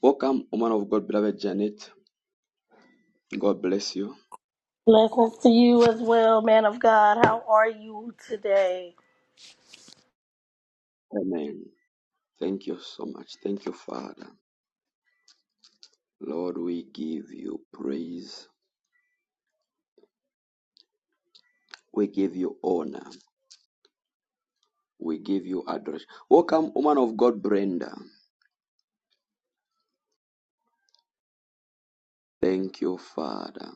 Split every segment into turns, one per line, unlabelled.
Welcome, woman of God, beloved Janet. God bless you.
Blessings to you as well, man of God. How are you today?
Amen. Thank you so much. Thank you, Father. Lord, we give you praise. We give you honor. We give you adoration. Welcome, woman of God, Brenda. Thank you, Father.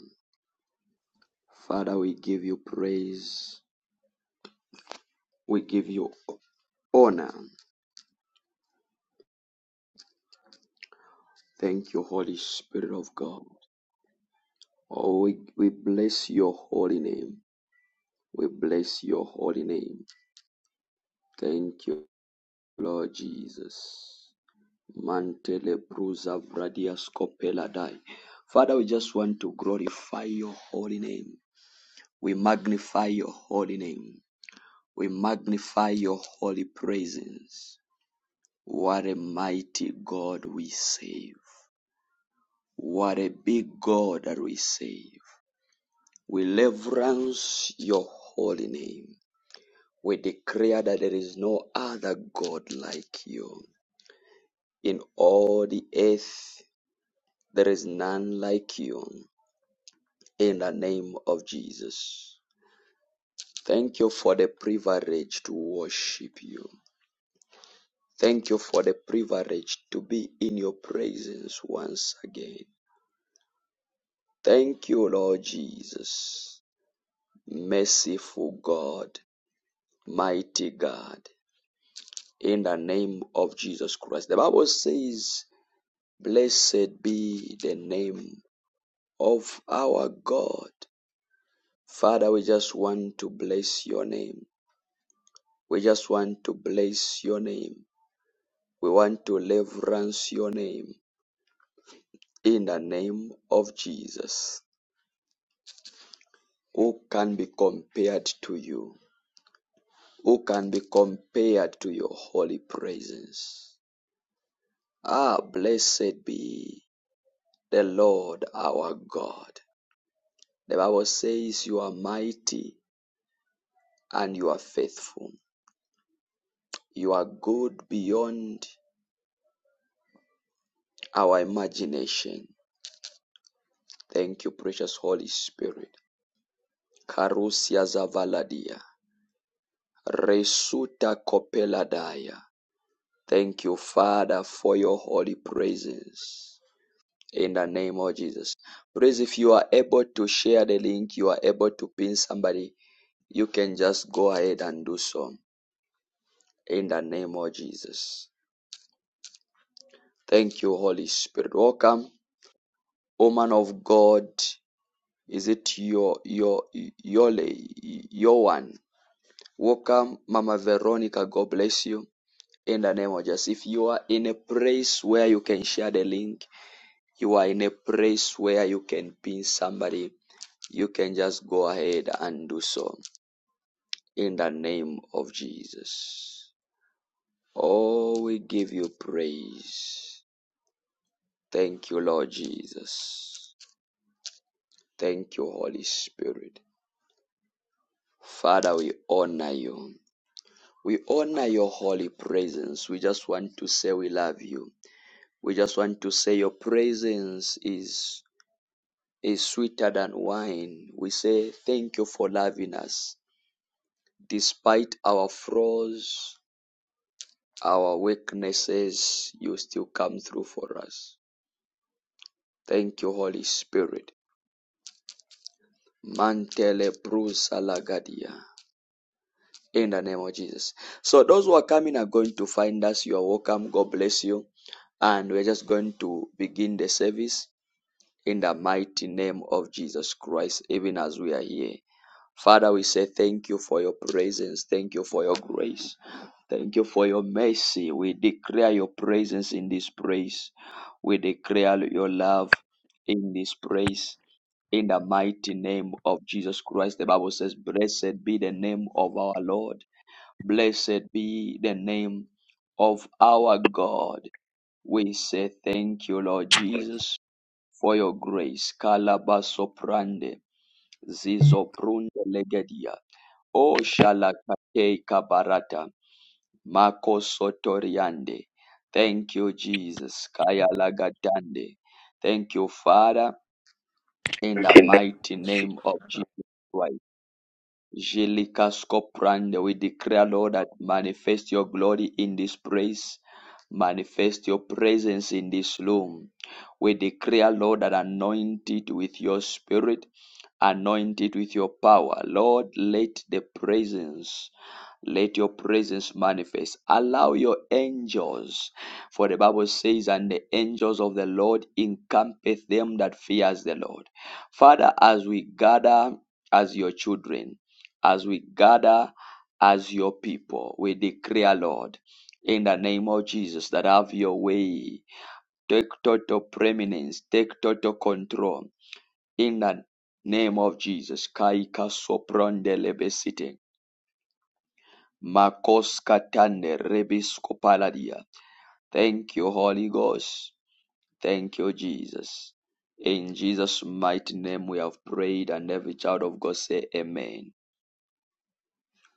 Father, we give you praise. We give you honor. Thank you, Holy Spirit of God. Oh, we, we bless your holy name. We bless your holy name. Thank you, Lord Jesus. Mantele brusa vradia scopela dai. Father, we just want to glorify your holy name. We magnify your holy name. We magnify your holy presence. What a mighty God we save. What a big God that we save. We reverence your holy name. We declare that there is no other God like you. In all the earth, there is none like you. in the name of Jesus. Thank you for the privilege to worship you. Thank you for the privilege to be in your presence once again. Thank you, Lord Jesus. Merciful God, mighty God, in the name of Jesus Christ. The Bible says, Blessed be the name of our God. Father, we just want to bless your name. We just want to bless your name. We want to reverence your name in the name of Jesus. Who can be compared to you? Who can be compared to your holy presence? Ah, blessed be the Lord our God. The Bible says you are mighty and you are faithful. You are good beyond our imagination. Thank you, precious Holy Spirit. Karusia Zavaladia. Resuta Coppeladaya. Thank you, Father, for your holy praises. In the name of Jesus. Praise if you are able to share the link, you are able to pin somebody, you can just go ahead and do so. In the name of Jesus. Thank you, Holy Spirit. Welcome, woman of God. Is it your your your your one? Welcome, Mama Veronica. God bless you. in the name of Jesus. If you are in a place where you can share the link, you are in a place where you can pin somebody, you can just go ahead and do so in the name of Jesus. Oh, we give you praise. Thank you, Lord Jesus. Thank you, Holy Spirit. Father, we honor you. We honor your holy presence. We just want to say we love you. We just want to say your presence is is sweeter than wine. We say thank you for loving us. Despite our flaws, our weaknesses, you still come through for us. Thank you, Holy Spirit. Mantele brusa lagadia. In the name of Jesus. So those who are coming are going to find us. You are welcome. God bless you. And we're just going to begin the service. in the mighty name of Jesus Christ, even as we are here. Father, we say thank you for your presence. Thank you for your grace. Thank you for your mercy. We declare your presence in this place. We declare your love in this place. In the mighty name of Jesus Christ, the Bible says, Blessed be the name of our Lord. Blessed be the name of our God. We say thank you, Lord Jesus for your grace. Kalabasoprande, zizoprunde legedia. O shalakate kabarata, mako sotoriande. Thank you, Jesus. Kaya lagatande. Thank you, Father, in the
internet
mighty name of Jesus Christ. Jellicascoprande, we declare, Lord, that manifest your glory in this place. Manifest your presence in this room. We declare, Lord, that anoint it with your spirit, anoint it with your power. Lord, let the presence let your presence manifest. Allow your angels, for the Bible says, and the angels of the Lord encampeth them that fears the Lord. Father, as we gather as your children, as we gather as your people. We declare, Lord, in the name of Jesus, that have your way. Take total preeminence, take total control. In the name of Jesus, Kaika Sopronde Lebesite, Makos Katande Rebisko Paladia. Thank you, Holy Ghost. Thank you, Jesus. In Jesus' mighty name we have prayed, and every child of God say, Amen.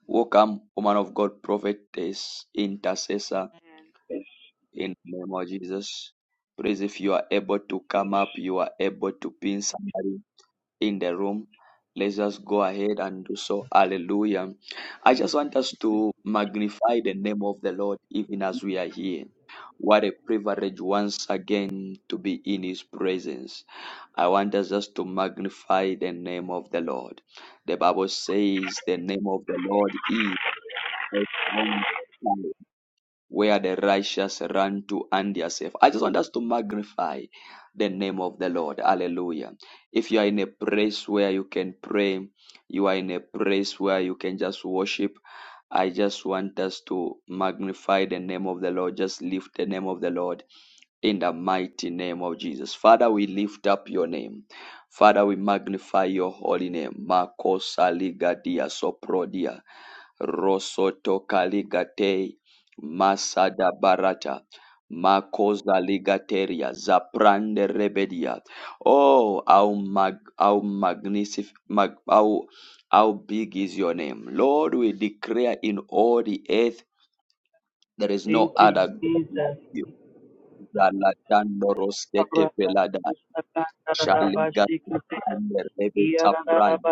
Welcome, woman of God, prophetess, intercessor,
And
in the name of Jesus. Please, if you are able to come up, you are able to pin somebody in the room. Let's just go ahead and do so. Hallelujah. I just want us to magnify the name of the Lord even as we are here. What a privilege once again to be in His presence. I want us just to magnify the name of the Lord. The Bible says the name of the Lord is strong tower where the righteous run to and they are safe. I just want us to magnify the name of the Lord. Hallelujah. If you are in a place where you can pray, you are in a place where you can just worship. I just want us to magnify the name of the Lord. Just lift the name of the Lord in the mighty name of Jesus. Father, we lift up your name. Father, we magnify your holy name. Makosa ligadia soprodia. Rosoto Kaligatei Masada Barata Makosa Ligateria Zaprande Rebedia. Oh, how mag how magnificent, mag, how how big is your name. Lord, we declare in all the earth there is
Thank
no
you,
other God
Jesus.
like you. Zalatando Rosete Pelada
Rabashikute,
Shaligateprande Rebe Saprande.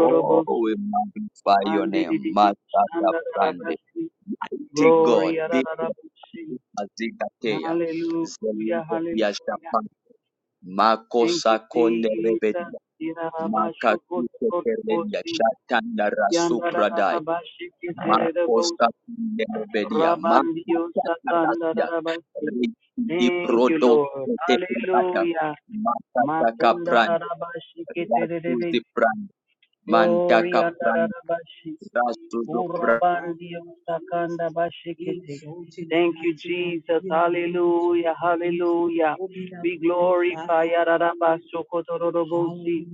Oh, we magnify your name.
Mandididi,
Masada Brande.
Shandarabasi.
Mighty
Glory,
God, be
Yararabashi.
Azikateya,
Hallelujah,
Zemedia
hallelujah.
Shapan, Mako
Thank you,
Sakonde
Jesus.
Rebedia, Makasuke Keredia,
Yararabashokotorobosi,
Shatanda Rasupradai, Mako
Yandarabashikiterebosi,
Sakonde Rebedia, Mako
Rabandio
Satarasia,
Sakandarabasi.
Riki
Thank you,
Prodo
Lord.
Teperata,
Hallelujah.
Makataka
Makunda
Prand,
Narabashi Keterebe,
Rasuzi Prand,
Gloria
Mantaka Prand,
Narabashi,
Rasuzo
Urabandi Sakanda Bashikete. Thank you, Jesus. Hallelujah, hallelujah. We glorify Yarabashokotororobosi.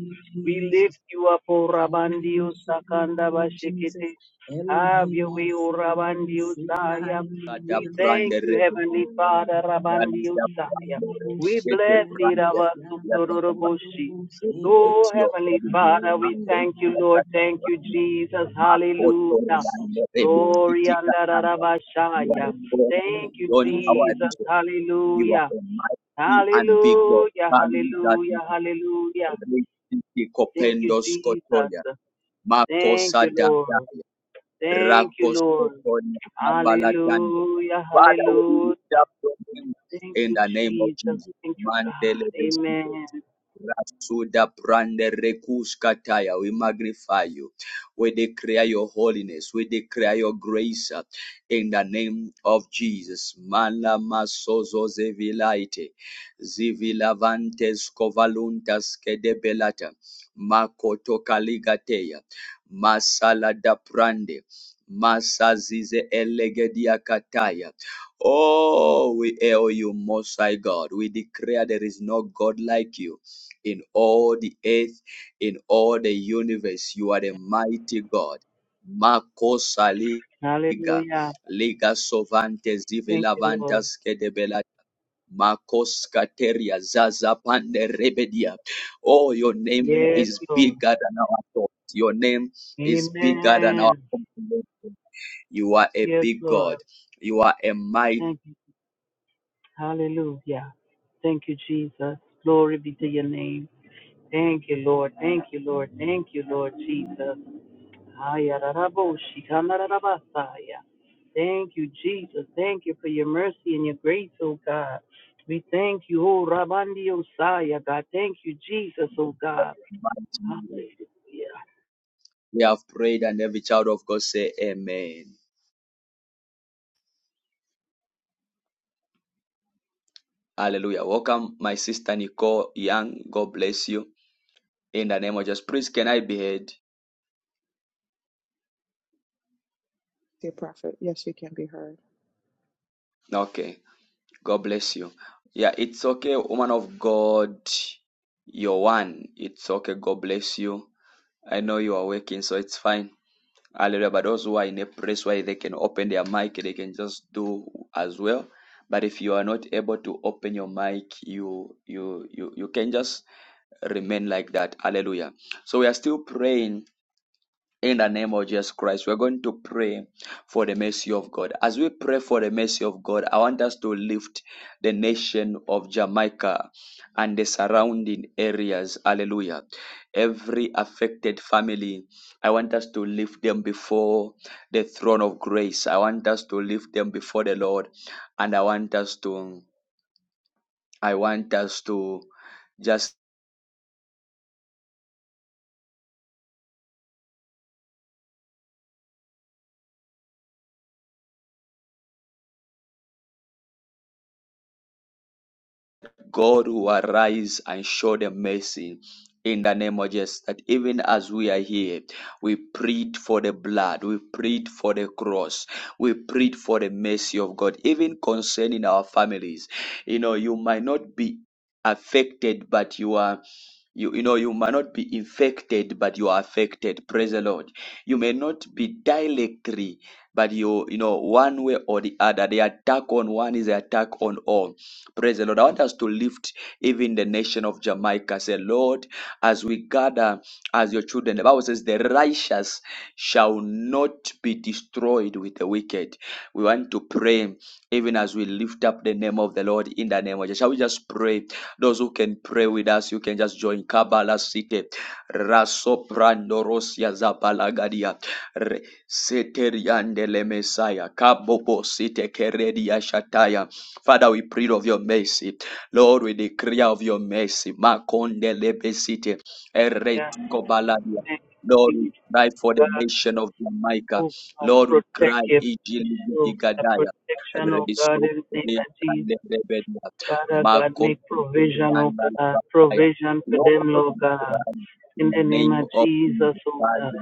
We lift you up, Urabandi Sakanda Bashikete. Have your way, Urabandi saya.
Prada
We
Prand
thank you,
Rebedia.
Heavenly Father, rabandio
Yalanda
saya.
Brandere,
We
Kete
bless
Brande, Yakamba,
Irabasuktororoboshi. Oh,
Eretio,
Heavenly
Krabi,
Father, we
Mako,
thank you, Lord.
Yakata,
Thank you, Jesus.
Mako,
Hallelujah.
Yande, Rebi,
Glory
Titi,
and
Katanga. You are the
Rabashaya.
God
Thank you,
beyond our
Jesus.
reason. You
Hallelujah.
are a mighty and big God.
Hallelujah.
Hallelujah.
Hallelujah. Hallelujah.
Rebi, Titi,
Thank you,
Kopendo,
Jesus.
Skotoya, Mako,
Thank you,
Sadaya,
Lord. Thank you, Lord.
Rakosotonia
Hallelujah,
Father, we lift
hallelujah.
up your name
Thank
in
you,
the name of
Jesus.
Jesus.
Thank you,
Mandele
God.
Besito.
Amen.
Rasuda Brande Rekuskataya. We magnify you. We declare your holiness. We declare your grace uh, in the name of Jesus. Mala Masozo Zevilaite. Zivilavantes Kovaluntas Kedebelata. Makoto Kaligateya. Masala da Prande. Masazize elegedia kataya. Oh, we hail you, Most High God. We declare there is no God like you in all the earth, in all the universe. You are the mighty God. Makosa liga,
Hallelujah.
liga sovante
Thank you, Lord.
zivilavantas kedebela. Makos kateria zaza pande rebedia. Oh, your name
Yes,
is
Lord.
bigger than our thoughts. Your name is bigger than our
Amen.
comprehension. You are a
Yes,
big God.
Lord.
You are a mighty,
Thank you. Hallelujah. Thank you, Jesus. Glory be to your name. Thank you, Lord. Thank you, Lord. Thank you, Lord Jesus. Ayararaboshi, kamararabasaya. Thank you, Jesus. Thank you for your mercy and your grace, oh God. We thank you, oh Rabandi Osaya, God. Thank you, Jesus, oh God.
mighty.
Hallelujah.
We have prayed, and every child of God say, Amen. Hallelujah. Welcome, my sister Nicole Young. God bless you. In the name of Jesus. Please, can I be heard?
Dear prophet, yes, you can be heard.
Okay. God bless you. Yeah, it's okay, woman of God. You're one. It's okay. God bless you. I know you are working, so it's fine. Hallelujah. But those who are in a place where they can open their mic, they can just do as well. But if you are not able to open your mic, you you you you can just remain like that. Hallelujah. So we are still praying in the name of Jesus Christ, we're going to pray for the mercy of God. As we pray for the mercy of God, I want us to lift the nation of Jamaica and the surrounding areas. Hallelujah. Every affected family, I want us to lift them before the throne of grace. I want us to lift them before the Lord. And I want us to, I want us to just God will arise and show them mercy. In the name of Jesus, that even as we are here, we plead for the blood, we plead for the cross, we plead for the mercy of God, even concerning our families. You know, you might not be affected, but you are you, you know you might not be infected but you are affected praise the lord you may not be directly but you you know one way or the other the attack on one is the attack on all Praise the Lord. I want us to lift even the nation of Jamaica. Say, Lord, as we gather as your children, the Bible says, the righteous shall not be destroyed with the wicked. We want to pray even as we lift up the name of the Lord in the name of Jesus. Shall we just pray? Those who can pray with us, you can just join Kabbalah City. Rasoprando Rosia Zapalagadia. Re- Seteriandele Messiah. Kabobo Site Keredia Shataya. Father, we pray of your mercy. Lord, we declare of your mercy. Makonde lebesite,
Yeah.
ereskobaladia.
Thank
Lord,
you,
we
Jesus.
cry
oh
for the
God.
nation of Jamaica.
Oh God,
Lord, we
protect
cry,
your people. The
Ijiligigadaya.
protection, oh God, in the name
Resopolia
of Jesus.
kande lebedia.
Father God, make provision, oh
Makotorianda
God.
labaya.
Provision for them,
Lord,
Lord
we
God.
cry in
In
the
the name
name
of
of
Jesus,
Jesus.
oh God.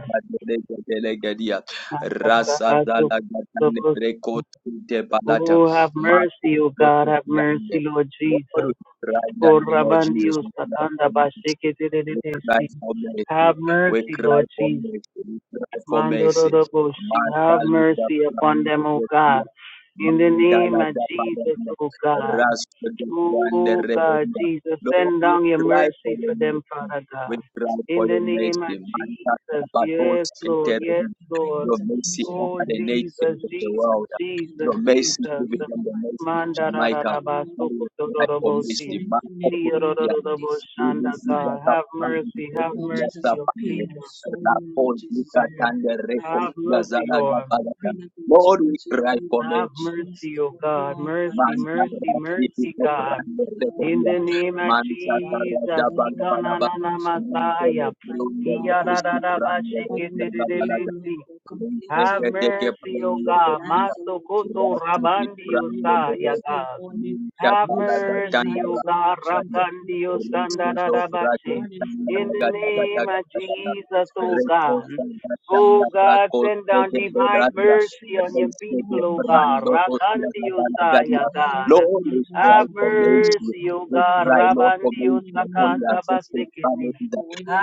Rasa dalagatane rekotite balata.
Oh, have
Mako
mercy, oh
but
God, have mercy,
behind
Lord
Lord, we
Jesus.
cry in the
For
name of Jesus.
Rabandios
We cry for
Takanda
mercy.
Basheke
We cry for mercy.
Have
We
mercy,
cry
Lord
for
Jesus.
mercy. We cry for mercy.
Mandoroboshi, have
Matali da
mercy upon them, O
Pamela,
God. In the name
Mandala
of
da
Jesus,
Pamela,
O God.
Rasper da Grande
O God,
Rebellia.
Jesus,
Lord,
send
we
down your
cry for
mercy
your
for them,
mercy.
Father
We
God.
cry
In
for
the
your
name of
mercy. Mandala
Jesus,
da
yes,
Batos,
Lord, yes, Lord.
Your mercy over
Oh,
the
Jesus,
nations of the
Jesus,
world.
Jesus,
Your mercy
Jesus.
given them the mercy of Jamaica. That is why for
Mandarararabasokotorobosi.
mercy, man, open their
Diyorororobosanda,
really big
God.
attack,
Have
man,
mercy, have
open their
mercy,
attack,
Lord
and the
Jesus.
Lord, we got
Mm.
and the record,
Have mercy,
Gazala,
Lord.
Gabala. Lord, we cry for
Have
mercy.
mercy, O God. Mercy,
Man,
mercy,
Gabala, it is
mercy,
not
God.
run the record
In
here.
the name of
Man, Gabala,
Jesus.
Gabala, Gabala, Gabala.
Ikanana
Man,
Messiah.
Gabala, Gabala, Gabala, Gabala, Gabala.
Iyadadadabashikitididibisi.
Lord, we
Have
cry
mercy, O God. Master Koto Rabandi Osaya, God. Have mercy, O God, Rapandio Sandarabashi. In the name of Jesus, O God. O God, send down divine mercy on your people, O God. Rakandio Saya, God. Have
for mercy.
mercy, O
We
God,
cry, Lord, for
Rabandio
mercy upon your
Sakanda
affected
Basikiti.
families.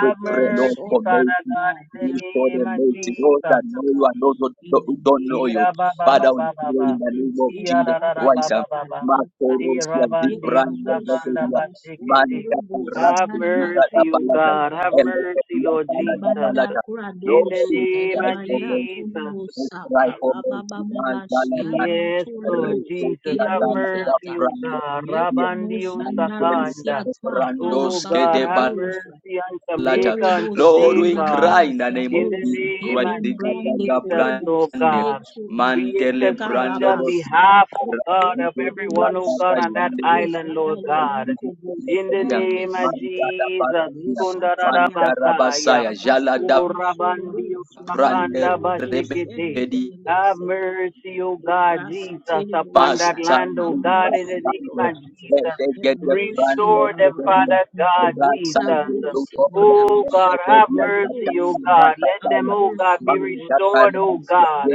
We pray, Lord,
mercy,
for
Father
mercy
God, in
you show
the name
them
of
mercy. Those
Jesus.
that know you and those who don't who don't know you.
Ira ba ba ba
Father, we
ba ba
pray
ba.
in the name of
Iya ra
Jesus
ra ra ba
Christ. um,
ba ba ba.
Makoros
Ira
ya
bandio
vibrando
sakanda
beberia.
basikiti.
Manta
Have
rasto vida da
mercy, O
palata.
God. Have mercy,
Elekeria
Lord
sala da
Jesus.
palata.
In the
Lord, we
name
cry
of
for mercy.
Jesus.
We cry for mercy. Manta la
Yes, Lord Jesus,
Recosia
have
da la da
mercy, O
brando
God.
beberia.
Rabandio
Mantele
Sakanda. Oh God, have
brandos
mercy on
latter.
Jamaica on
Lord,
today,
we
God.
cry in the name of
In the
Jesus
name
Christ.
of
The Zigataga
Jesus, Lord
brande,
God. We
mantele
intercede
brando
on
ros-
behalf, oh God, of
rakido
everyone, oh God,
kurakaga
on that
shandele,
island, Lord God. In the
rakido
name of
manjada
Jesus,
basaya, manjara
Ikondarabasaya.
basaya, jala da
Oh Rabandio
brande
Sakanda Bashikite.
rebedi
Have mercy, O God, Jesus,
We
upon that land, O God, in the name of Jesus. Restore them, Father God, Jesus. O God, have mercy, O God. Let them, O God, be restored, O God.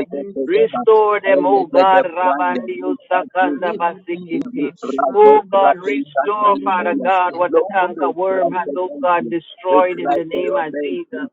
Restore them, O God, Rabandi Osakanda Basikiti. O God, restore, Father God, what the canker worm has, O God, destroyed in the name of Jesus.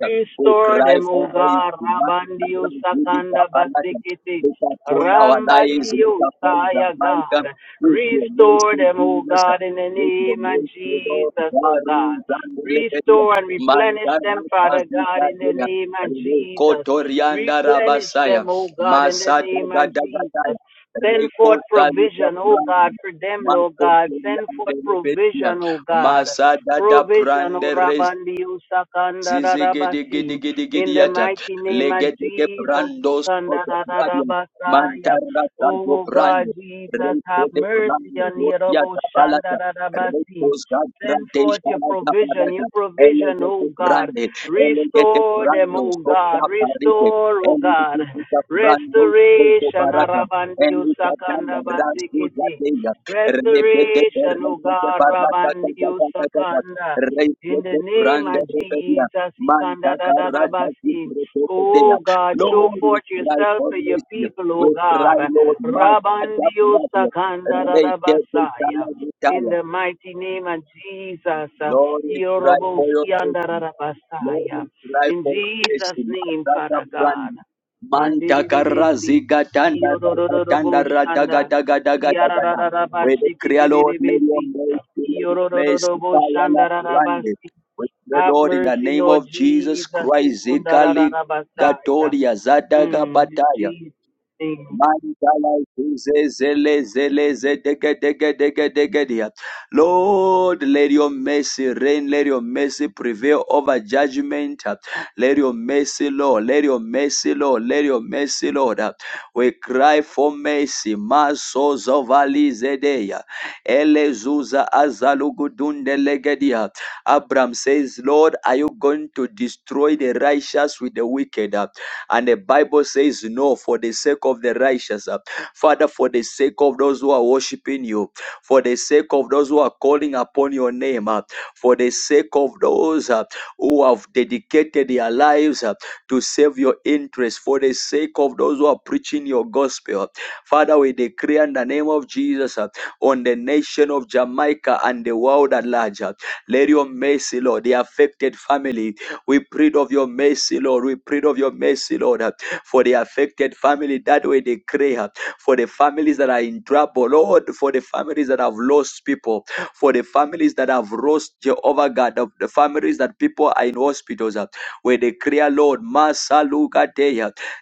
Restore
Cry
them, O
for
God.
mercy, man,
Rabandio Sakanda Basikiti.
Look upon our lives, look
Rambadio
upon the
Saya
mic,
God.
with your
Restore
mercy,
them, O
Jesus,
God, in the
with your
name of
mercy, Lord,
Jesus, O God.
Baru, Zandelebedia,
Restore and replenish
Mandana,
them, Father God, in the
Kazikadea,
name of Jesus.
Rekotorianda
Replenish
Rabasaya,
them, O God, in the
Masada
name of Jesus.
Gadagadaya,
Send forth
Rekotaliga
provision, O God,
Brand,
for them, Lord God. Send
Makotorianda
forth
Lebedia,
provision, O God.
Masada
Provision, O
Brande
Rabandi, O Sakanda, Rabasi. In the
Zizigidigidigidigidiyata.
mighty name of
Legedege
Jesus,
brandos
Sikanda,
kodobradian.
Rabasaya.
Mantarra santo
Oh God,
brando.
Jesus,
Reiko
have
de
mercy
brando.
on Yerobo
Rosiata
Shanda,
balata. Reikos
Send forth
gandradesha
your
la
provision,
gabalata.
your provision,
Elegete
oh God.
brande. Elegete
Restore them,
brandos
oh God.
kota parite.
Restore, oh God.
Elegete brandos koto
Restoration,
barata.
Arabandi, O
Elisa kanda
Sakanda,
rasio
Basikiti.
zateya. Rebete
Restoration, O
rebete
God,
barata.
Rabandio Sakanda. In the
Reikete
name
brande
of
rebedia.
Jesus,
Manta
Ikanda da da da
Karaja
basi. Oh
Kiprotokotea.
God, show
Lord, we
forth
cry
yourself
for
to your
mercy.
people, O
We
God.
cry, Lord, Manta
Rabandio
Pratia.
Sakanda da da basaya. In the mighty name of Jesus,
Lord, we cry for your
Yoroboski anda da
mercy.
da
Lord,
basaya.
we cry
In
for grace.
Jesus' name,
Madrasa
Father God.
brand. Manta
Mandidi de besi.
karazi gatanda ragatanda
Yodododobo shanda.
radagadagadagadagada. We declare, Lord, let your
Yarararabashikiribisi.
mercy, let your mercy, fire la brande.
Yorororoboshandararabasi.
We pray,
Have
Lord, in the
mercy,
name
Lord
of Jesus
Jesus.
Christ, Zikali
Ikundarararabasaya.
Gatoria Zadaga
Mm, in
Bataya.
Jesus' name.
Mandalaizezelezelezedegedegedegedegedea. Lord, let your mercy reign. Let your mercy prevail over judgment. Let your mercy, Lord. Let your mercy, Lord. Let your mercy, Lord. We cry for mercy. Maso zovalizedeya. Elezuza azalugudundelegedia. Abram says, Lord, are you going to destroy the righteous with the wicked? And the Bible says, No, for the sake of the righteous. uh, Father, for the sake of those who are worshiping you, for the sake of those who are calling upon your name, uh, for the sake of those uh, who have dedicated their lives uh, to save your interest, for the sake of those who are preaching your gospel. uh, Father, we decree in the name of Jesus uh, on the nation of Jamaica and the world at large. uh, Let your mercy, Lord, the affected family, we plead of your mercy, Lord. We plead of your mercy, Lord, uh, for the affected family that we decree, uh, for the families that are in trouble, Lord, for the families that have lost people, for the families that have lost Jehovah God, of the families that people are in hospitals, uh, we declare, Lord, Masa Luka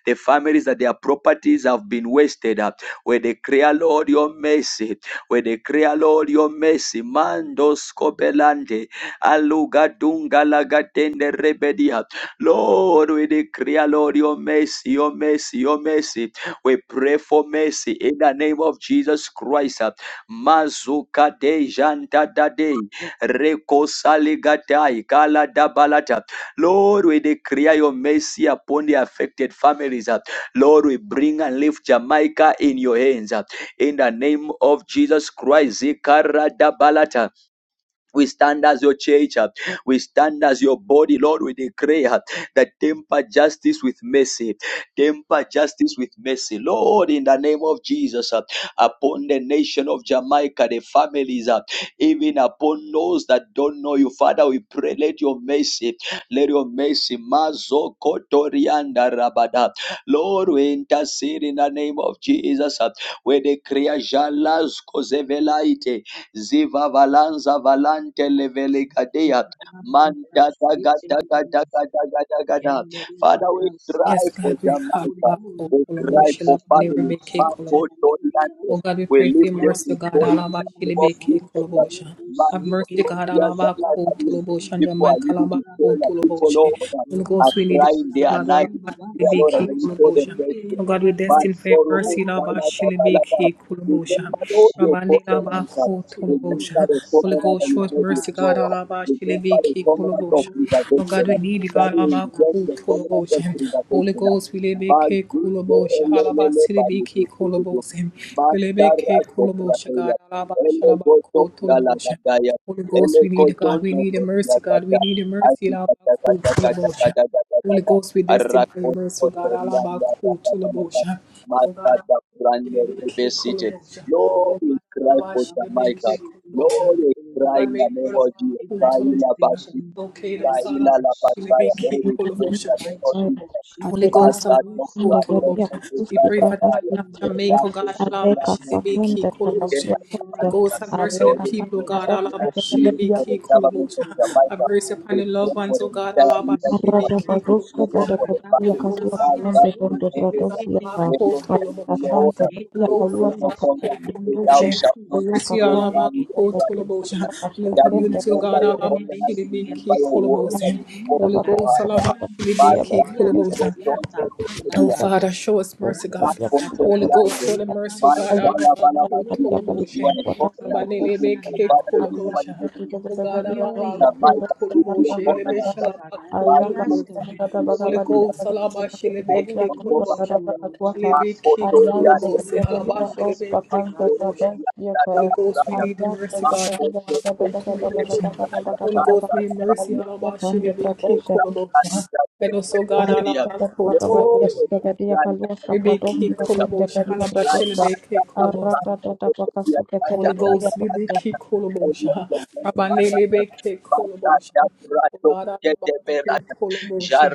the families that their properties have been wasted, uh, we declare, Lord, your mercy, we declare, Lord, your mercy, Mandos Mando Aluga dunga laga tende rebedia. Lord, we declare, Lord, your mercy, your mercy, your mercy. We pray for mercy in the name of Jesus Christ. Mazuka de janta da de reko saligatai kala da balata. Lord, we declare your mercy upon the affected families. Lord, we bring and lift Jamaica in your hands. In the name of Jesus Christ, zikara da balata. We stand as your church. uh, We stand as your body, Lord. We declare that temper justice with mercy. Temper justice with mercy. Lord, in the name of Jesus, uh, upon the nation of Jamaica, the families, uh, even upon those that don't know you, Father, we pray, let your mercy, let your mercy, Mazo Kotorianda Rabada. Lord, we intercede in the name of Jesus. uh, We declare Jalas Kozevelaite. Ziva valanza valante leveligadea. Manta daga daga daga daga daga da. Father, we cry
Yes,
for
God, we
Jamaica.
halabako
We
kolabo
cry for
shilabane
families.
rebeke kolabo.
Marco Doriante.
Oh God, we
We
pray for
lift
your
them
mercy, oh God.
before you in
Alaba
the name of
shilibeke
Jesus.
kolabosha.
Man,
Have mercy, God. Alaba ko tulobo shanja
people
my
are living
kalaba
in
ko
failure. People,
tuloboshe.
Lord,
Holy
are
Ghost, we need your
crying. They
mercy,
are
God.
not
Alaba
Dear Lord,
shilibeke
and you show them
kolabosha.
mercy.
Oh God, we
Man,
destined for your
sorrow,
mercy, Laba shilibeke kolabosha.
Remember all your
Rabane
faults
laba
and
ko
Remember
tulobosha.
the
Holy
covenant that
Ghost,
you
have
made with
mercy, God.
Noah.
alaba, about
Remember the
Shilibiki
covenant of
Kulabosha. Oh God,
preservation.
we need you,
That
God. alaba,
is
about
just
Ku-
the covenant of
Holy
preservation.
Ghost, we live a K Kulabosha. Halaba Silibiki
Mazikelelelebalukutukutu.
Kulabosha. We live a K God.
Matarasoprateya.
Alaba Shalaba Kulabosha.
Elegotongalagagaya.
Holy Ghost, we need you, God. We need a mercy, God. We
Elekotononokiakata.
need a mercy. Alaba Kulabosha. Holy
Azikatakatakatakatakataka.
Ghost, we destined for your mercy, oh God. Alaba
Arakotorianda.
Kulabosha. Oh God. Shilibiki
Matadakuranderebesite.
Kolobosha.
Lord, we cry
Obanaba
for
Shilibiki
Jamaica.
Kolobosha.
Lord, we cry in
Obane
the name of
Muraba
Jesus. Saila
Kutolobosha.
Batista,
Okado
Batisi,
Sala
La Lapataya.
Shilibiki
Lord, we pray in
Kolobosha.
the name of Jesus.
Holy Ghost
Masa
Alaba
Dokra, Lord,
Andekasindevetiya
Kutolobosha.
we pray for
We
kapusti
pray for the island
prahasti
Jamaica.
of
tete
Jamaica, oh
Rapo,
God. Alaba
Kodia,
aleka
Lord, we
saklende
Shilibiki
pray for
prahasya
Kolobosha. The
tete
ghost have mercy on
Lord,
aleka
the
we
people, oh
pray in
God.
the name
pakadokse
Alaba
of Jesus
ketepetiya
for the
Shilibiki
government of
Kolobosha. Have
Jamaica.
mercy upon
We
the loved
pray for
ones,
the
oh God.
entire
Alaba
leadership.
arada
Shilibiki
We
bazuske
pray Lord,
Kolobosha.
for the
vedekepetiya
Holy
family.
kasua
Ghost
Thou
have mercy
kapende
upon
bonde
my enemies.
bradosya
Alaba
ta aleka
Kutolobosha.
sante tetiya kalua saprahasti tuse
shalt not
aleka
Mercy,
destroy
all
pampa
about
man with
cold
the
tetiya
tolobosha.
kasua
New
kasua
Daddy,
kende
community, oh
remember
God, all
your
bradosya
about
covenant,
shitty be
remember
key
your
colobos.
word and you spoke
Holy
in
aleka
your
Ghost,
heart.
all about shitty be key
Basta,
pakadokse
you go
colobos.
down to the
Oh,
area,
tetiya
Father, show us
Ayam
mercy,
back
God.
for the
Holy Ghost,
land.
show the mercy, O
Man,
God.
Bala, Bala, Bala. You
Alabakutoloboshe.
are a covenant keeping God.
Abanelebeke
Father, is the one
kolobosha.
who
Oh, God,
na might that you see
alabakutoloboshe.
upon them as that might be
Lebeshalabakutoloboshe.
something that
Holy
will be that
Ghost,
the people
alabashelebeke
don't go back
kolobosha.
that that might
Lebeke
also react to the
koloboshe.
person that
Alabashelebeke
might also
kolobosha.
react to that
Holy Ghost, we
Messiah
need the mercy,
might
God.
also react to the
Alabakutoloboshe. Holy Ghost, may mercy,
Messiah
alabashelebeke
Jarra
kolobosha. And also,
Arra
God, alabakutoloboshe. Rebeki Kolobosha, Halabakelebeke Kolobosha, Holy Ghost, Libeki Kolobosha, Rabane Lebeke Kolobosha, O God, Alabaku Kolobosha,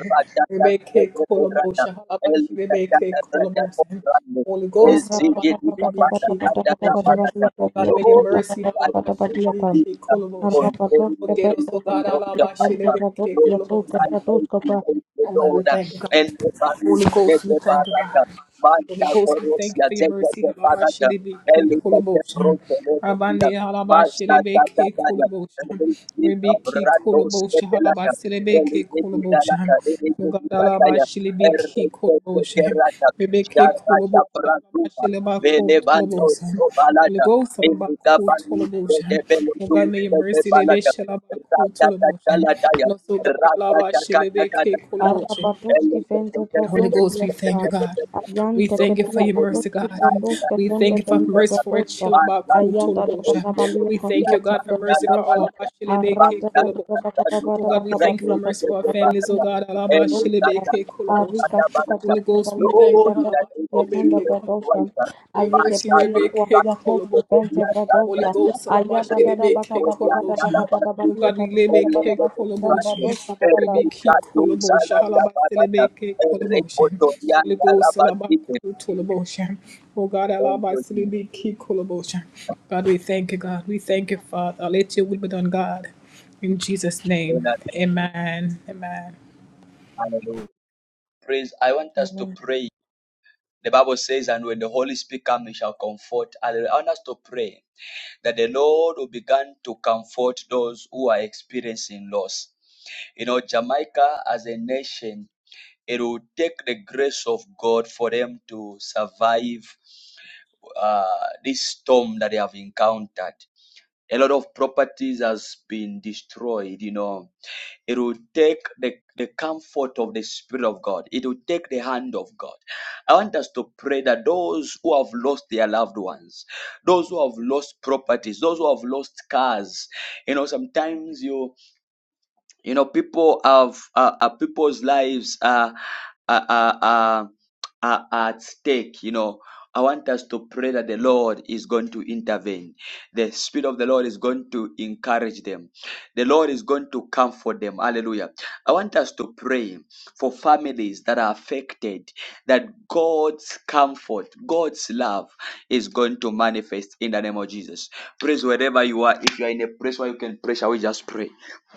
Rebeke Kolobosha, Halabashi Lebeke Kolobosha, Holy Ghost, Halabashi Lebeki Kolobosha, O God, may your mercy,
Right in the
Halabashi
name of
Lebeke
Jesus,
Kolobosha,
on every
O Gatos, O
nation
God,
of
Alabashi
Jamaica,
Lebeke
Lord,
Kolobosha,
I may be made the
Oh God, we
Lord,
thank you, God.
and the Baru,
Holy
the
Ghost, we thank you, God.
Baraka,
Holy
Manta
Ghost, we thank you
Corosia,
for your
Zebra,
mercy.
the
Halaba
Baraka,
shilebe ke
Elisa, the
koloboshan.
Rosa,
Rabande
Manta,
halaba shilebe
Manta,
ke koloboshan.
Manta,
Rebe ke
Libratos
koloboshan. Halaba
Ketelata,
shilebe ke koloboshan.
Eligitalata,
Lugad halaba
Eligitataya,
shilebe ke koloboshan.
Erdekerata,
Rebe ke
Jarata
koloboshan. Halaba
Pranduta, Velevando
toloboshan. Holy
Ovalata,
Ghost, halaba ko
Eligapani,
toloboshan. Oh
Develotu,
may your mercy lebe
Devalata,
shalaba ko toloboshan.
Ratatalataya,
Lord, so God, halaba shilebe
Ratatakatakata,
ke koloboshan.
Arrapatoski vente
Holy
pratoski
Ghost, we
yasa.
thank you, God.
Ayan
We thank you for
teketia
your mercy,
pratoski
God.
pratoska
We
tende
thank you
Eligitataya,
for
vente
Jesus.
mercy for a
pratoska.
chill
Man, God,
cool
we
Ayata da da
tolobosha.
praise
da
you, Lord.
balia
We
We
thank
kasua
you,
are
God, for
tende
thankful,
mercy
Lord,
for
for
all
pratoska.
of our
that. Man,
shilibeke
Arrata da
God,
da da
we
kolobosha.
baka
thank you
baba
Oh
da
for
God, we
baka
that.
thank you for
balia
Praise
mercy
you,
patia
for our
balia
Lord, for
families, oh
pante
that.
God, all of our
And we thank
pratoska.
you,
shilibeke
Lord, for
kolobosha.
Arika
that,
suka
for that.
Holy
tada da
Ghost, we
balia
thank
tende
Lord,
you, all
in
of
the
our
name
pratoska
of
tende
shilibeke
Jesus
pratoska.
kolobosha.
Christ,
Your
man,
Ayeke
mercy,
God,
pelia
we
Rebecca,
kuasia
thank
Colobosha.
toska
you for that. We
vente
are
Holy
thankful,
pratoska.
Lord.
Ghost,
Ayata
Salamashi
da
Praise
da
you,
baka
Rebecca,
Lord, for
baba da baka
that,
Colobosha.
for
baba
that.
Oh
balia
God, we
patia
And
da
we
bada
Rebecca,
thank you for
baski tende
that. And
Colobosha.
we
pratoska da
thank
Rebecca,
you for
Colobosha.
that,
Halabaste,
for that.
Rebecca,
And we thank you for that,
Colobosha. Holy Ghost,
for
Salabaku,
that.
Tolobosha. Oh God,
Thank you,
Alabaste,
Jesus.
Rebecca, Colobosha. God, we thank you, God. We thank you, Father. Let your will be done, God. In Jesus'
In
name,
the name
amen. Amen.
Hallelujah. Praise. I want us to
da.
pray. The Bible says, and when the Holy Spirit comes, he shall comfort. Hallelujah. I want us to pray that the Lord will begin to comfort those who are experiencing loss. You know, Jamaica as a nation, it will take the grace of God for them to survive uh, this storm that they have encountered. A lot of properties has been destroyed, you know It will take the, the comfort of the Spirit of God. It will take the hand of God. I want us to pray that those who have lost their loved ones, those who have lost properties, those who have lost cars, you know, sometimes you you know, people have uh, uh, people's lives are are, are, are are at stake. You know, I want us to pray that the Lord is going to intervene. The Spirit of the Lord is going to encourage them. The Lord is going to comfort them. Hallelujah. I want us to pray for families that are affected, that God's comfort, God's love is going to manifest in the name of Jesus. Praise wherever you are. If you are in a place where you can pray, shall we just pray?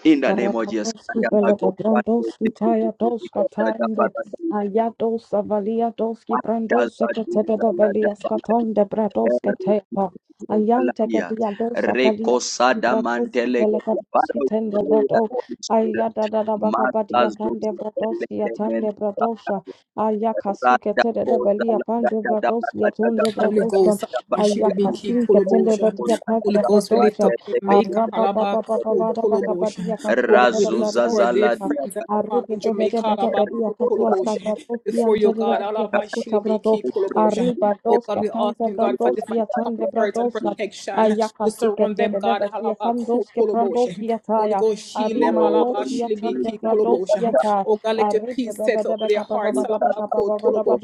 In the name of Jesus.
Rapadoski Velebrandoski Tayadoska Tando Ayadosa Valiadoski Brandosa Katega de Veliaska Tonde Bradoska Tepa Ayante Gediadosa Paliaski Bradoski Pelekadoski Tende Brado Ayada Dabaka Badia Pande Bradoski Atande Bradosa Ayakasuke Tede de Velia Pande Bradoski Atonde
Holy
Bradosa
Ghost, Salamashilibiki
Ayakasinke Tende
Kolobosha.
Bedia Pande
Holy Ghost, we lift
Bradosa
up
Arriba,
Jamaica, Alabaku, Tolobosha. Oh God, we lift
Razuza
up our dear
zala dia
friends and family in Jamaica, Alabaku, Tolobosha. Before your God, alaba Alabashilibiki Kolobosha. Oh God, we ask you, God, for divine comfort and protection to surround them, God. Halabakutoloboshe. Holy Ghost, shield them, alaba, shilibiki Koloboshe. Oh God, let your peace settle over their hearts, Halabakutoloboshe.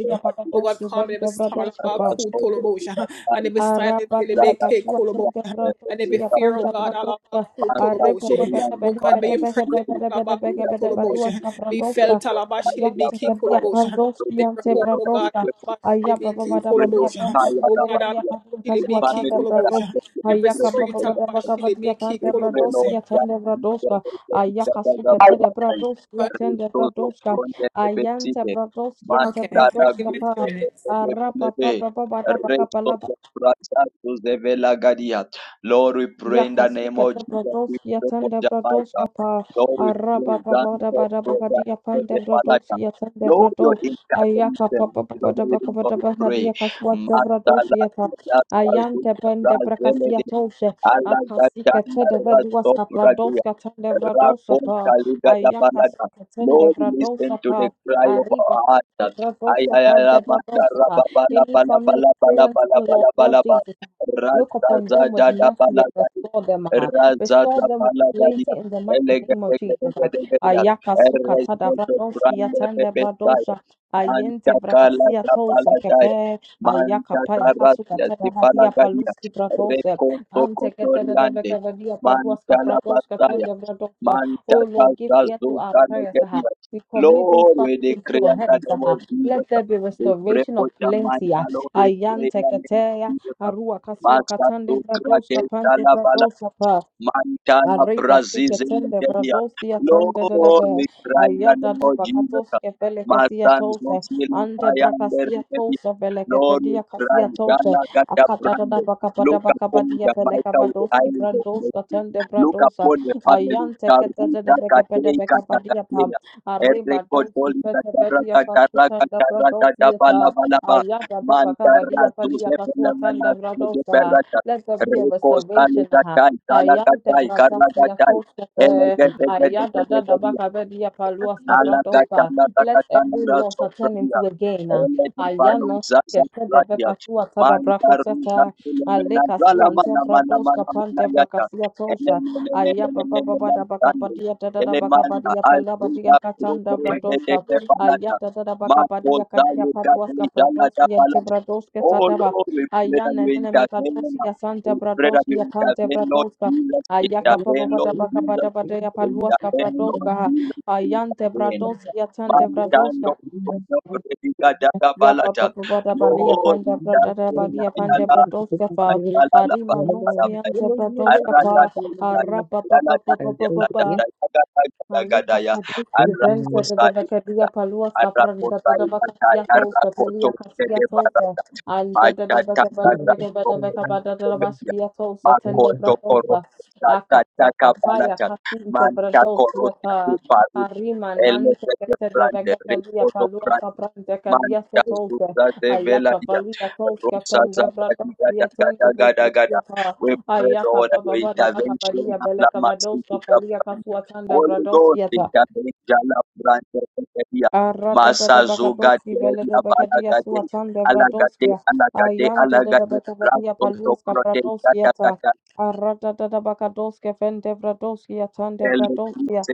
Oh God, calm every star, Halabakutoloboshe. And every silence,
Arabadia
Halabaki
Casua Santa
Koloboshe. And every
Bratosia
fear, oh
Panta
God,
Bratoska
Pastor
Arepa
Halabakutoloboshe.
Beta Beta
Florian,
Oh God, may
Father,
Beta
your
we
Beta
pray
presence,
in
Beta Beta Beta
the
Beta
name of
Halabakutoloboshe.
Baduaska
Jesus
Be
Christ,
felt,
Bratoska
Lord, fire, love,
Ayanta
Halabashilibiki
and
Gadia
fire.
Koloboshe.
Lord,
Pandoski
we
Never
Ante
pray,
home,
Lord,
oh
that you
God,
hear
Bratoska
from heaven.
Ayapa
Alabashilibiki
We
Bada
pray,
Badia
Lord,
Kolobosha.
fire,
Panta
Oh
love, and
Bratodia
God,
fire.
Panta
The
Casua
Shilibiki
Tanda
families that are
Brato
Kolobosha.
affected, we
Every
pray,
Ayaka
Lord,
street
Papa
for
Bada
Alaba
them.
Baka Badia
Shilibiki
Panta
Kolobosha.
Bratosia Tanda Bratoska Ayaka Suka Tede Bratosia
But
Tanda Bratoska Ayanta Bratosia Ante
okay, give
Bratoska
me a few
Pa
minutes.
Arapa papa papa
Lord, we pray in the name
Yakasuka
of Jesus. We
Dabradoski
pray for
Atanda
Jamaica.
Bradoska Pa
Lord, we
Araba
pray
Baba Daba
for
Daba Gadia Panda
the Malaika.
Bradoski Atanda
Lord, your
Brado Ayaka
intervention.
Papa Papa
Lord,
Daba Kaba
we
Daba
pray.
Gadia Kaswa Dabradoski Ata Ayante Bende
Master,
Brakasia Toshe Akasika
Alagadana
Teda Veduaska
Rasopradia,
Bradoska Tende Bradosa Pa Ayaka
Rakontaligadabalaga.
Suka Tende
Lord, listen
Bradosa
to the
Pa
cry of
Arriba
our heart.
Bradoska Panda
Ayayalamanda
Bradosa
Rababala
Any
Bala
family
Bala Bala
experiencing
Bala
Lord
Bala Bala
Lord
Bala
Jesus Look upon them with
Razazada
mercy and
Balagadia
restore them. ah. Restore
Razaza
them with plenty
Balagadia
in the mighty name of Jesus. ah.
Elegadegadegadegadia
Ayaka suka tada
Erresto do
bradoski
Grande
atende
Rebesaya
bradosha. Ayente
Manta Kala
brakasia tolsa
Baladaya
kepe. Ayaka
Manta
paya kasuka
Karasia
tada radia
Sipalagadia
paluski bradose.
Rekoto
Ante ketada
Kotoriande,
deveka vadia paluaska
Mantala
bradoska
Basaya,
tende bradoska. Oh
Mantaka
Lord, give ear to our
Zazuka
prayers. ah.
Negadia.
We commit these
Lord, we
families into
decree
your
in the
hands.
name
ah.
of Jesus.
Let there be
We pray
restoration
for
of plenty.
Jamaica,
ah.
Lord, we pray in
Ayante
the name of
kete
Jesus.
Arua kasua
Master
katande
to
brados kapante
Grade
bradosa pa.
Mantala
Arriba
Brazil,
sique tende
Media.
bradosia tende de
Lord,
debe.
we cry in the
Ayada
name
da
of Jesus.
bacatosque pele casia
Matanzo
tolte.
Zili
Ante
Kayande
bracasia
Media.
tolte pele que
Lord, we
pedia
cry.
casia tolte.
Jala Gata
Acata da
Brande.
bacapada
Look upon
bacabadia
the
pele
mighty with the
cavadoski
eyes of
brandosca
mercy.
tende
Look
bradosa.
upon the family.
Ayante que te de
Karuta
debe que pede
Katei
becapadia pam.
Katakatea.
Arriba
Ereko
doski
Doli
pete
Katara
pedia
Katara
fascuta da
Katara Tata
bradosia.
Bala
ta.
Bala Ba.
Ayada da
Mantara
bacabadia palia
Zuze Bela
casua
Mana
tanda
Zede
bradosa.
Berata.
Let there be a
Reco sale
restoration.
gatai, cala
Ayante
gatai, carla
bragasia
gatai. Ele
kostefe.
Amen.
gete gete
Ayada da
gete
da
gete
bakabedia paluas kavratofa. Let every loss turn
Alagatanagatanagasopradia.
into a gain. Ayano skete de
Elekepaluzazapradia.
vekasua tada brakoseta.
Mandaruzakulemena
Aleka suante bradoska pante
zalamanamanamanamanayacha.
brakasia tosha. Ayaba baba bada
Elemelelelelelelelelande.
bakabadia da da da
Elemanda
bakabadia palabadia katanda bradoska.
alzuzaproterezedekepanata.
Ayada da da bakabadia kadia paluas kavratos yente
Makozayekatezalatabalata.
bradoske
Oh
tadaba.
Lord, we pray that
Ayana
you
nene
intervene.
mekadosi ya sante
We pray that
bradoski
you
ya kante
intervene, Lord
bradoska.
Jesus.
Ayaka papa
Intervene,
bada
Lord
baka
Jesus
bada bada ya
in the
paluaska
name of
bradoska ha.
Jesus in
Ayante
the name.
bradoski ya tante
Man, stand
bradoska.
up for the Bredica Daga
Ya papa
Balata.
bada bali ya
Lord,
panda
in the
bradada
name
bali ya
of
pande
Allah,
bradoska fa.
Allah, Allah, Allah, Allah,
Arima
Allah,
noski ante bradoska
Allah,
pa. Arapa papa papa papa papa.
Allah,
Malika
Allah,
Padus
Allah,
Viventa de
Allah,
Vacaria Paluas Capranda de Vacaria Tolta Pelia Castia Tolta and the Becabada Becabada Becabada de
Arrakotai,
Vasquia Tolta Tende
Makoto
Bradolta
korosha tata
Aka
taka
Zakapaya
balata.
Casinta
Manka korosha
Bradolta
iparudi.
Arima Nante
Elevete
de
brande.
Vacaria
Ripoto
Paluas
brande.
Capranda Cadia
Manta
Tolta
zuza zevela
Ayaka
dia.
Valia Tolta
Rosa
Tende
zaka
Bradolta
diga gada gada
Tende
daga
de
da.
Vacaria
We pray
Ayaka
Lord that your
baba bada baka
intervention.
badia
Abla
beleka vadoska
masiki
palia
kabrande.
kasuatanda
Holy Ghost
vradoskiata.
intervene. Jala brande. Dia.
Arata da da
Masa
baka
zuga
doski vele da
teria
baka dia
balagade.
suatanda
Alagade,
vradoskia.
alagade,
Ayanta da da
alagade.
baka badia
Rasto do
paluska
protesta
vradoskiata. Arata da da baka doske fende vradoskia tande vradoskia.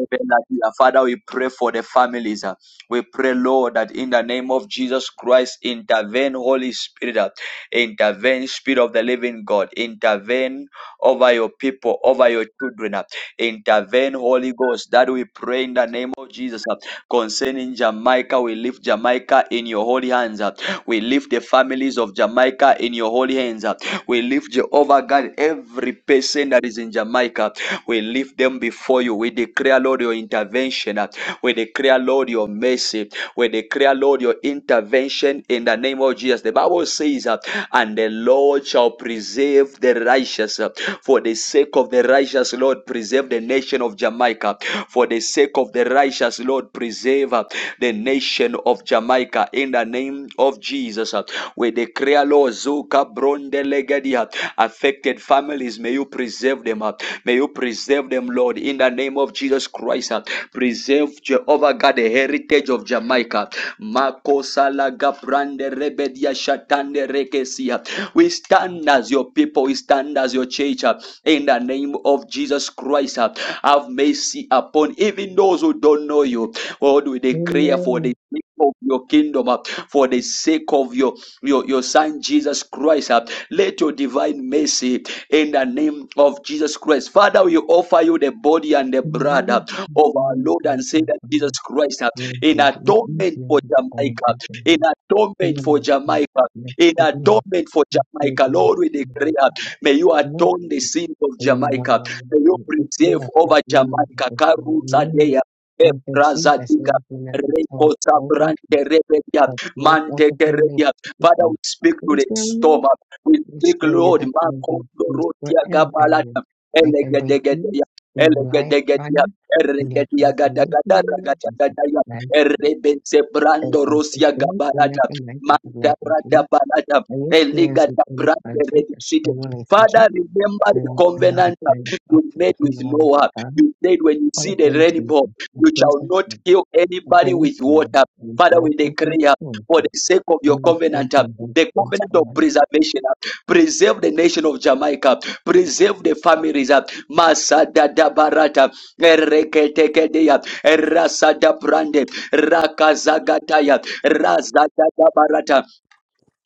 Father, we pray for the families. uh. We pray, Lord, that in the name of Jesus Christ, intervene, Holy Spirit, uh, intervene, Spirit of the living God, intervene over your people, over your children, uh. intervene, Holy Ghost. That we pray in the name of Jesus. uh. Concerning Jamaica, we lift Jamaica in your holy hands. uh. We lift the families of Jamaica in your holy hands. uh. We lift Jehovah God, every person that is in Jamaica. We lift them before you. We declare, Lord, your intervention. We declare, Lord, your mercy. We declare, Lord, your intervention in the name of Jesus. The Bible says, uh, and the Lord shall preserve the righteous. uh, For the sake of the righteous, Lord, preserve the nation of Jamaica. For the sake of the righteous, Lord, preserve uh, the nation of Jamaica. In the name of Jesus, uh, we declare, Lord, Zuka Bronde Legadia, affected families, may you preserve them. uh, May you preserve them, Lord, in the name of Jesus Christ. uh, Preserve Jehovah God, the heritage of Jamaica. We stand as your people, we stand as your church uh, in the name of Jesus Christ. uh, Have mercy upon even those who don't know you. Lord, we declare for the sake of your kingdom, uh, for the sake of your, your, your son Jesus Christ. uh, Let your divine mercy in the name of Jesus Christ. Father, we offer you the body and the blood uh, of our Lord and Savior Jesus Christ uh, in atonement for Jamaica, in atonement for Jamaica, in atonement for
Uncle
Jamaica.
Jesus,
Lord, we declare, uh, may you
you implement
atone the sins of
a
Jamaica. May you preserve over Jamaica. Karuza Dea,
test
Rekosa
open
Brante Rebedia,
of flows out
Mante
of your lips
Keredia.
to
Father, we
cooking.
speak to
Which
the
will me
storm. We speak,
show you
Lord,
that I will
Makondo
peace
Rotia
wherever I will.
Gabalata,
I can bring peace
Elegadegadia,
in your life,
Elegadegadia,
brother, in your
Erregadia
transformation,
Gadagada,
in your judgment.
Ragadagaya,
And
Errebense
if
Brando
I
Rosia
fulfill any of
Gabalata,
the life of the
Manda
life in peace,
Rada Balata,
I will experience an
Eligata
inner
Brande
conflict, a
Redicite.
strong relationship
Father, remember the
Lord, another
covenant
prayer
that
up
you
for
made
the
with
funeral of
Noah.
God,
You said when you
for the
see the
plain
rainbow,
treason, the
you
place
shall
of
not
sin,
kill
the
anybody
brave
with
prayer,
water.
and his
Father, we
love and his
declare for the
situation,
sake of your
and with all
covenant,
the
uh,
events
the
in his
covenant of
command,
preservation. uh, Preserve the nation of Jamaica. Preserve the families. uh, Masada da barata. Ereketekedea. Erasada brande. Rakazagataya. Razada da barata.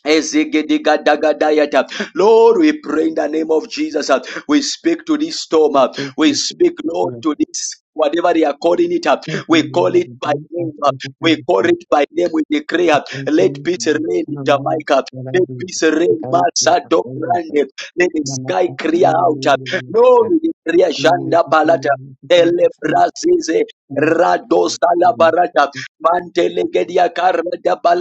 Ezigidigadagadiata. Lord, we pray in the name of Jesus. uh, We speak to this storm.
and
uh,
so
We
blessed
speak,
with the
Lord,
full of
to
it.
this whatever they are calling it up. Uh,
Thank you,
We call
Lord, of
it
the
by
day of
name. uh,
social
We call
services,
it by name. We decree. uh,
thank
Let
you,
peace
Lord, of the
reign in
funeral
Jamaica.
I
Let
do,
peace
the
reign,
God of
Masa
of it.
Dobrande. Let the sky
Namaste,
clear
the Lord, of the Lord, and the the Lord, and the Lord, of the Lord, of the Lord, and
out. uh, Lord, we decree, Shanda Balata. Ele Brasize. Radosa la
the
barata, mantele gedia karma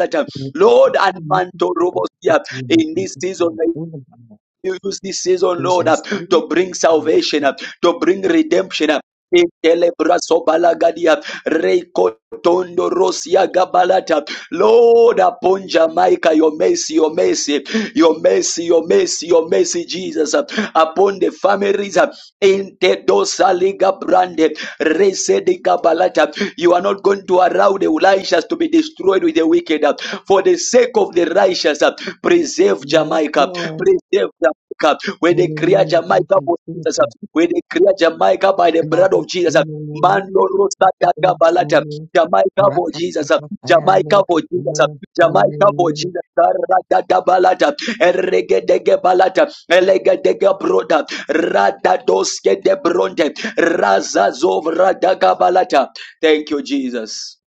da Lord, and Mantorobosia in this season
Ephesians
you use this season, Lord, uh,
3.
to bring
verse
salvation,
six.
uh, to bring redemption. uh, Intelebraso balagadia, reikotondo rosia gabalata. Lord, upon Jamaica, your mercy, your mercy, your mercy, your mercy, your mercy, Jesus, uh, upon the families uh, in Tedosa Liga Brande, Rese de Gabalata. You are not going to allow the righteous to be destroyed with the wicked. uh, For the sake of the righteous, uh, preserve
Yes,
Jamaica,
Lord.
preserve Jamaica. We declare
Hallelujah. Thank
Jamaica
you,
for
Jesus.
Jesus. We declare Jamaica by the
About
blood
this
of Jesus.
thing, you know,
Mando
maybe it's not
Rosa
the
Daga
solution,
Balata.
maybe it's
Jamaica for
wrapped up in
Jesus.
some fire, and
Jamaica
maybe it's a
for Jesus.
little- a
Jamaica
little-
for
little-
Jesus. Rada da Balata. Erege dege Balata. Elege dege Broda. Rada doske de Bronte. Raza zov Rada Balata. Thank you, Jesus.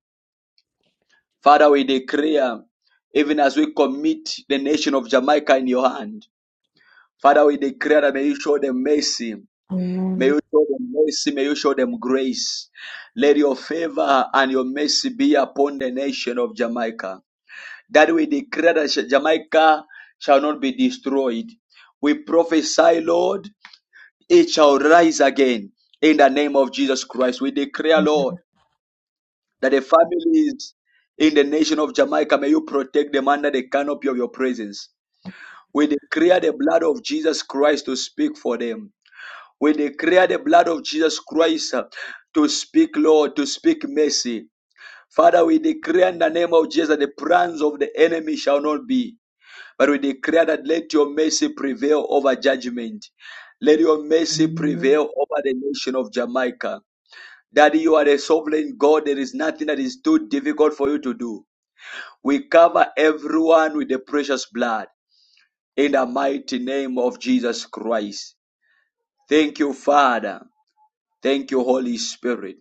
Father, we declare even as we commit the nation of Jamaica in your hand. Father, we declare that may you show them mercy. May
Amen.
you show them mercy. May you show them grace. Let your favor and your mercy be upon the nation of Jamaica. That we declare that Jamaica shall not be destroyed. We prophesy, Lord, it shall rise again in the name of Jesus Christ. We declare, Lord, that the families in the nation of Jamaica, may you protect them under the canopy of your presence. We declare the blood of Jesus Christ to speak for them. We declare the blood of Jesus Christ uh, to speak, Lord, to speak mercy. Father, we declare in the name of Jesus that the plans of the enemy shall not be. But we declare that let your mercy prevail over judgment. Let your mercy
Amen.
prevail over the nation of Jamaica. Daddy, you are a sovereign God. There is nothing that is too difficult for you to do. We cover everyone with the precious blood in the mighty name of Jesus Christ. Thank you, Father. Thank you, Holy Spirit.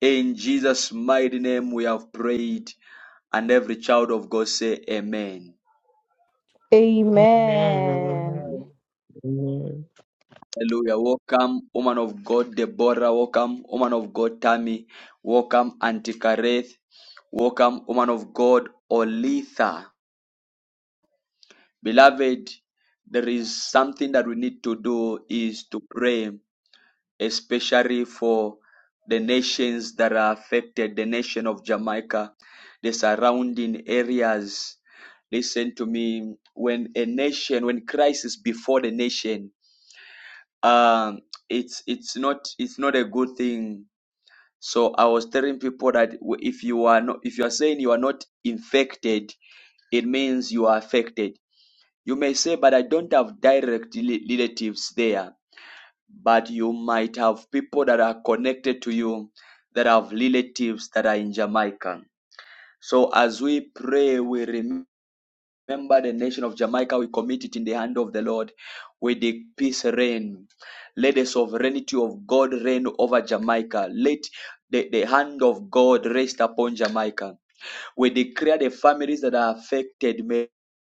In Jesus' mighty name we have prayed, and every child of God say amen.
Amen. Amen.
Amen.
Hallelujah. Welcome, woman of God, Deborah. Welcome, woman of God, Tammy. Welcome, Auntie Kareth. Welcome, woman of God, Olitha. Beloved, there is something that we need to do is to pray, especially for the nations that are affected, the nation of Jamaica, the surrounding areas Listen to me. When a nation, when Christ is before the nation, um, it's it's not it's not a good thing. So I was telling people that w- if you are not, if you are saying you are not infected, it means you are affected. You may say, but I don't have direct rela- relatives there. But you might have people that are connected to you that have relatives that are in Jamaica. So as we pray, we remember. Remember the nation of Jamaica, we commit it in the hand of the Lord. We the peace reign. Let the sovereignty of God reign over Jamaica. Let the, the hand of God rest upon Jamaica. We declare the families that are affected may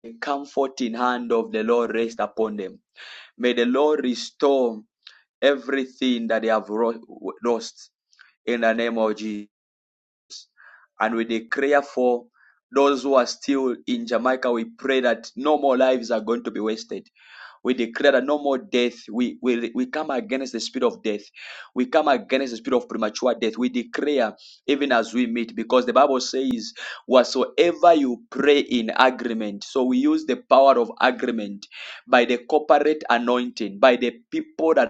the comforting hand of the Lord rest upon them. May the Lord restore everything that they have lost in the name of Jesus. And we declare for those who are still in Jamaica, we pray that no more lives are going to be wasted We declare that no more death. We, we, we come against the spirit of death. We come against the spirit of premature death. We declare even as we meet because the Bible says, whatsoever you pray in agreement. So we use the power of agreement by the corporate anointing, by the people that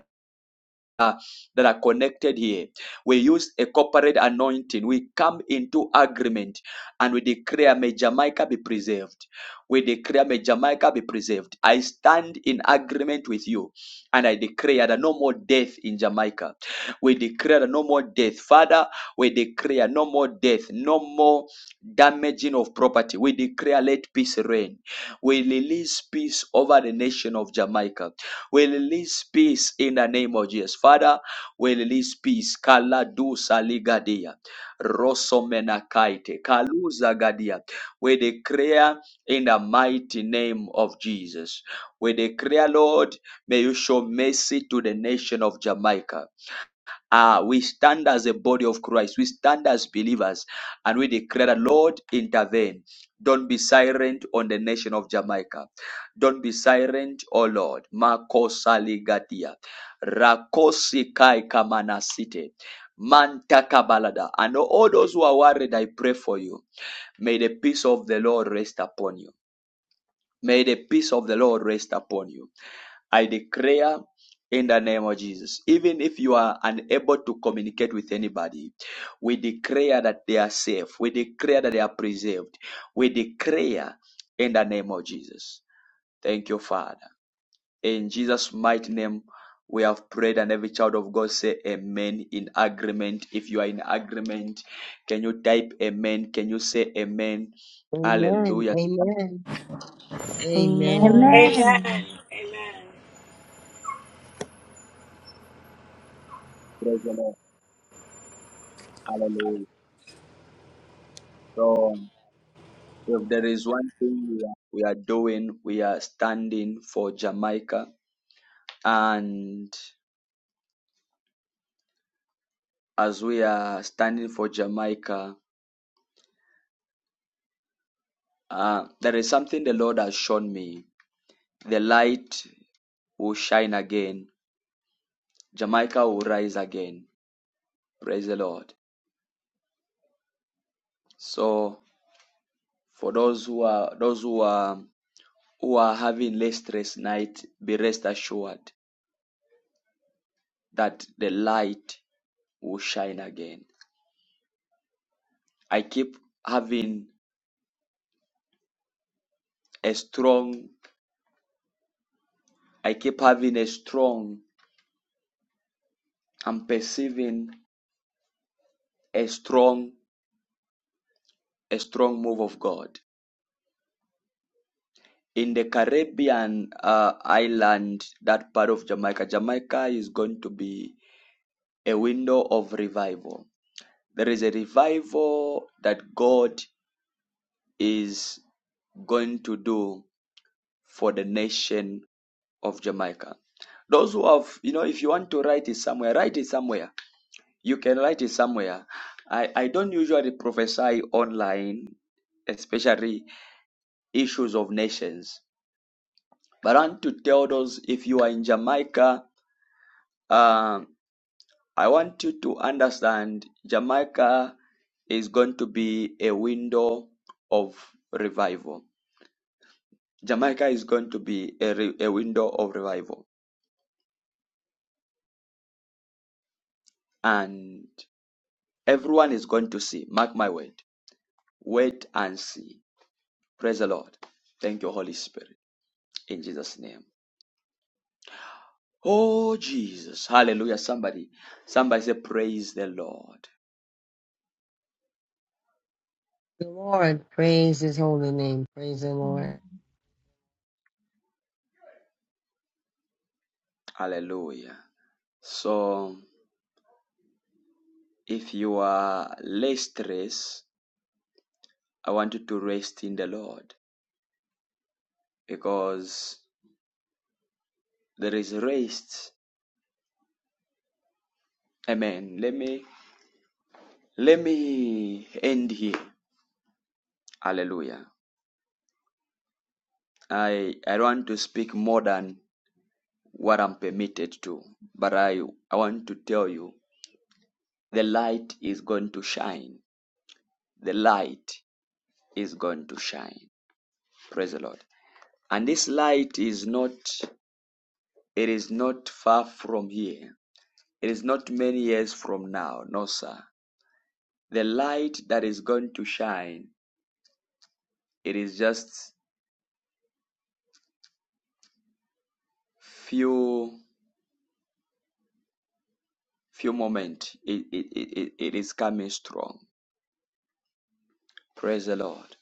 uh, that are connected here. We use a corporate anointing. We come into agreement and we declare, May Jamaica be preserved. We declare, May Jamaica be preserved. I stand in agreement with you and I declare that no more death in Jamaica. We declare that no more death. Father, we declare no more death, no more damaging of property. We declare, let peace reign. We release peace over the nation of Jamaica. We release peace in the name of Jesus. Father, we release peace. Kala du saligadia. Rosomenakaite. Kaluza gadia. We declare in the mighty name of Jesus. We declare, Lord, may you show mercy to the nation of Jamaica. Uh, we stand as a body of Christ. We stand as believers and we declare, that, Lord, intervene. Don't be silent on the nation of Jamaica. Don't be silent, O Lord. Makosaligatia. Rakosikai kamanasite. Mantakabalada. And all those who are worried, I pray for you. May the peace of the Lord rest upon you. May the peace of the Lord rest upon you. I declare in the name of Jesus, even if you are unable to communicate with anybody, we declare that they are safe. We declare that they are preserved. We declare in the name of Jesus. Thank you, Father. In Jesus' mighty name, we have prayed, and every child of God say amen in agreement. If you are in agreement, can you type amen? Can you say amen?
Amen. Amen.
Hallelujah.
Amen.
Amen.
Amen.
Amen.
Praise the Lord. Hallelujah. So, If there is one thing we are, we are doing, we are standing for Jamaica. And as we are standing for Jamaica, uh, there is something the Lord has shown me. The light will shine again, Jamaica will rise again. Praise the Lord. So, for those who are those who are who are having less stress night, be rest assured that the light will shine again. I keep having a strong I keep having a strong, I'm perceiving a strong, a strong move of God. In the Caribbean uh, island, that part of Jamaica, Jamaica is going to be a window of revival. There is a revival that God is going to do for the nation of Jamaica. Those who have, you know, if you want to write it somewhere, write it somewhere You can write it somewhere. I, I don't usually prophesy online, especially issues of nations. But I want to tell those if you are in Jamaica, um, I want you to understand Jamaica is going to be a window of revival. Jamaica is going to be a, re- a window of revival. And everyone is going to see. Mark my word. Wait and see. Praise the Lord. Thank you, Holy Spirit. In Jesus' name. Oh, Jesus. Hallelujah. Somebody, somebody say, Praise the Lord.
The Lord, praise his holy name. Praise the
Hmm.
Lord.
Hallelujah. So, if you are less stressed, I want you to rest in the Lord because there is rest. Amen. Let me, let me end here. Hallelujah. I, I want to speak more than what I'm permitted to, but I, I want to tell you the light is going to shine. The light is going to shine. Praise the Lord. And this light is not, it is not far from here. It is not many years from now. No, sir. The light that is going to shine, it is just few, few moments. It, it, it, it it is coming strong. Praise the Lord.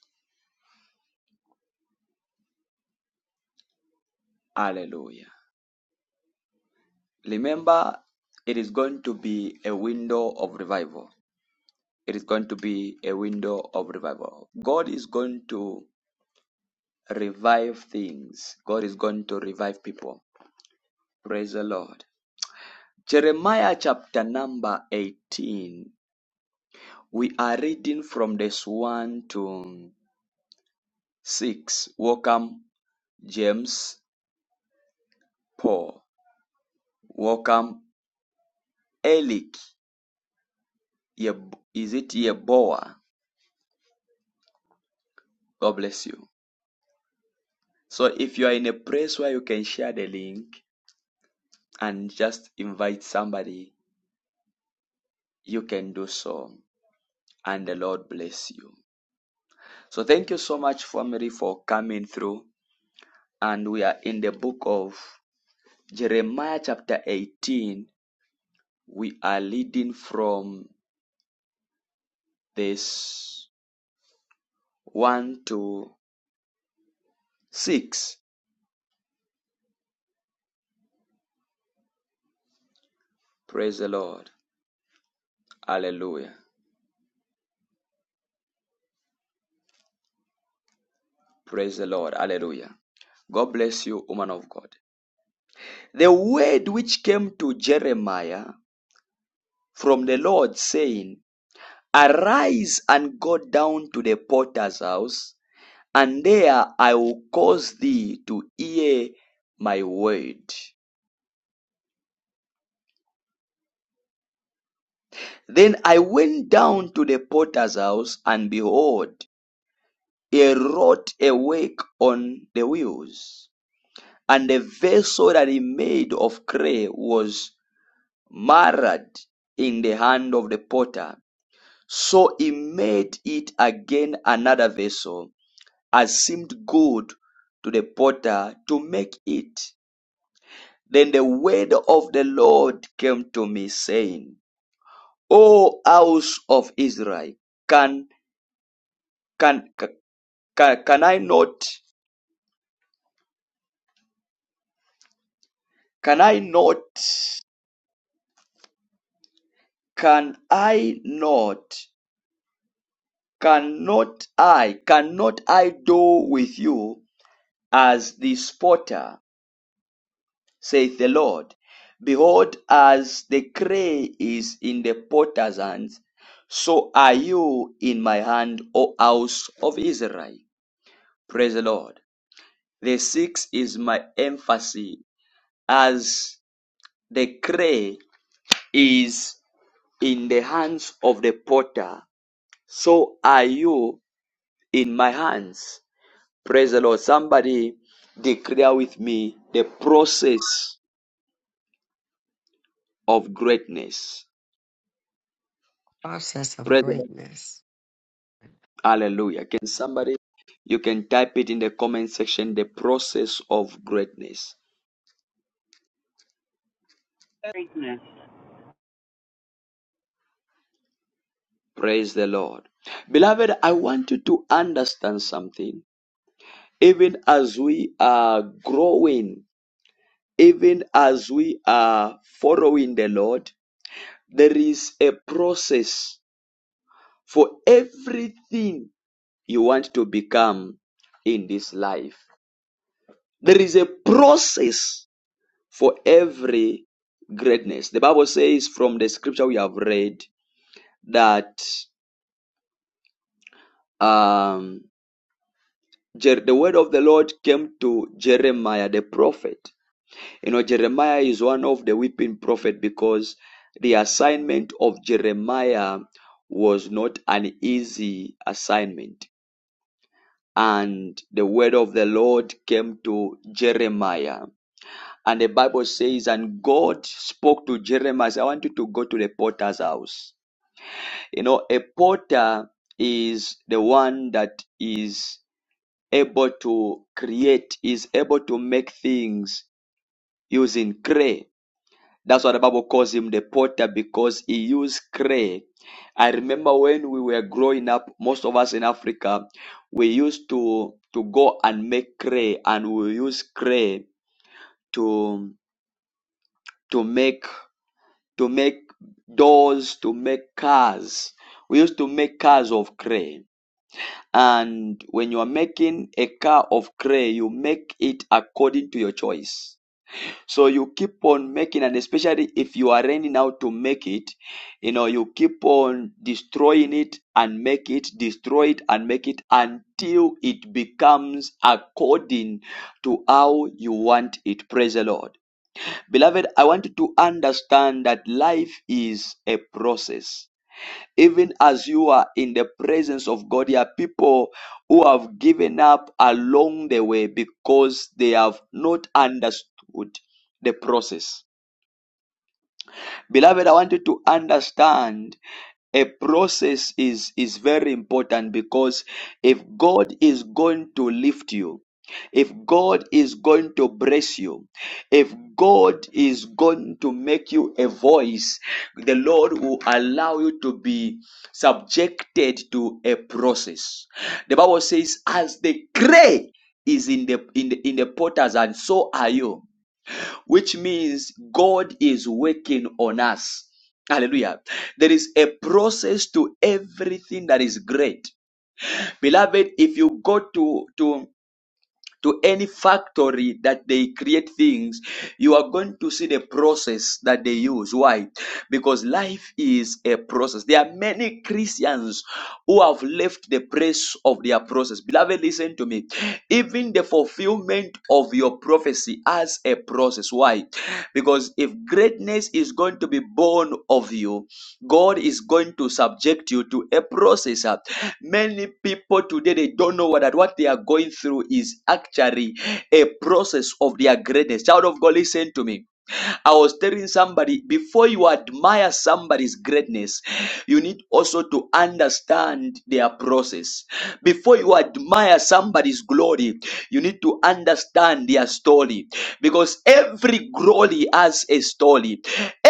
Hallelujah. Remember, it is going to be a window of revival. It is going to be a window of revival. God is going to revive things. God is going to revive people. Praise the Lord. Jeremiah chapter number 18. We are reading from this 1 to 6. Welcome, James Paul. Welcome, Elik. Is it Yeboah? God bless you. So if you are in a place where you can share the link and just invite somebody, you can do so. And the Lord bless you. So thank you so much, family, for coming through. And we are in the book of Jeremiah, chapter 18. We are leading from this 1 to 6. Praise the Lord. Hallelujah. Praise the Lord. Hallelujah. God bless you, woman of God. The word which came to Jeremiah from the Lord, saying, Arise and go down to the potter's house and there I will cause thee to hear my word. Then I went down to the potter's house, and behold, he wrought a work on the wheels. And the vessel that he made of clay was marred in the hand of the potter. So he made it again another vessel, as seemed good to the potter to make it. Then the word of the Lord came to me saying, O house of Israel, can, can, can, can I not, can I not, can I not, cannot I, cannot I do with you as the potter, saith the Lord. Behold, as the clay is in the potter's hands, so are you in my hand, O house of Israel. Praise the Lord. The six is my emphasis as the clay is in the hands of the potter. So are you in my hands. Praise the Lord. Somebody declare with me the process of greatness.
Process of
Praise the Lord.
greatness.
Hallelujah. Can somebody, you can type it in the comment section, the process of greatness.
Greatness.
Praise the Lord. Beloved, I want you to understand something even as we are growing, even as we are following the Lord, there is a process for everything you want to become in this life. There is a process for every greatness. The Bible says from the scripture we have read that um, the word of the Lord came to Jeremiah the prophet You know, Jeremiah is one of the weeping prophet because the assignment of Jeremiah was not an easy assignment. And the word of the Lord came to Jeremiah. And the Bible says, and God spoke to Jeremiah, I want you to go to the potter's house. You know, a potter is the one that is able to create, is able to make things using clay That's why the Bible calls him the potter because he used clay. I remember when we were growing up, most of us in Africa, we used to to go and make clay, and we use clay to to make to make doors, to make cars. We used to make cars of clay. And when you are making a car of clay, you make it according to your choice So you keep on making, and especially if you are learning how to make it, you know, you keep on destroying it and make it, destroy it and make it until it becomes according to how you want it. Praise the Lord. Beloved, I want you to understand that life is a process even as you are in the presence of God, there are people who have given up along the way because they have not understood the process. Beloved, I want you to understand a process is is very important because if god is going to lift you if god is going to bless you if god is going to make you a voice the lord will allow you to be subjected to a process the bible says as the clay is in the in the, in the potters and so are you which means God is working on us. Hallelujah. There is a process to everything that is great. Beloved, if you go to, to to any factory that they create things, you are going to see the process that they use. Why? Because life is a process. There are many Christians who have left the place of their process. Beloved, listen to me. Even the fulfillment of your prophecy has a process. Why? Because if greatness is going to be born of you, God is going to subject you to a process. uh. Many people today they don't know that what they are going through is actually a process of their greatness. Child of God, listen to me. I was telling somebody before you admire somebody's greatness, you need also to understand their process. Before you admire somebody's glory, you need to understand their story because every glory has a story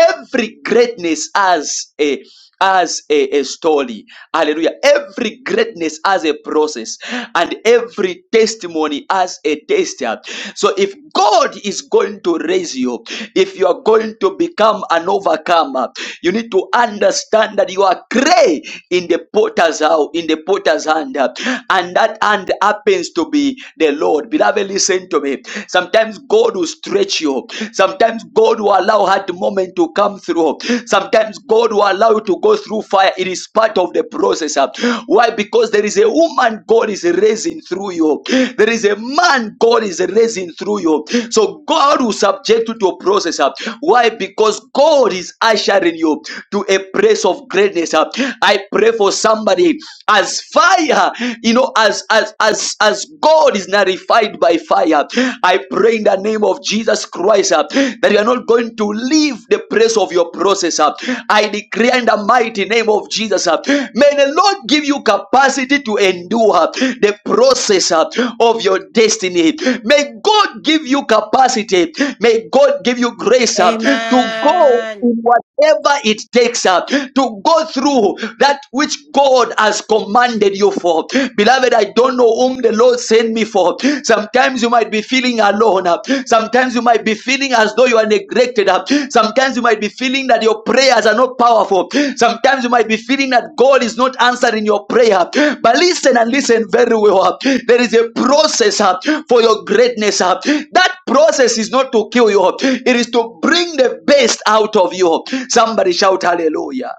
Every greatness has a as a, a story. Hallelujah. Every greatness has a process and every testimony has a tester. So if God is going to raise you, if you are going to become an overcomer, you need to understand that you are clay in the potter's house, in the potter's hand. And that hand happens to be the Lord. Beloved, listen to me. Sometimes God will stretch you. Sometimes God will allow hard moment to come through. Sometimes God will allow you to go through fire. It is part of the process. uh. Why? Because there is a woman God is raising through you. There is a man God is raising through you. So God will subject you to a process. uh. Why? Because God is ushering you to a place of greatness. uh. I pray for somebody as fire, you know, as as as as God. God is nullified by fire. I pray in the name of Jesus Christ uh, that you are not going to leave the place of your process. uh. I declare in the mighty name of Jesus, uh, may the Lord give you capacity to endure uh, the process uh, of your destiny. May God give you capacity. May God give you grace uh, to go.
Amen.
in what whatever it takes uh, to go through that which God has commanded you for. Beloved, I don't know whom the Lord sent me for. Sometimes you might be feeling alone. uh, Sometimes you might be feeling as though you are neglected. uh, Sometimes you might be feeling that your prayers are not powerful. Sometimes you might be feeling that God is not answering your prayer. But listen and listen very well. uh, There is a process uh, for your greatness. uh, That Process is not to kill you, it is to bring the best out of you. Somebody shout hallelujah.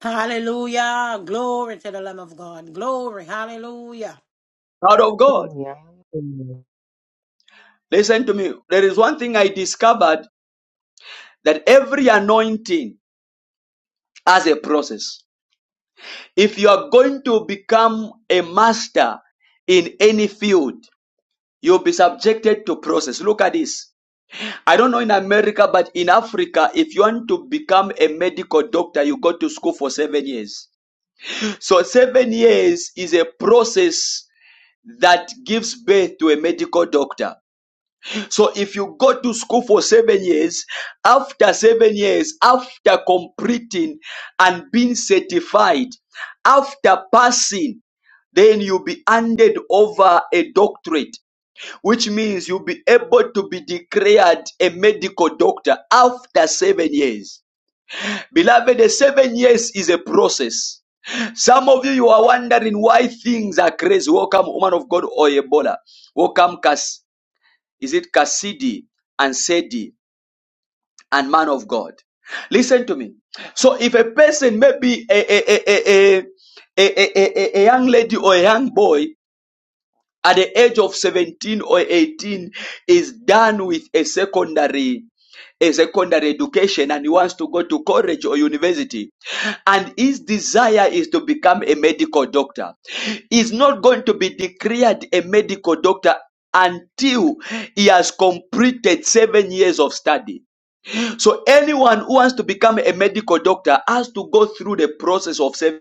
Hallelujah. Glory to the Lamb of God. Glory. Hallelujah.
Out of God.
Hallelujah. Hallelujah.
Listen to me. There is one thing I discovered that every anointing has a process. If you are going to become a master in any field, you'll be subjected to process. Look at this. I don't know in America, but in Africa, if you want to become a medical doctor, you go to school for seven years. So seven years is a process that gives birth to a medical doctor. So if you go to school for seven years, after seven years, after completing and being certified, after passing, then you'll be handed over a doctorate, which means you'll be able to be declared a medical doctor after seven years. Beloved, the seven years is a process. Some of you, you are wondering why things are crazy. Welcome, woman of God, Oyebola. Welcome, Cass, is it Cassidy and Sedi and man of God? Listen to me. So, if a person, maybe a, a, a, a, a, a, a, a a young lady or a young boy at the age of 17 or 18 is done with a secondary a secondary education and he wants to go to college or university and his desire is to become a medical doctor He's not going to be declared a medical doctor until he has completed seven years of study. So anyone who wants to become a medical doctor has to go through the process of seven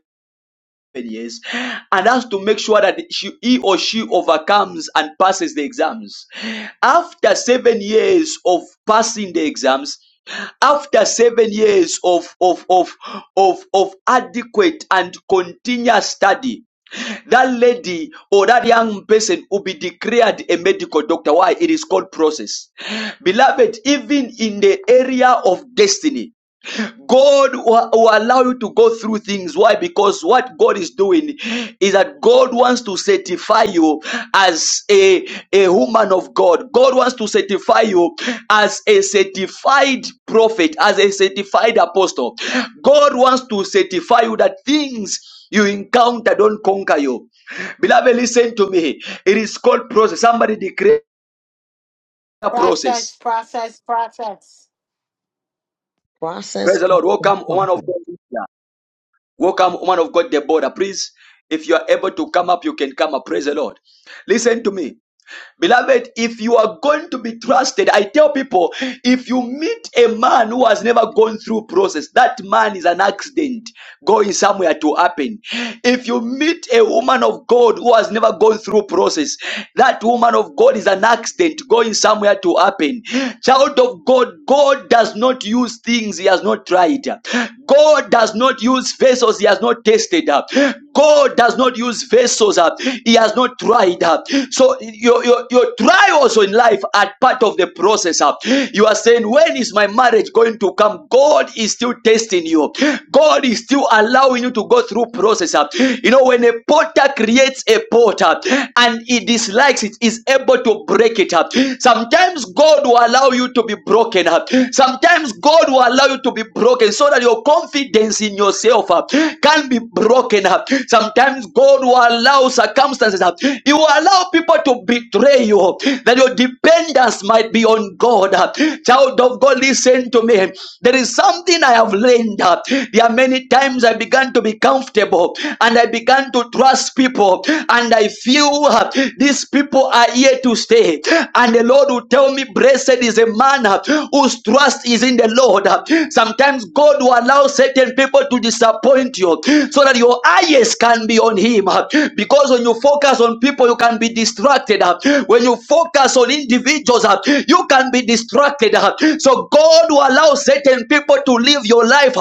years and has to make sure that she, he or she overcomes and passes the exams. After seven years of passing the exams, after seven years of, of, of, of, of adequate and continuous study, that lady or that young person will be declared a medical doctor. Why? It is called process. Beloved, even in the area of destiny, God will, will allow you to go through things. Why? Because what God is doing is that God wants to certify you as a, a woman of God. God wants to certify you as a certified prophet, as a certified apostle. God wants to certify you that things you encounter don't conquer you. Beloved, listen to me. It is called process. Somebody declare a
Process,
process.
process, process.
Process,
Praise the Lord.
process,
Welcome, one of
process.
God. Welcome, woman of God, the border. Please, if you are able to come up, you can come up. Praise the Lord. Listen to me. Beloved, if you are going to be trusted, I tell people, if you meet a man who has never gone through process, that man is an accident going somewhere to happen. If you meet a woman of God who has never gone through process, that woman of God is an accident going somewhere to happen. Child of God, God does not use things he has not tried. God does not use vessels he has not tested. God does not use vessels. Uh, he has not tried. Uh, so your, your, your trials in life are part of the process. Uh, you are saying, when is my marriage going to come? God is still testing you. God is still allowing you to go through process. Uh, you know, when a potter creates a potter and he dislikes it, is able to break it up. Sometimes God will allow you to be broken up. Sometimes God will allow you to be broken so that your confidence in yourself uh, can be broken up. Sometimes God will allow circumstances up. He will allow people to betray you, that your dependence might be on God. Child of God, listen to me. There is something I have learned. There are many times I began to be comfortable and I began to trust people, and I feel these people are here to stay. And the Lord will tell me, Blessed is a man whose trust is in the Lord. Sometimes God will allow certain people people to disappoint you so that your eyes can be on him because when you focus on people you can be distracted when you focus on individuals you can be distracted so god will allow certain people to live your life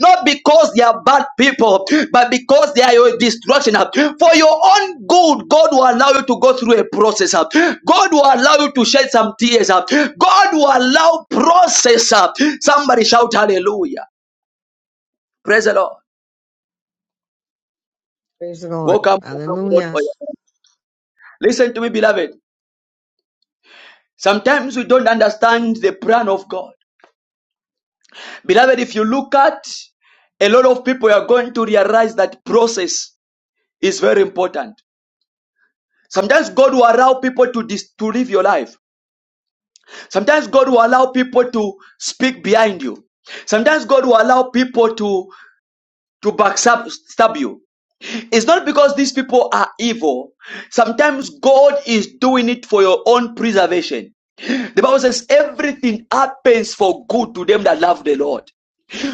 not because they are bad people but because they are your distraction for your own good god will allow you to go through a process god will allow you to shed some tears god will allow process somebody shout hallelujah praise the lord
Praise the Lord.
Welcome, woman of God.
Hallelujah.
Oya. Listen to me, beloved. Sometimes we don't understand the plan of God. Beloved, if you look at a lot of people, you are going to realize that process is very important. Sometimes God will allow people to, dis- to live your life. Sometimes God will allow people to speak behind you. Sometimes God will allow people to, to backstab stab you. It's not because these people are evil. Sometimes God is doing it for your own preservation. The Bible says everything happens for good to them that love the Lord.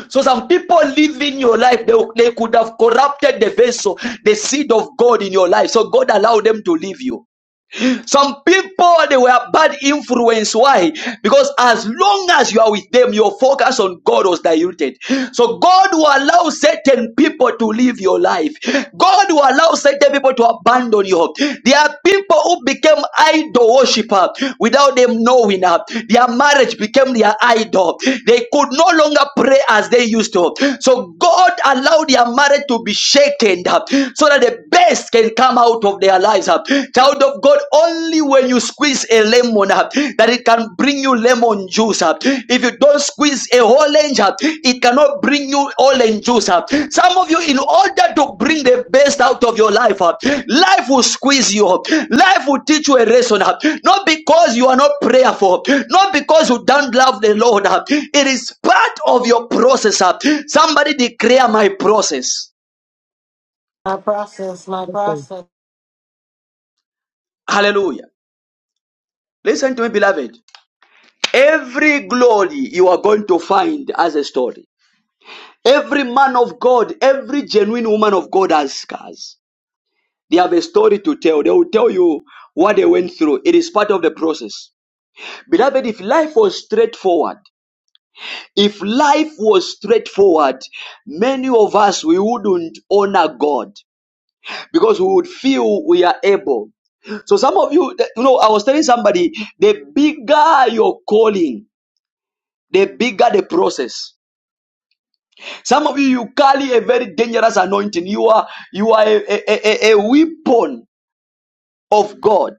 So some people living your life, they, they could have corrupted the vessel, the seed of God in your life. So God allowed them to leave you. Some people they were bad influence. Why? Because as long as you are with them, your focus on God was diluted. So God will allow certain people to live your life. God will allow certain people to abandon you. There are people who became idol worshiper without them knowing up. Their marriage became their idol. They could no longer pray as they used to. So God allowed their marriage to be shaken up so that the best can come out of their lives. uh. Child of God, only when you squeeze a lemon uh, that it can bring you lemon juice. uh. If you don't squeeze a orange, uh, it cannot bring you orange juice. uh. Some of you, in order to bring the best out of your life, uh, life will squeeze you. uh. Life will teach you a lesson. uh. Not because you are not prayerful, huh? not because you don't love the Lord. uh. It is part of your process. uh. Somebody declare my process.
My process, my process.
Hallelujah. Listen to me, beloved. Every glory you are going to find as a story. Every man of God, every genuine woman of God has scars. They have a story to tell. They will tell you what they went through. It is part of the process. Beloved, if life was straightforward, if life was straightforward, many of us, we wouldn't honor God because we would feel we are able. So some of you, you know, I was telling somebody, the bigger your calling, the bigger the process. Some of you, you carry a very dangerous anointing. You are you are a, a, a, a weapon of God.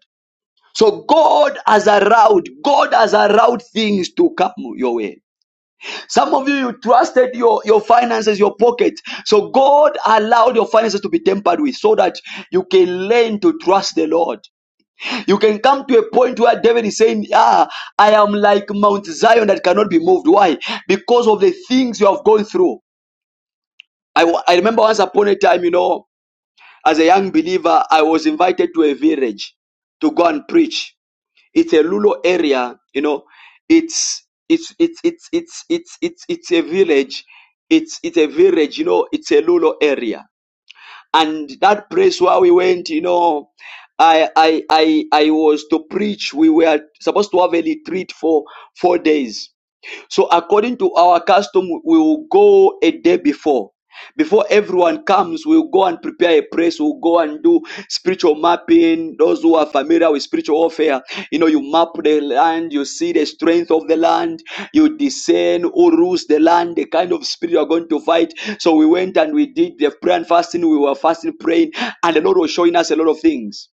So God has allowed, God has allowed things to come your way. Some of you, you trusted your, your finances, your pocket. So God allowed your finances to be tempered with so that you can learn to trust the Lord. You can come to a point where David is saying, Ah, I am like Mount Zion that cannot be moved. Why? Because of the things you have gone through. I, I remember once upon a time, you know, As a young believer, I was invited to a village to go and preach. It's a rural area, you know. It's it's it's it's it's it's it's it's a village. It's it's a village, you know. It's a rural area, and that place where we went, you know, I I I I was to preach. We were supposed to have a retreat for four days so according to our custom, we will go a day before. Before everyone comes, we'll go and prepare a place. We'll go and do spiritual mapping. Those who are familiar with spiritual warfare, you know, you map the land, you see the strength of the land, you discern who rules the land, the kind of spirit you're going to fight. So we went and we did the prayer and fasting. We were fasting, praying, and the Lord was showing us a lot of things.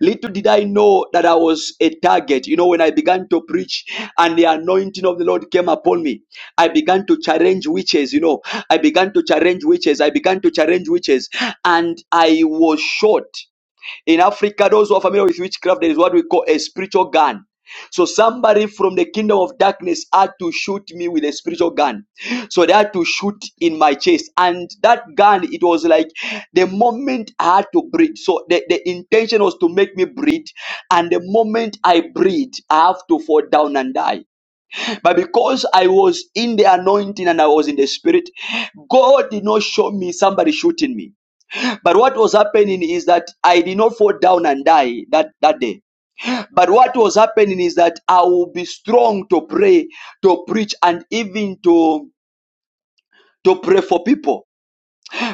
Little did I know that I was a target. You know, when I began to preach and the anointing of the Lord came upon me, I began to challenge witches. You know, I began to challenge witches. I began to challenge witches and I was shot. In Africa, those who are familiar with witchcraft, there is what we call a spiritual gun. So somebody from the kingdom of darkness had to shoot me with a spiritual gun. So they had to shoot in my chest. And that gun, it was like the moment I had to breathe. So the, the intention was to make me breathe. And the moment I breathe, I have to fall down and die. But because I was in the anointing and I was in the spirit, God did not show me somebody shooting me. But what was happening is that I did not fall down and die that, that day. But what was happening is that I will be strong to pray, to preach, and even to, to pray for people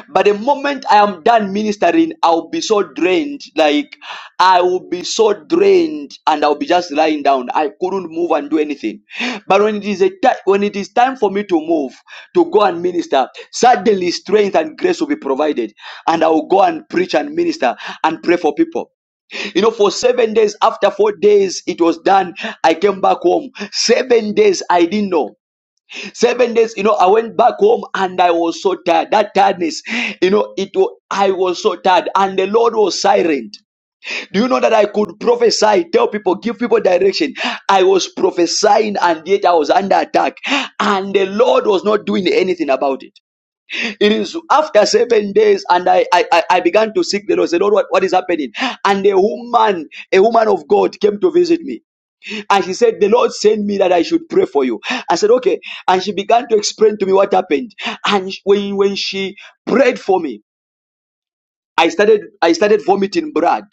but the moment I am done ministering, I'll be so drained. Like I will be so drained, and I'll be just lying down. I couldn't move and do anything. But when it is a ti- when it is time for me to move to go and minister, suddenly strength and grace will be provided, and I will go and preach and minister and pray for people. You know, for seven days, after four days it was done, I came back home. Seven days I didn't know. Seven days, you know, I went back home and I was so tired. That tiredness, you know, it was, I was so tired, and the Lord was silent. Do you know that I could prophesy, tell people, give people direction? I was prophesying, and yet I was under attack, and the Lord was not doing anything about it. It is after seven days, and I I, I I began to seek the Lord. Say, Lord, what, what is happening? And a woman, a woman of God, came to visit me and she said, The Lord sent me that I should pray for you. I said, Okay. And she began to explain to me what happened. And when, when she prayed for me, I started, I started vomiting blood.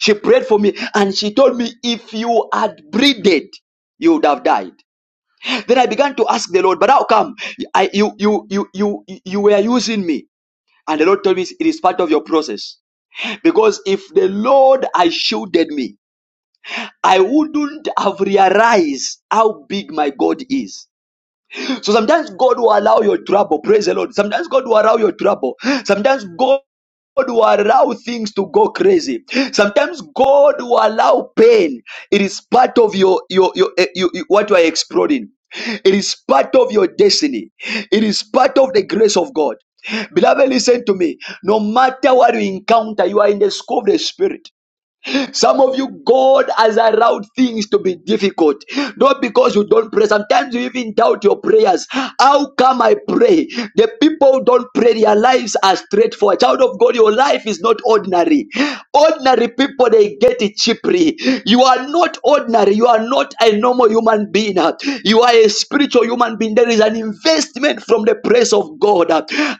She prayed for me and she told me, If you had breathed, you would have died. Then I began to ask the Lord, but how come I, you, you, you, you, you were using me? And the Lord told me it is part of your process. Because if the Lord had shielded me, I wouldn't have realized how big my God is. So sometimes God will allow your trouble. Praise the Lord. Sometimes God will allow your trouble. Sometimes God God will allow things to go crazy. Sometimes God will allow pain. It is part of your your your, eh, you- you- what you are exploring. It is part of your destiny. It is part of the grace of God. Beloved, listen to me. No matter what you encounter, you are in the school of the spirit. Some of you, God has allowed things to be difficult. Not because you don't pray. Sometimes you even doubt your prayers. How come I pray? The people who don't pray, their lives are straightforward. Child of God, your life is not ordinary. Ordinary people, they get it cheaply. You are not ordinary. You are not a normal human being. You are a spiritual human being. There is an investment from the presence of God.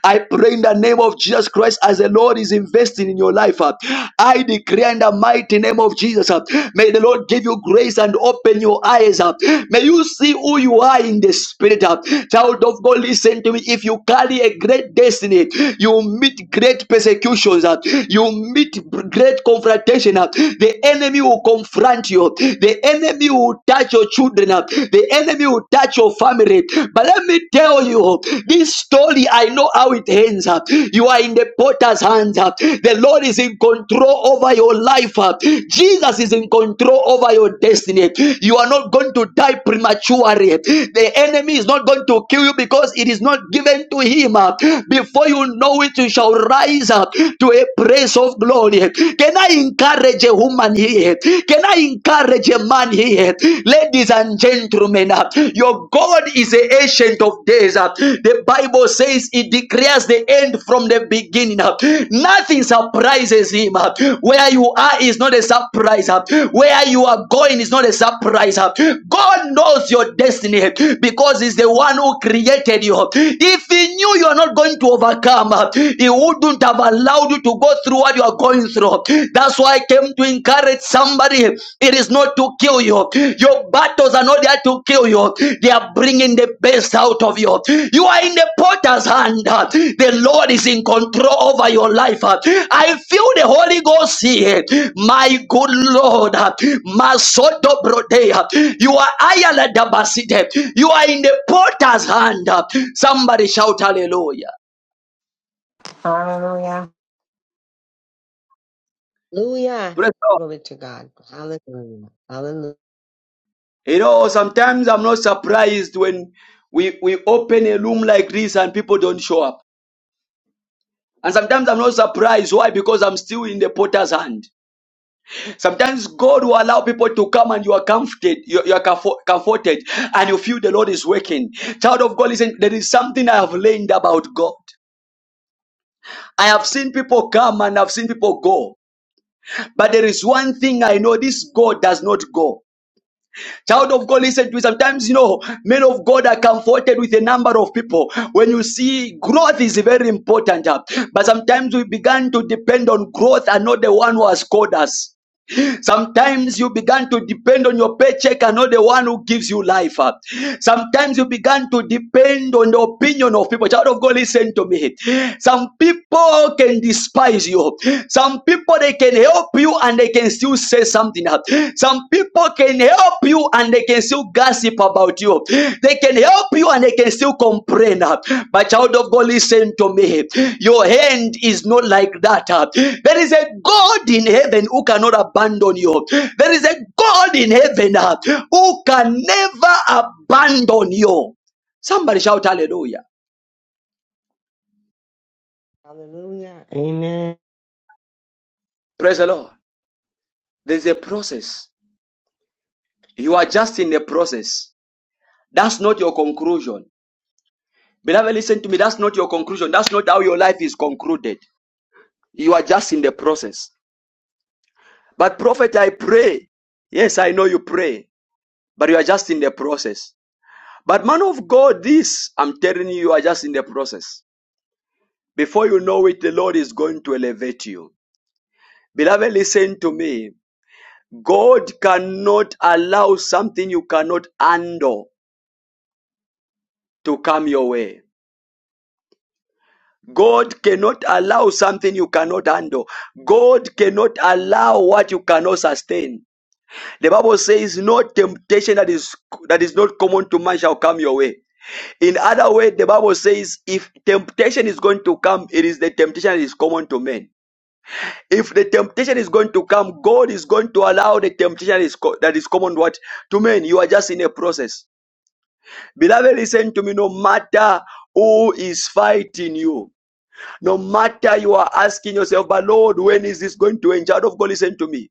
I pray in the name of Jesus. Jesus Christ as the Lord is investing in your life. uh, I declare in the mighty name of Jesus, uh, may the Lord give you grace and open your eyes up. May you see who you are in the spirit. uh. Child of God, listen to me. If you carry a great destiny, you meet great persecutions, uh, you meet great confrontation. uh. The enemy will confront you, the enemy will touch your children, uh, the enemy will touch your family. But let let me tell you this story. I know how it ends. uh. You are in the potter's hands. uh. The Lord is in control over your life. uh. Jesus is in control over your destiny. You are not going to die prematurely. The enemy is not going to kill you because it is not given to him. uh. Before you know it, you shall rise up to a place of glory. Can I encourage a woman here? Can I encourage a man stand here. Ladies and gentlemen, uh, your God is the ancient of days. uh. The Bible says it declares the end from the beginning. uh. Nothing surprises him. uh. Where you are is not a surprise. uh. Where you are going is not a surprise. uh. God knows your destiny because he's the one who created you. If he knew you are not going to overcome, uh, he wouldn't have allowed you to go through what you are going through. That's why I came to encourage somebody. It is not to kill you. Your battles are not there to kill you. They are bringing the best out of you. You are in the potter's hand. The Lord is in control over your life. I feel the Holy Ghost here. My good Lord. Masoto Brodea. You are Ayala Dabasite. You are in the potter's hand. Somebody shout hallelujah.
Hallelujah.
Hallelujah.
Praise God.
Glory to God. Hallelujah. Hallelujah.
You know, sometimes I'm not surprised when we, we open a room like this and people don't show up. And sometimes I'm not surprised. Why? Because I'm still in the potter's hand. Sometimes God will allow people to come and you are comforted, you, you are comfo- comforted, and you feel the Lord is working. Child of God, listen, there is something I have learned about God. I have seen people come and I've seen people go. But there is one thing I know this God does not go. Child of God, listen to me. Sometimes, you know, men of God are comforted with a number of people. When you see growth is very important, uh, but sometimes we began to depend on growth and not the one who has called us. Sometimes you began to depend on your paycheck and not the one who gives you life. uh. Sometimes you began to depend on the opinion of people. Child of God, listen to me. Some people can despise you. Some people they can help you and they can still say something. uh. Some people can help you and they can still gossip about you. They can help you and they can still complain. My child of God, listen to me. Your hand is not like that. There is a God in heaven who cannot abandon you. There is a God in heaven uh, who can never abandon you. Somebody shout hallelujah.
Hallelujah. Amen.
Praise the Lord. There's a process. You are just in a process. That's not your conclusion. Beloved, listen to me. That's not your conclusion. That's not how your life is concluded. You are just in the process. But prophet, I pray. Yes, I know you pray, but you are just in the process. But man of God, this, I'm telling you, you are just in the process. Before you know it, the Lord is going to elevate you. Beloved, listen to me. God cannot allow something you cannot handle to come your way. God cannot allow something you cannot handle. God cannot allow what you cannot sustain. The Bible says, "No temptation that is that is not common to man shall come your way." In other way, the Bible says, "If temptation is going to come, it is the temptation that is common to men. If the temptation is going to come, God is going to allow the temptation that is, co- that is common what to men. You are just in a process, beloved. Listen to me. No matter who is fighting you, no matter you are asking yourself, but Lord, when is this going to end? Child of God, listen to me.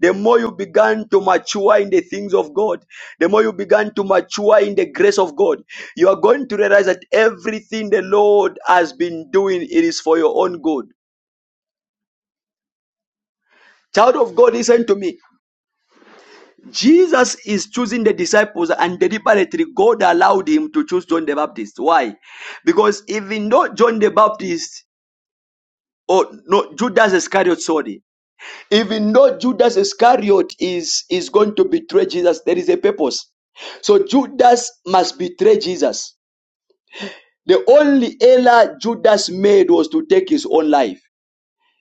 The more you began to mature in the things of God, the more you began to mature in the grace of God, you are going to realize that everything the Lord has been doing, it is for your own good. Child of God, listen to me. Jesus is choosing the disciples, and deliberately God allowed him to choose John the Baptist. Why? Because even though John the Baptist, or no, Judas Iscariot, sorry, Even though Judas Iscariot is, is going to betray Jesus, there is a purpose. So Judas must betray Jesus. The only error Judas made was to take his own life,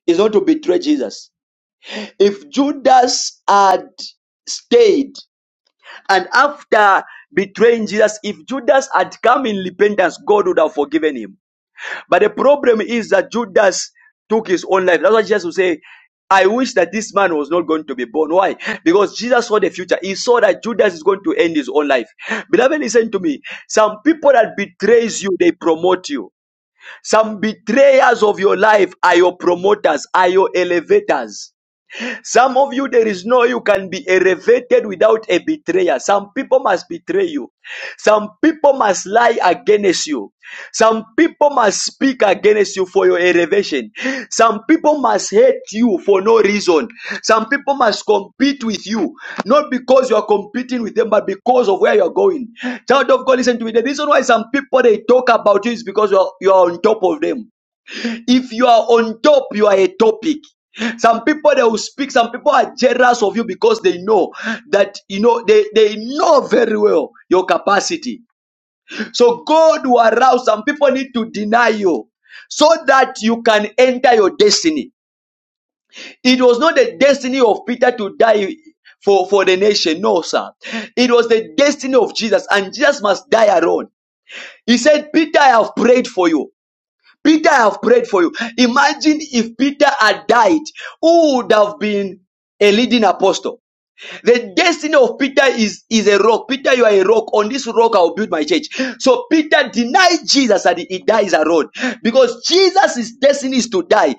It's not to betray Jesus. If Judas had stayed and after betraying Jesus, if Judas had come in repentance, God would have forgiven him. But the problem is that Judas took his own life. That's why Jesus will say, I wish that this man was not going to be born. Why? Because Jesus saw the future. He saw that Judas is going to end his own life. Beloved, listen to me. Some people that betrays you, they promote you. Some betrayers of your life are your promoters, are your elevators. Some of you, there is no you can be elevated without a betrayer. Some people must betray you. Some people must lie against you. Some people must speak against you for your elevation. Some people must hate you for no reason. Some people must compete with you, not because you are competing with them, but because of where you are going. Child of God, listen to me. The reason why some people they talk about you is because you are, you are on top of them. If you are on top, you are a topic. Some people they will speak, some people are jealous of you because they know that you know they, they know very well your capacity. So God will arouse some people need to deny you so that you can enter your destiny. It was not the destiny of Peter to die for, for the nation. No, sir. It was the destiny of Jesus, and Jesus must die alone. He said, Peter, I have prayed for you. Peter, I have prayed for you. Imagine if Peter had died, who would have been a leading apostle? The destiny of Peter is, is a rock. Peter, you are a rock. On this rock, I will build my church. So Peter denied Jesus and he dies alone because Jesus' destiny is to die.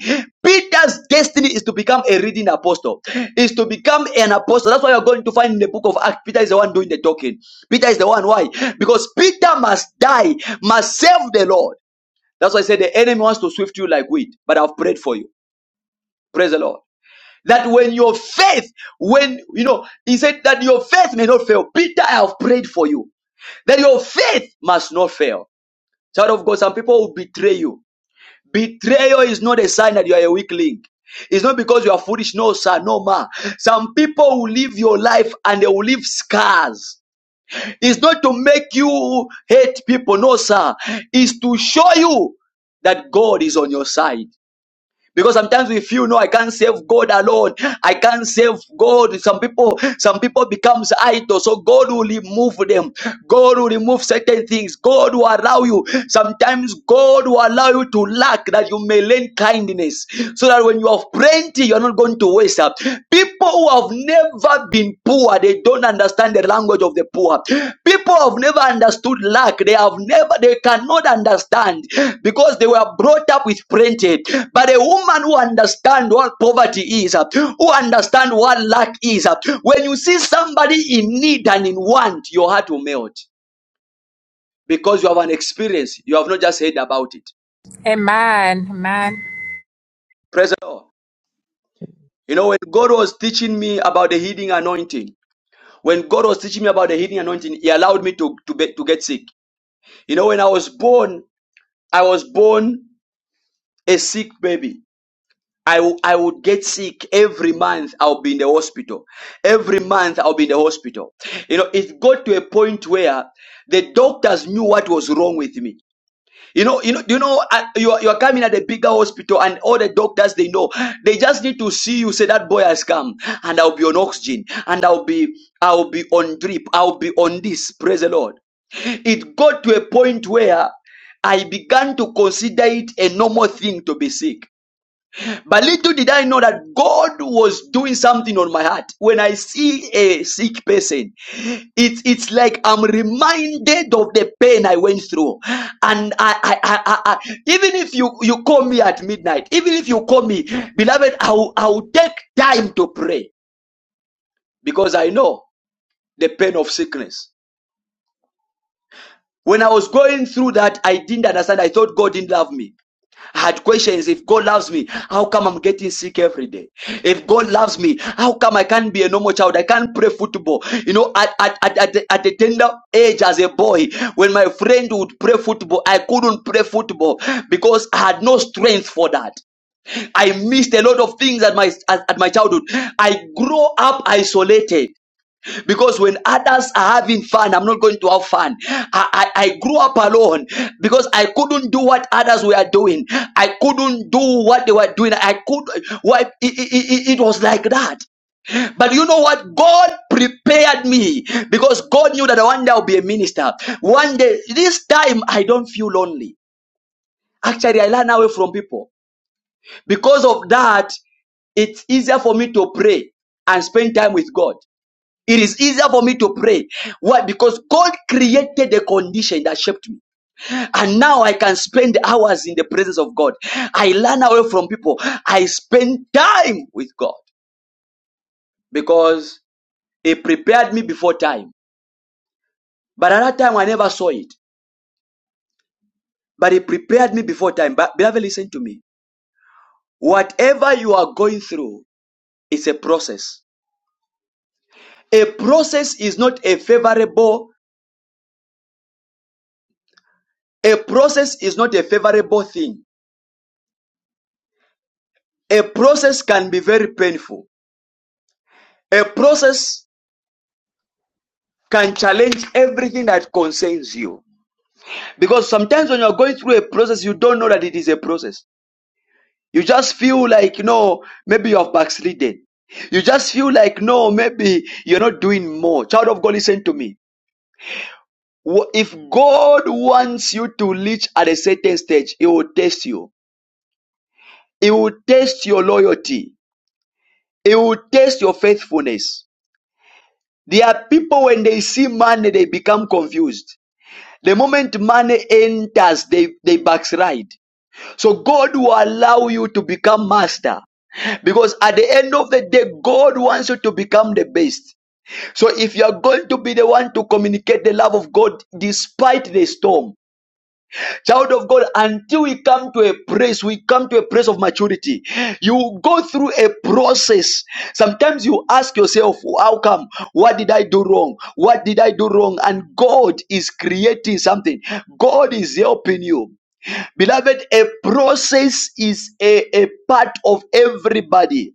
Peter's destiny is to become a reading apostle, is to become an apostle. That's why you're going to find in the book of Acts, Peter is the one doing the talking. Peter is the one. Why? Because Peter must die, must serve the Lord. That's why I said the enemy wants to swift you like wheat, but I've prayed for you. Praise the Lord. That when your faith, when you know, he said that your faith may not fail. Peter, I have prayed for you. That your faith must not fail. Child of God, some people will betray you. Betrayal is not a sign that you are a weak link. It's not because you are foolish, no, sir, no, ma. Some people will live your life and they will leave scars. It's not to make you hate people, no, sir. It's to show you that God is on your side. because sometimes we feel no i can't save god alone i can't save god some people some people becomes idol so god will remove them god will remove certain things god will allow you sometimes god will allow you to lack that you may learn kindness so that when you have plenty you're not going to waste up people who have never never been poor. They don't understand the language of the poor. People have never understood lack. They have never, they cannot understand because they were brought up with plenty. But a woman who understands what poverty is, uh, who understands what lack is, uh, when you see somebody in need and in want, your heart will melt because you have an experience. You have not just heard about it.
Amen. Amen.
Praise the Lord. You know, when God was teaching me about the healing anointing, when God was teaching me about the healing anointing, He allowed me to, to, be, to get sick. You know, when I was born, I was born a sick baby. I, w- I would get sick every month. I'll be in the hospital. Every month I'll be in the hospital. You know, it got to a point where the doctors knew what was wrong with me you know, you know, you know, uh, you are, you are coming at a bigger hospital, and all the doctors they know, they just need to see you say that boy has come, and I'll be on oxygen, and I'll be, I'll be on drip, I'll be on this. Praise the Lord. It got to a point where I began to consider it a normal thing to be sick. But little did I know that God was doing something on my heart. When I see a sick person, it's it's like I'm reminded of the pain I went through. And I, I, I, I, I even if you, you call me at midnight, even if you call me, beloved, I'll, I'll take time to pray because I know the pain of sickness. When I was going through that, I didn't understand. I thought God didn't love me. I had questions. If God loves me, how come I'm getting sick every day? If God loves me, how come I can't be a normal child? I can't play football. You know, at, at, at, at, the, at the tender age as a boy, when my friend would play football, I couldn't play football because I had no strength for that. I missed a lot of things at my, at, at my childhood. I grew up isolated because when others are having fun, I'm not going to have fun. I, I, I grew up alone because I couldn't do what others were doing. I couldn't do what they were doing. I could. Why? It, it, it it was like that. But you know what? God prepared me because God knew that one day I'll be a minister. One day, this time I don't feel lonely. Actually, I learn away from people. Because of that, it's easier for me to pray and spend time with God. It is easier for me to pray. Why? Because God created the condition that shaped me. And now I can spend hours in the presence of God. I learn away from people. I spend time with God because He prepared me before time. But at that time, I never saw it. But He prepared me before time. But beloved, listen to me. Whatever you are going through is a process. A process is not a favorable. A process is not a favorable thing. A process can be very painful. A process can challenge everything that concerns you. Because sometimes when you're going through a process, you don't know that it is a process. You just feel like, you know, maybe you have backslidden. You just feel like, no, maybe you're not doing more. Child of God, listen to me. If God wants you to reach at a certain stage, He will test you. He will test your loyalty. He will test your faithfulness. There are people when they see money, they become confused. The moment money enters, they, they backslide. So God will allow you to become master. Because at the end of the day, God wants you to become the best. So if you are going to be the one to communicate the love of God despite the storm, Child of God, until we come to a place, we come to a place of maturity. You go through a process. Sometimes you ask yourself, How come? What did I do wrong? What did I do wrong? And God is creating something, God is helping you. Beloved, a process is a, a part of everybody.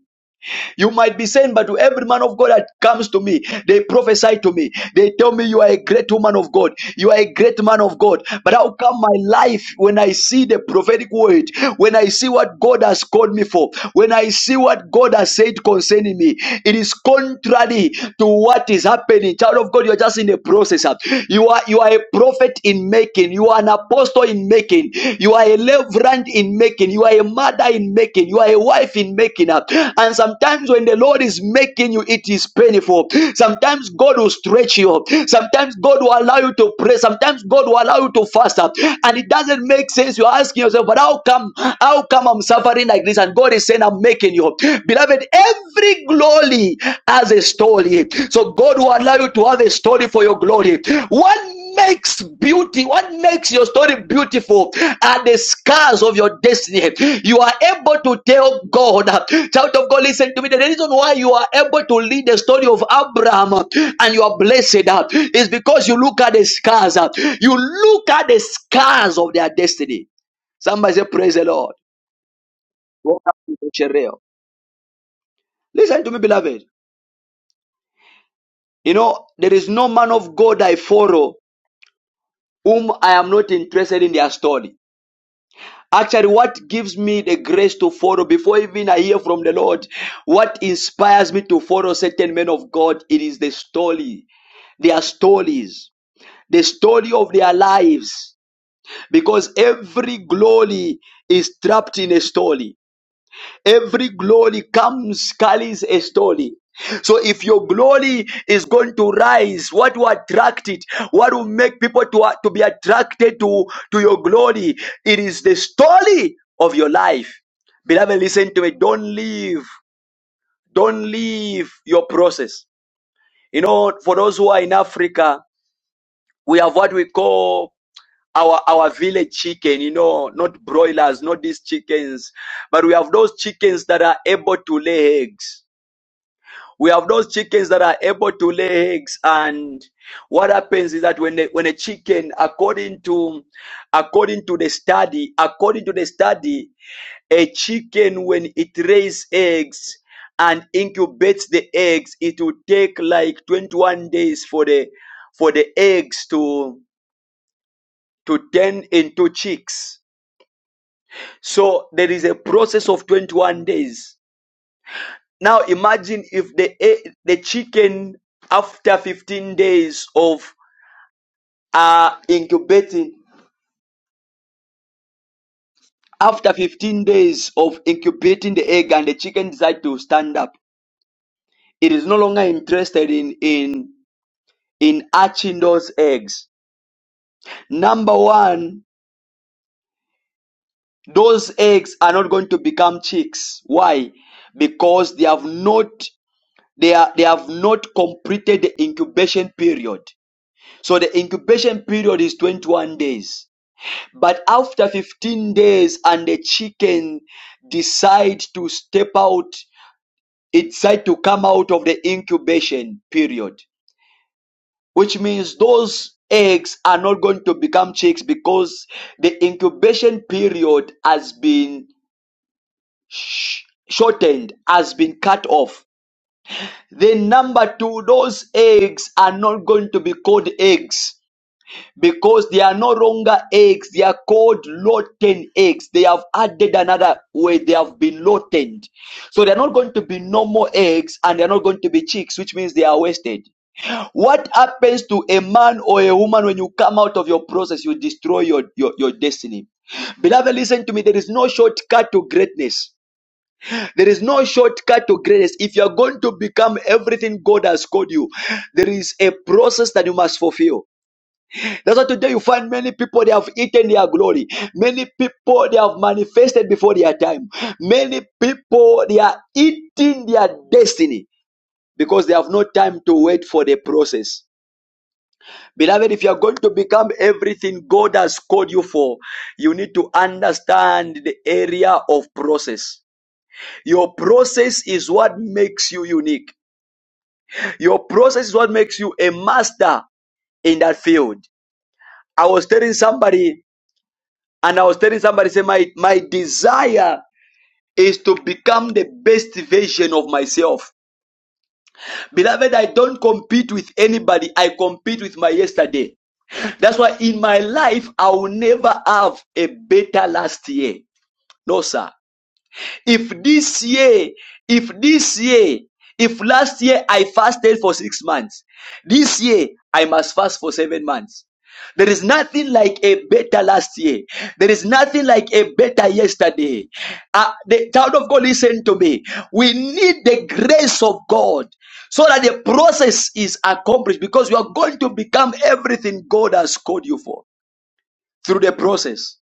You might be saying, but to every man of God that comes to me, they prophesy to me. They tell me you are a great woman of God. You are a great man of God. But how come my life, when I see the prophetic word, when I see what God has called me for, when I see what God has said concerning me, it is contrary to what is happening. Child of God, you're just in a process. You are you are a prophet in making. You are an apostle in making. You are a reverend in making. You are a mother in making. You are a wife in making. up. And sometimes when the Lord is making you, it is painful. Sometimes God will stretch you. Sometimes God will allow you to pray. Sometimes God will allow you to fast up. And it doesn't make sense. You're asking yourself, but how come, how come I'm suffering like this? And God is saying, I'm making you. Beloved, every glory has a story. So God will allow you to have a story for your glory. One makes beauty, what makes your story beautiful are the scars of your destiny. You are able to tell God, child of God, listen to me. The reason why you are able to lead the story of Abraham uh, and you are blessed uh, is because you look at the scars. uh, You look at the scars of their destiny. Somebody say, Praise the Lord. Listen to me, beloved. You know, there is no man of God I follow whom I am not interested in their story. Actually, what gives me the grace to follow before even I hear from the Lord, what inspires me to follow certain men of God, it is the story, their stories, the story of their lives. Because every glory is trapped in a story. Every glory comes, carries a story. So if your glory is going to rise, what will attract it? What will make people to, to be attracted to, to your glory? It is the story of your life. Beloved, listen to me. Don't leave. Don't leave your process. You know, for those who are in Africa, we have what we call our our village chicken, you know, not broilers, not these chickens, but we have those chickens that are able to lay eggs we have those chickens that are able to lay eggs and what happens is that when a, when a chicken according to according to the study according to the study a chicken when it lays eggs and incubates the eggs it will take like 21 days for the for the eggs to to turn into chicks so there is a process of 21 days Now imagine if the e- the chicken after 15 days of uh incubating after 15 days of incubating the egg and the chicken decide to stand up it is no longer interested in in in hatching those eggs number 1 those eggs are not going to become chicks why because they have not they are they have not completed the incubation period so the incubation period is 21 days But after 15 days, and the chicken decide to step out, it decide to come out of the incubation period, which means those eggs are not going to become chicks because the incubation period has been sh- shortened, has been cut off. Then number two, those eggs are not going to be called eggs because they are no longer eggs. They are called rotten eggs. They have added another way. They have been rotten. So they're not going to be no more eggs and they're not going to be chicks, which means they are wasted. What happens to a man or a woman when you come out of your process? You destroy your, your, your destiny. Beloved, listen to me. There is no shortcut to greatness. There is no shortcut to greatness. If you are going to become everything God has called you, there is a process that you must fulfill. That's why today you find many people they have eaten their glory. Many people they have manifested before their time. Many people they are eating their destiny because they have no time to wait for the process. Beloved, if you are going to become everything God has called you for, you need to understand the area of process. Your process is what makes you unique. Your process is what makes you a master in that field. I was telling somebody And I was telling somebody, say, my, my desire is to become the best version of myself. Beloved, I don't compete with anybody. I compete with my yesterday. That's why in my life, I will never have a better last year. No, sir. If this year, if this year, if last year I fasted for six months, this year I must fast for seven months. There is nothing like a better last year. There is nothing like a better yesterday. Uh, the child of God, listen to me. We need the grace of God so that the process is accomplished because you are going to become everything God has called you for through the process.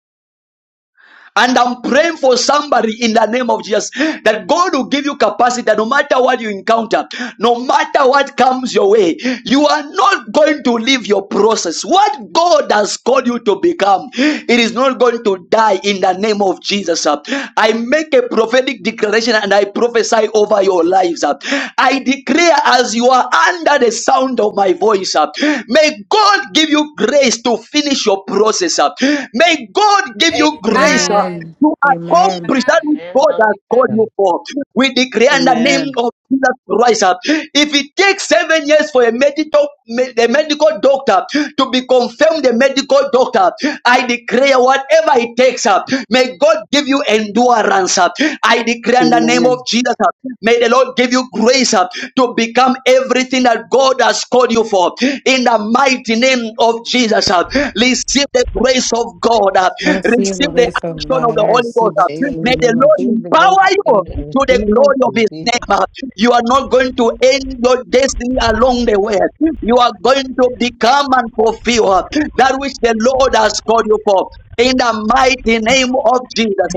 And I'm praying for somebody in the name of Jesus that God will give you capacity that no matter what you encounter, no matter what comes your way, you are not going to leave your process. What God has called you to become, it is not going to die in the name of Jesus. uh. I make a prophetic declaration and I prophesy over your lives. uh. I declare as you are under the sound of my voice, uh, may God give you grace to finish your process. uh. May God give you
Amen.
grace grace uh,
Amen.
to
Amen.
accomplish that
Amen.
which
Amen.
God has called
Hallelujah.
you for. We declare in the
Amen.
name of Jesus Christ. uh, If it takes seven years for a medical, me- the medical doctor to be confirmed, the medical doctor, I declare whatever it takes up, may God give you endurance up. I declare in the name of Jesus uh, May the Lord give you grace uh, to become everything that God has called you for. In the mighty name of Jesus, uh, receive the grace of God. uh,
I receive the
Receive the
grace
the
of
action of
God.
the
I
Holy Ghost.
receive it in the
May
Amen.
the
name of Jesus.
Lord
Receive the grace
empower
of God
you
and
to the
receive it
glory of
in
His
Jesus'
name. You are not going to end your destiny along the way. You are going to become and fulfill that which the Lord has called you for. In the mighty name of Jesus,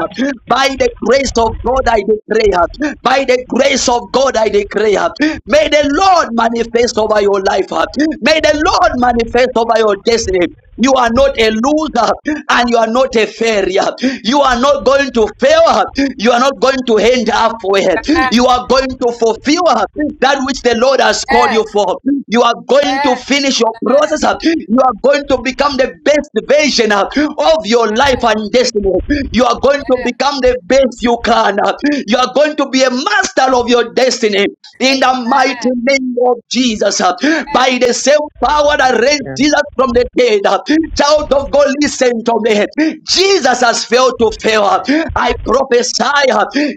by the grace of God, I declare, by the grace of God, I declare, may the Lord manifest over your life, may the Lord manifest over your destiny, you are not a loser and you are not a failure. You are not going to fail. You are not going to end halfway.
Amen.
You are going to fulfill that which the Lord has called
Yes.
you for. You are going to
Yes.
finish your
Amen. Amen.
process. You are going to become the best version of your life
Yes.
and destiny. You are going to become the best you can man. You are going to be a master of your destiny in the
Amen.
mighty name of Jesus.
Yes.
By the same power that raised
name.
Jesus from the dead, child of God, listen to me. Jesus has failed to fail. I prophesy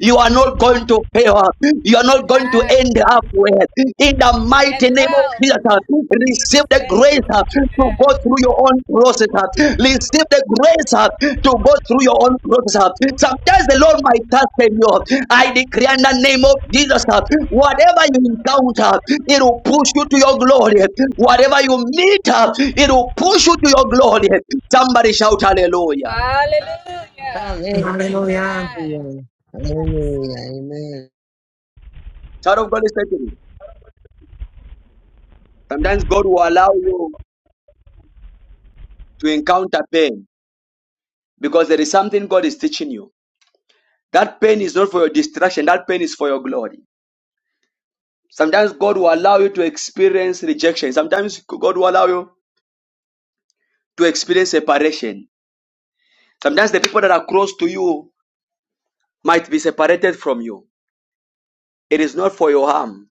you are not going to fail. You are not going to
Amen.
end halfway. In the
Well, and
mighty name of
well. in
Jesus. uh, Receive
Jesus'
the grace
name.
uh, to go
Amen.
through your own process. uh, Receive the grace uh, to go through your own process. uh. Sometimes the Lord might touch you. I decree in the name of Jesus, uh, whatever you encounter, it will push you to your glory. Whatever you meet, uh, it will push you to your glory. Somebody shout hallelujah.
Hallelujah.
Hallelujah.
Hallelujah.
Amen. Yes.
Hallelujah. Amen.
Child of God is taking you. Sometimes God will allow you to encounter pain because there is something God is teaching you. That pain is not for your distraction, that pain is for your glory. Sometimes God will allow you to experience rejection. Sometimes God will allow you to experience separation. Sometimes the people that are close to you might be separated from you. It is not for your harm.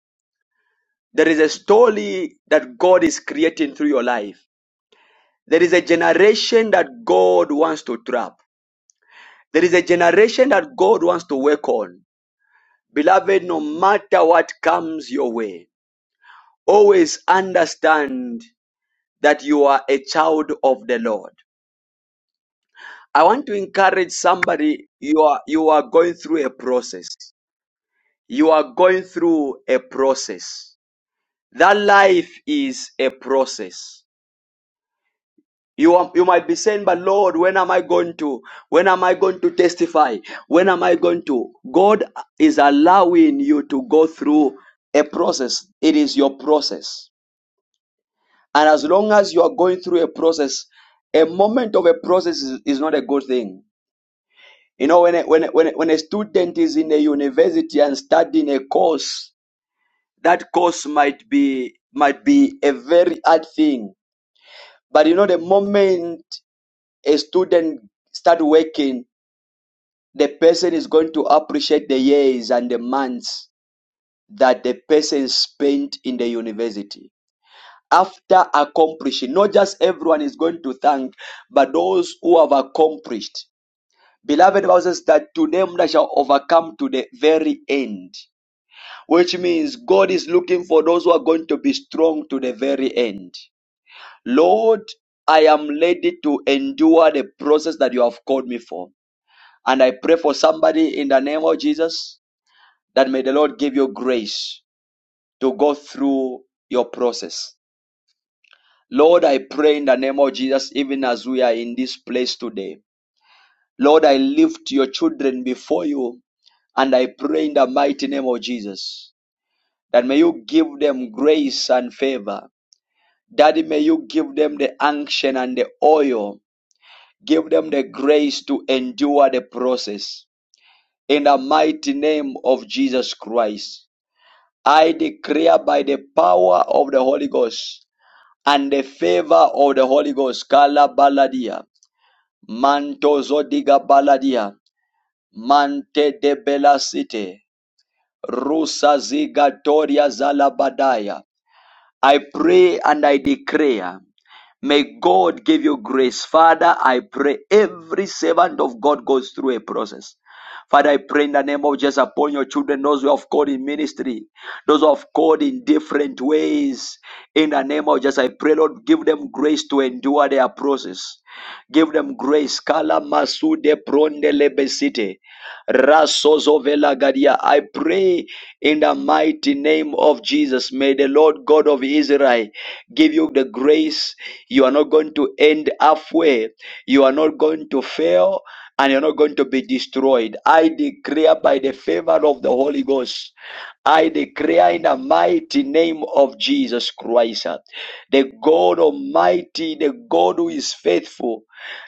There is a story that God is creating through your life. There is a generation that God wants to trap. There is a generation that God wants to work on. Beloved, no matter what comes your way, always understand that you are a child of the Lord. I want to encourage somebody you are you are going through a process. You are going through a process. That life is a process. You are, you might be saying, "But Lord, when am I going to when am I going to testify? When am I going to?" God is allowing you to go through a process. It is your process. And as long as you are going through a process, a moment of a process is, is not a good thing You know, when a, when a, when a, when a student is in a university and studying a course, that course might be might be a very hard thing. But you know, the moment a student start working, the person is going to appreciate the years and the months that the person spent in the university. After accomplishing, not just everyone is going to thank, but those who have accomplished. Beloved, the Bible says that to them that shall overcome to the very end. which means God is looking for those who are going to be strong to the very end. Lord, I am ready to endure the process that you have called me for. And I pray for somebody in the name of Jesus that may the Lord give you grace to go through your process. Lord, I pray in the name of Jesus, even as we are in this place today. Lord, I lift your children before you and I pray in the mighty name of Jesus that may you give them grace and favor Daddy, may you give them the unction and the oil. Give them the grace to endure the process. In the mighty name of Jesus Christ, I declare by the power of the Holy Ghost and the favor of the Holy Ghost, Kala Baladia, Manto Zodiga Baladia, Mante de Bela City, Rusa Zigatoria Zalabadaya. I pray and I declare. May God give you grace. Father, I pray every servant of God goes through a process. Father, I pray in the name of Jesus upon your children, those who have called in ministry, those who have called in different ways. In the name of Jesus, I pray, Lord, give them grace to endure their process. Give them grace. Kala masude pronde lebesite. Rasozo vela gadia. I pray in the mighty name of Jesus. May the Lord God of Israel give you the grace you are not going to end halfway. You are not going to fail and you're not going to be destroyed. I declare by the favor of the Holy Ghost. I declare in the mighty name of Jesus Christ, uh, the God Almighty, the God who is faithful,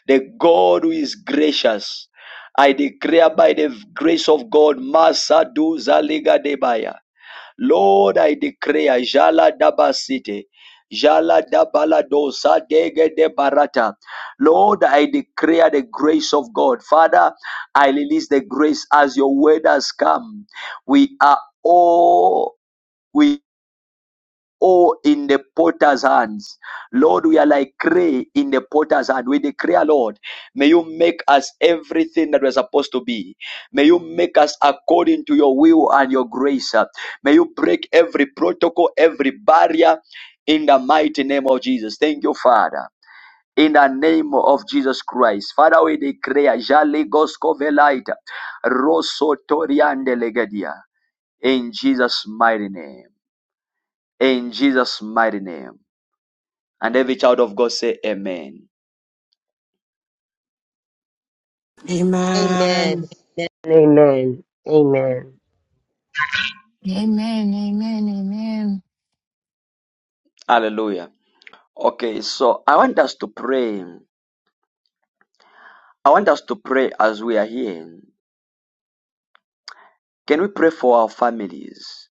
the God who is gracious. I declare by the grace of God, Masa Duza Liga Debaya. Lord, I declare, Jala Daba City, Jala Dabala Dosa Dege de Barata. Lord, I declare the grace of God. Father, I release the grace as your word has come. We are all. We all in the potter's hands. Lord, we are like clay in the potter's hand. We declare, Lord, may you make us everything that we're supposed to be. May you make us according to your will and your grace. May you break every protocol, every barrier in the mighty name of Jesus. Thank you, Father. In the name of Jesus Christ. Father, we declare, Jale Gosko Velaita, Rosso Toriande Legadia. In Jesus' mighty name. In Jesus' mighty name. And every child of God say amen.
Amen.
Amen.
Amen. Amen.
Amen, amen, amen.
Hallelujah. Okay, so I want us to pray. I want us to pray as we are here. Can we pray for our families?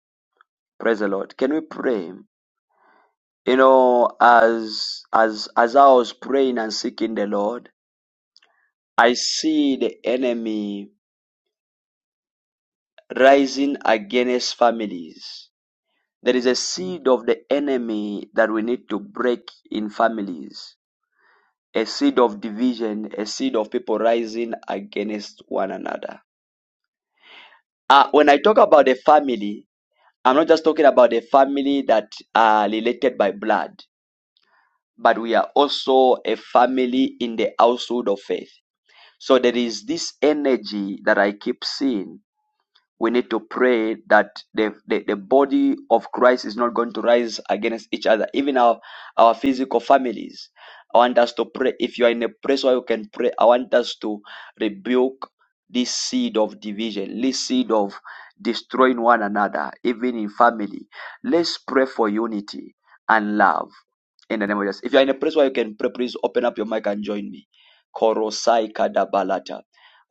Praise the Lord. Can we pray? You know, as as as I was praying and seeking the Lord, I see the enemy rising against families. There is a seed of the enemy that we need to break in families a seed of division, a seed of people rising against one another. Uh, when I talk about a family, I'm not just talking about a family that are related by blood, but we are also a family in the household of faith. So there is this energy that I keep seeing we need to pray that the, the, the body of Christ is not going to rise against each other, even our, our physical families. I want us to pray. If you are in a place where you can pray, I want us to rebuke this seed of division, this seed of destroying one another, even in family. Let's pray for unity and love in the name of Jesus. If you are in a place where you can pray, please open up your mic and join me. Korosai Kadabalata.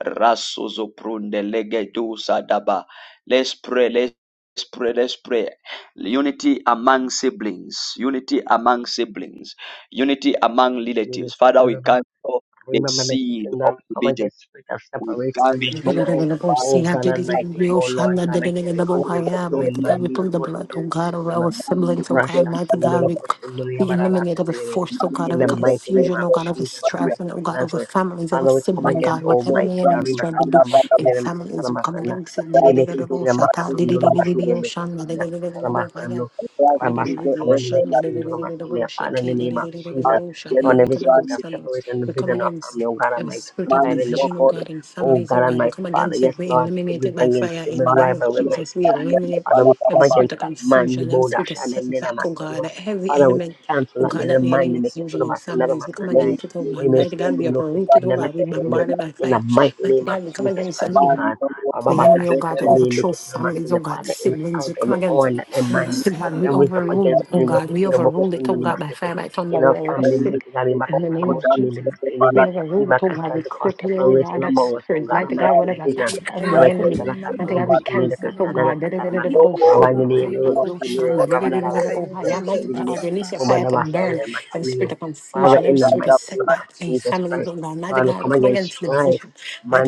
Rasuzo prunde legedu sadaba. Let's pray. Let's Let's pray. Let's pray. Unity among siblings. Unity among siblings. Unity among relatives. Father, we cancel the
Remember my
seed
kitchen
of
now. Come
division.
against spirit of
We
separation and
Mighty God, we
division.
put
cancel
the
by
O God Almighty, O Lord God, against unguenstable in
authority
man, be
blood, oh God, of
merciful
our siblings, oh God,
unlimited
Rasha
mighty God,
Kindolo
we,
Kosundolo
we
Yabarara
eliminate every
Sendere.
force, oh God,
In
every
the
manifested
mighty
warfare,
name
confusion,
of
oh God, every
Jesus
strife,
Christ
and
of
oh God, over
Nazareth.
families, over
Father, we come
sibling,
against
God,
manifested
whatever
Almighty
the enemy
God.
is
crime,
Rima
trying to do
Katara
anabanabas,
in
Masendere Makatara
families, we come
Masana.
against
Ebe
Jesus
Kisina
Christ, Jesus
Makutundolo
Christ, Jesus
Masiebe Kisina Katara
it.
Masano.
Christ, Jesus
Ramasa
Christ,
Kamani
God,
Neketindolo Masine. Father, in the name of Jesus. Lord,
Jesus
we
every
come
spirit of
against
Christ,
families.
separation,
We come
division of
against
family, oh God
every
Almighty,
spirit of
survive
Jesus
in the
Christ,
division, oh
family.
God, in
Oh
families,
God
oh God. We
Almighty
come
Father,
against
yes,
it. We
Lord,
eliminate
siblings
it by
against
fire in
siblings,
the
Thank
name of
you.
rivalry,
Jesus.
mighty God.
We eliminate
Father, we come
every spirit
against
of
that man, the
confusion, every spirit
bodash,
of
and then the
setback, oh
Namasanwa.
God, every
Father, we
element,
cancel
oh
that
God,
the
that the
man,
enemy
the make
is
it to
using
the
in
Masana,
families. We come
Masanai.
against it, oh God.
We may
Mighty
see
God, we
Kunoke,
uprooted, oh
Sinana,
God. We
Kesedemi.
bombarded by
In the
fire.
mighty
Mighty
name of
God, we come
Jesus
against
Christ, oh
it.
God. Baba
The enemy, oh
Makasa,
God, to
the name, make
overthrow
it to the
families, oh
Masana,
God,
Father, every
siblings,
out,
we come
every
against.
on that they man, them,
it, oh God,
that
we
them raise up
overrule,
against the
oh
name,
God, we
make box,
overrule
to
it, oh
the
God, by
Masana.
fire, by thunder,
In our
we
family,
arrest it
mighty God, we Makasa,
in the
the
name of
most in the
Jesus.
Masana,
We
we
overrule it, oh God, we
Makasa, the cause
cripple it, oh
separation
God, that
among us, oh
spirit,
God,
mighty
Almighty,
God,
the
whatever
vision.
attack of the
Almighty,
enemy,
Kayokohi
Sana,
mama
mighty
Katoro,
God, we
Bosinina,
cancel it, oh
mama
Kasana,
God.
mama
Katarama.
Da-da-da-da-da-da-bo-si.
baba
Abandini no
Yo,
kayokohi
Rosini
Shanda,
baka
Rabalala
da-da-da-da-da-da-bo-hi.
Sandra
Yeah,
kayokohi
Mighty God, I
Masini
baba
release
ba
your fire
Gomana
to burn
Masaya
every spirit
Makini.
of
Father
confusion, every
in the
spirit of
mighty name of
setback in
Jesus
families, oh
Christ.
God. Mighty
God will
God, we
come
come
against
against
strife.
division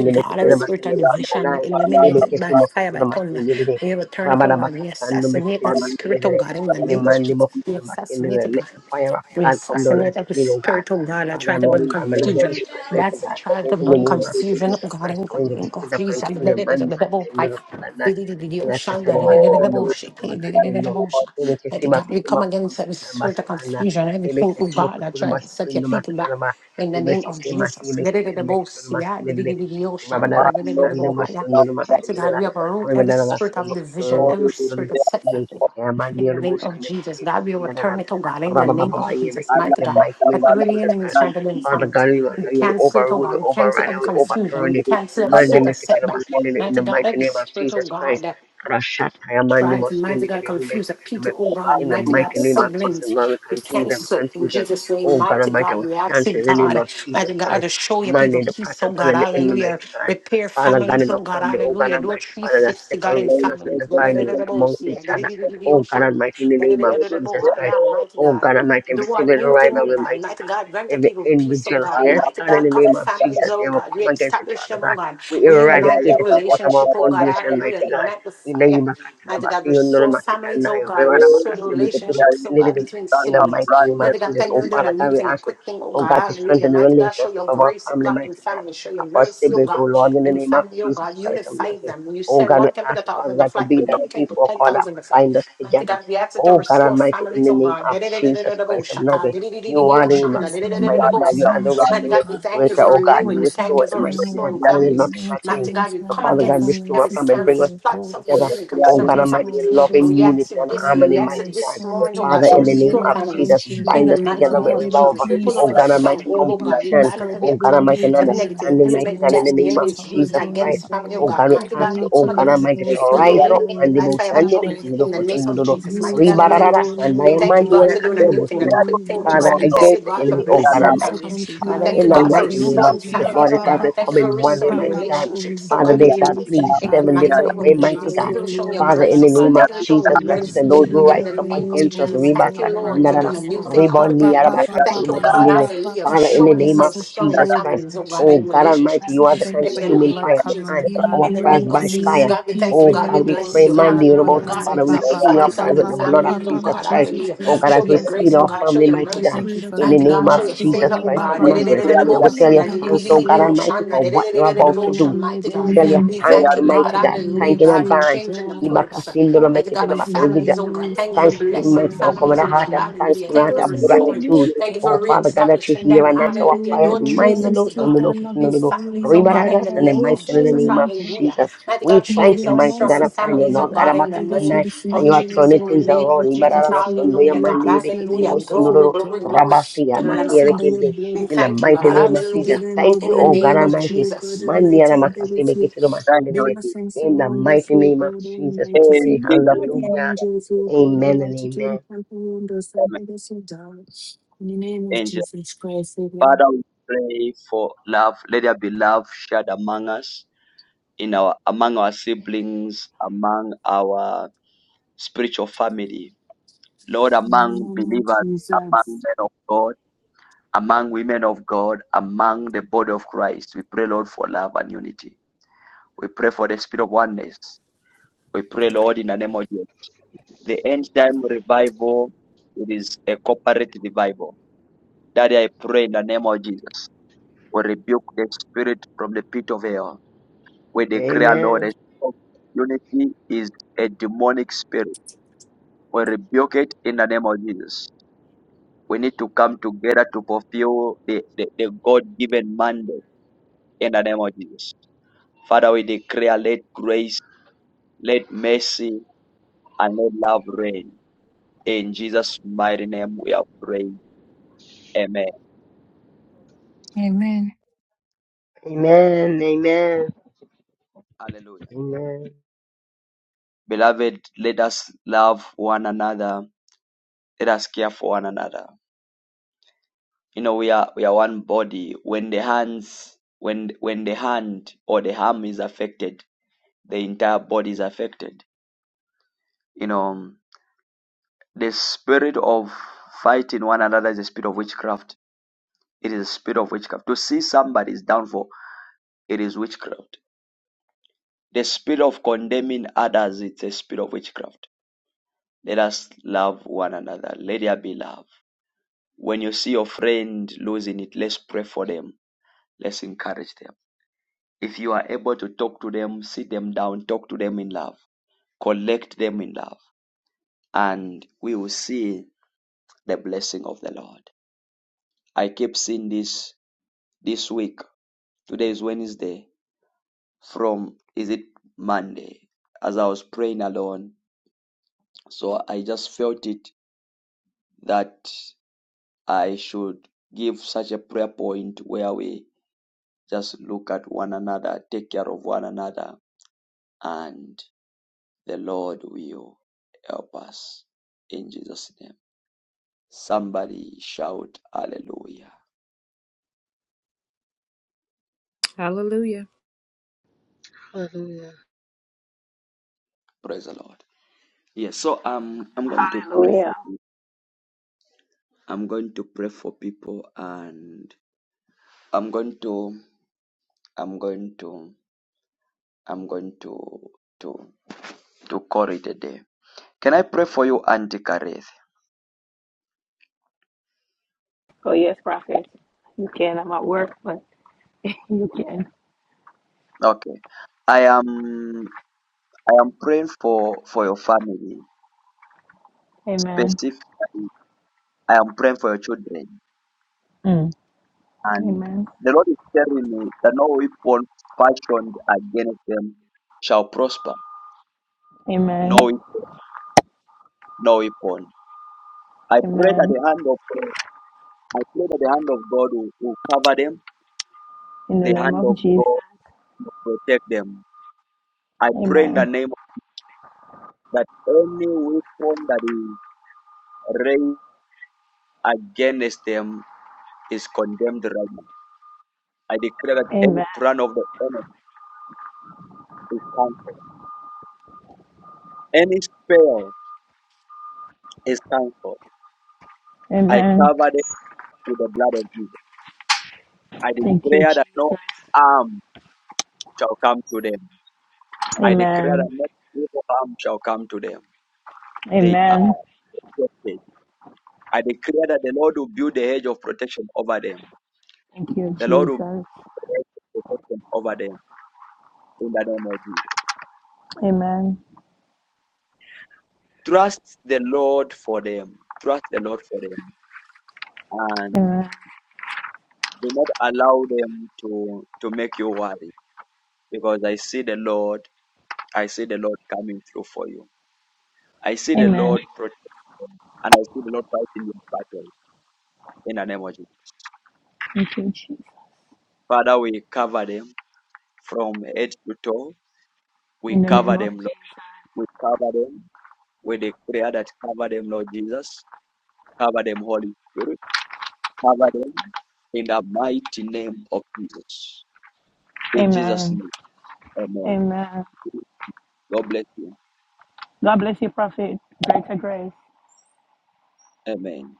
to God. Every
Kitana
spirit of
Masini
division, we
Makanai.
eliminate
Ili
it by
Kisu
fire, by
Mokotula
thunder.
Masini.
We return it to
Rabala
God. We
Bakasando
assassinate
Mekitina
that
Masini.
spirit, oh God, in the
Every
name of
Mandi
Jesus. We
Mokotula Masini.
assassinate it,
Let
God.
the fire of
We
God come down
assassinate
as it
every
did, O God.
spirit, oh God, that try
Father,
to
Mount
bring
Carmel and
confusion.
destroy mighty
That's
God.
try to
In the
bring
name of
confusion, oh
Jesus
God, in
Christ,
the
coming to the
name
spirit
of
of
Jesus. Let
confusion,
it, let it,
man, this
let it,
is
oh, fire.
the
Let it, let it, oh, shine. Let
Nakasana
it, let it, let it,
Makasino
oh, shine.
Makatama
Let it, let it, let it,
Katono,
oh, shine. Let it,
Emekesima
God, we
Kusuma
come
Kusuma
against every
Katama
spirit of
Sakana,
confusion, everything, oh
Emekesimo
God, that
Kuturu
tries to set your
Masikino
people back.
Makatanama,
In the name of
Emesekema,
Jesus.
Emekitan Mekitan Masinele, Rabanana Kasan, the Masino
Right, so God,
Masinela,
we uproot every
Rabanana
spirit of
Lasimo
division,
Kuturu,
every
Sundun,
spirit of setback, oh God.
Yankama,
In the
Leon
name
Bush,
of
and the
Jesus,
Lady
God, we overturn
Sinana.
it, oh God, in the name of
Rabababa, iye
Jesus,
mekituru. in
mighty
the
God.
mighty name
That
of
every
Jesus
enemy
Christ.
is trying to do in
Father
families,
God, we will
we
you will
cancel it, oh
overrule, you
God. We cancel
override, and
every
we
confusion.
overturn
We
it.
cancel every
Monday,
spirit of
make it
setback.
in
Mighty
the
God,
mighty
every
name of
spirit, oh
Jesus Christ.
God
Rashatayamani
tribes, and mighty
Moshini did
God,
we make
confuse the
it in the
people, oh God,
in the
mighty God,
mighty name of Jesus,
siblings,
Lord, we
we
confuse every
cancel it in
confusion.
Jesus' name,
Oh God
mighty
Almighty,
God,
we
we ask you,
cancel in the name
God,
of Jesus
mighty God, to
Christ.
show your people
Monday, the
peace, oh
pattern plan
God,
and the enemy,
hallelujah,
mighty God.
repair
Father God
families,
in
oh
our
God,
family, oh God
hallelujah, do a
Almighty, Father that's
360, God, in
separating us and
families,
dividing us
must
amongst each other.
do
Oh God Almighty, in the name of
Thank you,
Jesus Christ.
mighty
Oh
God,
God Almighty, every
do a
civil
new thing, oh
rivalry,
God.
mighty
Mighty
God.
God, grant your
Every
people
envy,
peace, oh
jealousy,
God.
yes,
Mighty
God, in
God,
the
cover
name of
families,
Jesus,
oh
and we
God.
come against it,
Reestablish
Father
them, oh
God.
God.
We
Reunite
eradicate
their
it from out of our
relationship, oh God.
foundation,
Hallelujah.
mighty God.
Ignite the
In
fire.
the
Mighty God, restore families, oh God. Restore the relationships, oh God, between siblings.
mighty name of
Mighty God,
Jesus,
thank you
oh
for doing a
Father
new
God, we
thing, a
ask you,
quick thing, oh
oh
God.
God, to
Hallelujah.
strengthen the
Mighty God, show
relationship
your
of our
grace, oh
family,
God, in
mighty God,
family. Show your
of our
mercy, oh
siblings, oh
God,
Lord, in the
in
name of
family, oh
Jesus
God.
Christ of
Unify
Nazareth.
them. You
Oh
said
God, we
one can put a
ask you, Father
thousand to
God, to
flight, but
be that
you can
three,
put
four cord that
10,000 or something.
bind us
Mighty
together.
God, we ask you to
Oh God
restore
Almighty, in
families,
the
oh
name
God.
of Jesus Christ of Nazareth, you are the
God bless the
Imakas, mighty God,
unity,
you are the
unity
Mighty
of
restorer,
God, we
God.
thank you
restorer,
for
oh God,
renewing.
you
Amen.
We thank
Tonight,
restore,
you for
mighty God,
Lord,
restoring
Father, there's
um,
families.
nothing
let me
like you.
tell
Mighty
you,
God, we
So,
my
come
Father
brothers
God,
against
and my
restore us
every
from it.
scam,
sisters
Bring us
in
back
plots
God.
of the
together.
enemy
Oh,
I
God
concerning
bless
Almighty,
my
families.
in
And
brothers
loving
we
my
ask
unity
you
and
this day,
God,
harmony,
we ask
my
you
mighty God.
this
you
sons,
moment, oh
my
Father,
God,
Jesus
to
in the name
restore
children,
of
my
cover
families
Jesus,
your
in
grandchildren,
bind
the
us
oh
people
mighty
God.
together with
Let
name of
there
Gadi
be
love.
Jesus.
baba
We pull
baba
peace.
on
Oh,
every
God
baba
Almighty,
stronghold,
Let there
oh
baba
be
God. We
compassion.
peace,
bind up
God.
every
Let
Oh,
there
God
be
attack,
from the
Almighty, and
crown
every
of
unity
their
negative
understanding,
heads
element
to
mighty
the
element
God, in
amongst
that
the
tips
my
of
the
name
their
of
enemy is
church
toes
using
Jesus
brethren,
Lord
oh
Christ.
against family oh
Oh,
God.
God.
God, we
Mighty
bakayokohi
God,
ask
we
you,
baba
oh,
ba
Unity
come
in
God
ba
against
ba.
my
it.
Almighty, to
We
household,
rise
God
up.
eliminate it by
Mandibo,
fire,
Almighty.
by
and I
shandini,
pray
atonement
that
kiro,
in
there
the
will
name
just be
of
kosundududu,
Jesus.
increased
You
Mighty God, we
unity
thank
ribararara,
you.
amongst
We
your
sandaya,
tolerate
thank you,
own
God
God,
mandira,
for
Lord
doing a
in the
new thing, a
katanubusundu.
quick
covenant
thing,
not
oh
Father,
just
God. We
in
warren.
this
thank you,
against the
state,
God, for
enemy,
God,
oh,
but
God
in
blessing
this
Political
Almighty.
families.
country,
We
God.
Father,
Ibakayokohi,
thank
continues
you,
in
of
the
ba
God,
the
for
mighty
kayo
name
contentious.
restoring
of
kohi
Jesus,
ba
families,
Lord,
oh
it's
ba
as
It
God.
ba
they
ba
Thank
come
you for
in
ba
one way,
ba
restoring the
will
ba.
mighty God.
ba.
relationships,
bottom
oh
Father,
God,
they
between
shall
ruling
us.
flee
In the
God,
seven
that the
mighty
interfering
different
name
enemy
way,
of
front
will
of
mighty
Jesus.
all
not
Thank
be
God.
you
your
for
able to
showing your
be
water.
Father, in
grace, oh
the
divisive.
God.
name
Thank
of
you for
God
showing your
Let
Jesus
You
Christ,
just
mercy
and
live
will
those
not
in
who
in
rise
the
be
love
up
and
able
name
to
of
against us,
tear
unity
Jesus.
of
Reba
Thank you,
God. I
apart
Lord,
know
for
your
Sakandarana,
doing a new
myself
people.
thing,
for
Ba
a
Reba
quick
ba
God
ba
and I
everything.
ba
you
ba
Niyarabaka
feel
ba
Thank you,
Turubo
ba
God,
ba
Sindile.
ba
Jesus.
ba
hallelujah, for
ba
Father,
ba.
in
You
the
are
showing
an
name
yourself
of
answer
strong
prayer,
in
Jesus
oh
Christ,
families, oh
God.
God,
oh
and in
Jesus.
God
I
Almighty,
relationships.
you
I
are the
bless
thank you
In
for
the
your
God.
consuming
name
blood
of
fire.
Jesus.
covering,
We
Answer
God,
need
our
In the
prayers
name
around
of
unity,
by
us,
we
Jesus,
God.
fire.
I
need
God, we
thank you
thank
peace,
you.
for
Oh
we
God,
your
we
God,
need
we
bless
pray,
love,
you.
glory,
oh
God,
Mandy,
God
Hallelujah.
on us.
Urobosa.
God,
See,
Father, we
Almighty.
ba ba
exemplify
seal
ba
our
ba
So,
yourself
prayers with
in
ba
the
God,
ba
in
blood of
ba
families,
the
oh
ba ba
name
Jesus
of
God.
ba
Christ.
ba
Jesus
Hallelujah.
Oh
Christ
ba.
God,
of
Show
as we
your grace,
seal
oh
our
Nazareth,
God. Show
family,
your
mighty
I
mercy.
God,
Thank
pray
you for
that
in
who
you
the
Mighty
you
name
God,
bind
show
of
us
are,
your
Lord.
together
favor,
Jesus
E,
oh
in
Christ
Ba
love
of
God.
ba
and
Mighty
ba
Nazareth.
unity.
ba ba
And we
Remember
ba
my
ba
tell you
ba ba
thanks,
ba.
oh
brothers,
God
oh
Almighty, for
God.
what you're about
Remember
to
my
do. We
God,
nephews,
tell you
oh
we
thank
thank you,
you,
God.
God.
mighty
Remember my
God.
Hallelujah,
Thank you
niece,
in
God, for
oh
advance.
changing the
God.
course.
I
Ibakasindolo
Mighty God
pray
of
the
mekitinamase. We give you
families,
grand
oh God.
niece,
Thank you for
oh
thanksgiving,
God,
blessing
I
mighty God.
beg
Come
of
with
families,
a
you,
oh
heart
God.
of
Jesus.
Hallelujah.
thanksgiving,
Thank you
Cover
heart
for
us
of
under your
restoring.
blood,
gratitude.
Thank you
Oh,
for
God.
Father God, that you
reestablishing
hear
Lord,
them.
and
we
answer our
Hallelujah.
pray,
Do
prayers.
adore
Mind no,
you,
no,
lift
360,
so
your
no,
God,
no,
hand,
kusi no,
in
no,
magnify
no.
your
families, oh
name,
God,
Ribarara,
in
God.
the
I
and then
name
mighty
of
glorify
God, in the
your
Jesus.
name of
name, God.
Hallelujah.
Jesus.
Mighty God,
We
show
Is
thank
there
you,
are
yourself
an
mighty
strong
God
in
answer
of
prayer,
Daniel,
families,
O
oh
Lord God
God?
God,
of
I
in the
beg of
name
you
Makatandai,
this
and
of
you are
evening, O
Jesus.
turning
In the
God
things
name
around.
of
Almighty.
Jesus.
Thank you
Ibarara,
for
so
your
no,
love,
your
Hallelujah,
your
God.
man, the
grace, your
Hallelujah.
Ibikitubo, so
mercy,
no, no,
Glory,
O
no.
glory,
God.
glory
Rabasi,
to the
Cover
Lamb
us
of
Amakiere,
God.
under your
Kende.
blood.
We
In the
thank you,
mighty
God.
Bind
name
us
of Jesus.
Hallelujah.
together in
Thank
love
In
you,
the
and
oh God
name of
unity,
Almighty.
O God
Jesus.
Mandiana
Almighty. I beg of
makaseme
you.
ketelo
Build
masendelebe.
a
Jesus.
fence
In the
around us,
mighty
O
name of
God
Jesus, we
Almighty.
In
pray.
Send your
Jesus' name,
guardian
Hallelujah.
angels, O God
Amen and
Almighty, to
amen.
encamp around us. I beg of you, God. In the name of
amen.
Jesus Christ, amen.
Father, we pray for love. Let there be love shared among us, in our among our siblings, among our spiritual family. Lord,
In the
among
name of
believers, among
Jesus.
men of God, among women of God, among the body of Christ. We pray, Lord, for love and unity. We pray for the spirit of oneness. We pray, Lord, in the name of Jesus. The end time revival, it is a corporate revival. Daddy, I pray in the name of Jesus. We rebuke the spirit from the pit of hell We declare, Lord,
Amen.
that unity is a demonic spirit. We rebuke it in the name of Jesus. We need to come together to fulfill the, the, the God given mandate in the name of Jesus. Father, we declare, let grace, let mercy, and let love reign. In Jesus' mighty name, we are praying. Amen.
Amen.
Amen. Amen.
Hallelujah. Beloved, let us love one another. Let us care for one another you know we are we are one body when the hands when when the hand or the arm is affected the entire body is affected you know the spirit of fighting one another is a spirit of witchcraft it is a spirit of witchcraft to see somebody's downfall it is witchcraft the spirit of condemning others it's a spirit of witchcraft let us love one another let there be love when you see your friend losing it let's pray for them let's encourage them If you are able to talk to them, sit them down, talk to them in love, collect them in love, and we will see the blessing of the Lord. I keep seeing this this week. Today is Wednesday. From is it Monday? As I was praying alone, so I just felt it that I should give such a prayer point where we just look at one another, take care of one another, and The Lord will help us in Jesus' name. Somebody shout hallelujah.
Hallelujah.
Hallelujah.
Praise the Lord. Yes, so um, I'm going to
Oh
pray
yeah.
for you. I'm going to pray for people and I'm going to I'm going to I'm going to to to call it a day. Can I pray for you, Auntie Kareth?
Oh yes, prophet. You can. I'm at work, but you can.
Okay. I am I am praying for for your family.
Amen.
Specifically, I am praying for your children.
Mm.
And
Amen.
the Lord is telling me that no weapon fashioned against them shall prosper.
Amen.
No, we- no weapon. I pray that
Amen.
the hand of God, I pray that the hand of God will, will cover them.
In the
The
name
hand
of
of
Jesus.
God will protect them. I pray in the
Amen.
name of that any weapon that is raised against them is condemned right now. I declare that any
Amen.
plan of the enemy is cancelled. Any spell is cancelled. I
Amen.
cover it with the blood of Jesus. I
Thank you,
declare that no
Jesus.
harm shall come to them. I declare that
Amen.
no evil harm shall come to them. They
Amen.
are protected. I declare that the Lord will build a hedge of protection over them.
Thank you,
The Lord will build
Jesus.
a hedge of protection over them in the name of Jesus.
Amen.
Trust the Lord for them. Trust the Lord for them. And
Amen.
do not allow them to, to make you worry. Because I see the Lord, I see the Lord coming through for you. I see the
Amen.
Lord protecting them, and I see the Lord fighting your battle. in the name of Jesus.
Thank you, Jesus.
Father, we cover them from head to toe. We
In the name
cover
of
them, Lord.
Jesus.
We cover them with the prayer that cover them, Lord Jesus. Cover them, Holy Spirit. Cover them in the mighty name of Jesus. In Jesus'
Amen.
name, amen.
Amen.
God bless you.
God bless you, prophet. Greater grace.
Amen.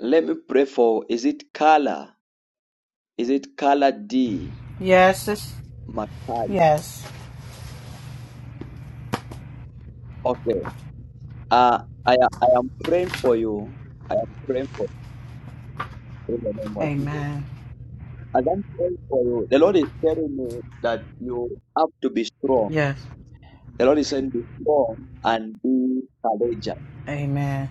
Let me pray for, is it Carla? Is it Carla D?
Yes, it's,
Makai?
yes.
Okay. Uh, I, I am praying for you. I am praying for you in the name of Jesus.
Amen.
As I'm praying for you, the Lord is telling me that you have to be strong.
Yes.
The Lord is saying, be strong and be courageous.
Amen.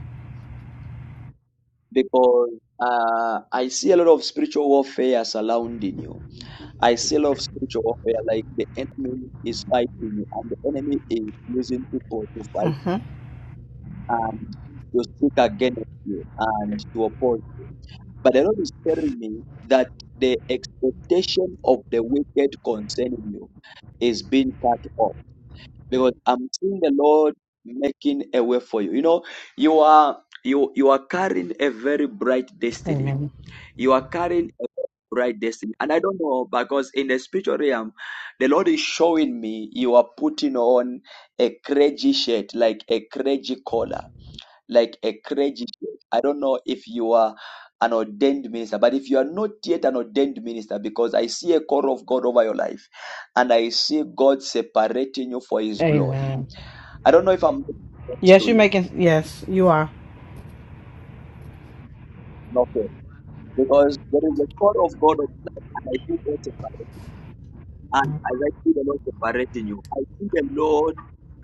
Because uh, I see a lot of spiritual warfare surrounding you. I see a lot of spiritual warfare, like the enemy is fighting you, and the enemy is using people to fight
hmm
and to speak against you and to oppose you. But the Lord is telling me that the expectation of the wicked concerning you is being cut off because I'm seeing the Lord making a way for you. You know, you are you you are carrying a very bright destiny.
Amen.
You are carrying a very bright destiny, and I don't know because in the spiritual realm, the Lord is showing me you are putting on a crazy shirt, like a crazy collar, like a crazy shirt. I don't know if you are an ordained minister, but if you are not yet an ordained minister, because I see a call of God over your life, and I see God separating you for His glory.
Amen.
I don't know if I'm making sense
Yes,
to
you're
you.
making. Yes, you are.
No, okay. Because there is a call of God on your life, and I see God separating. And as I see the Lord separating you, I see the Lord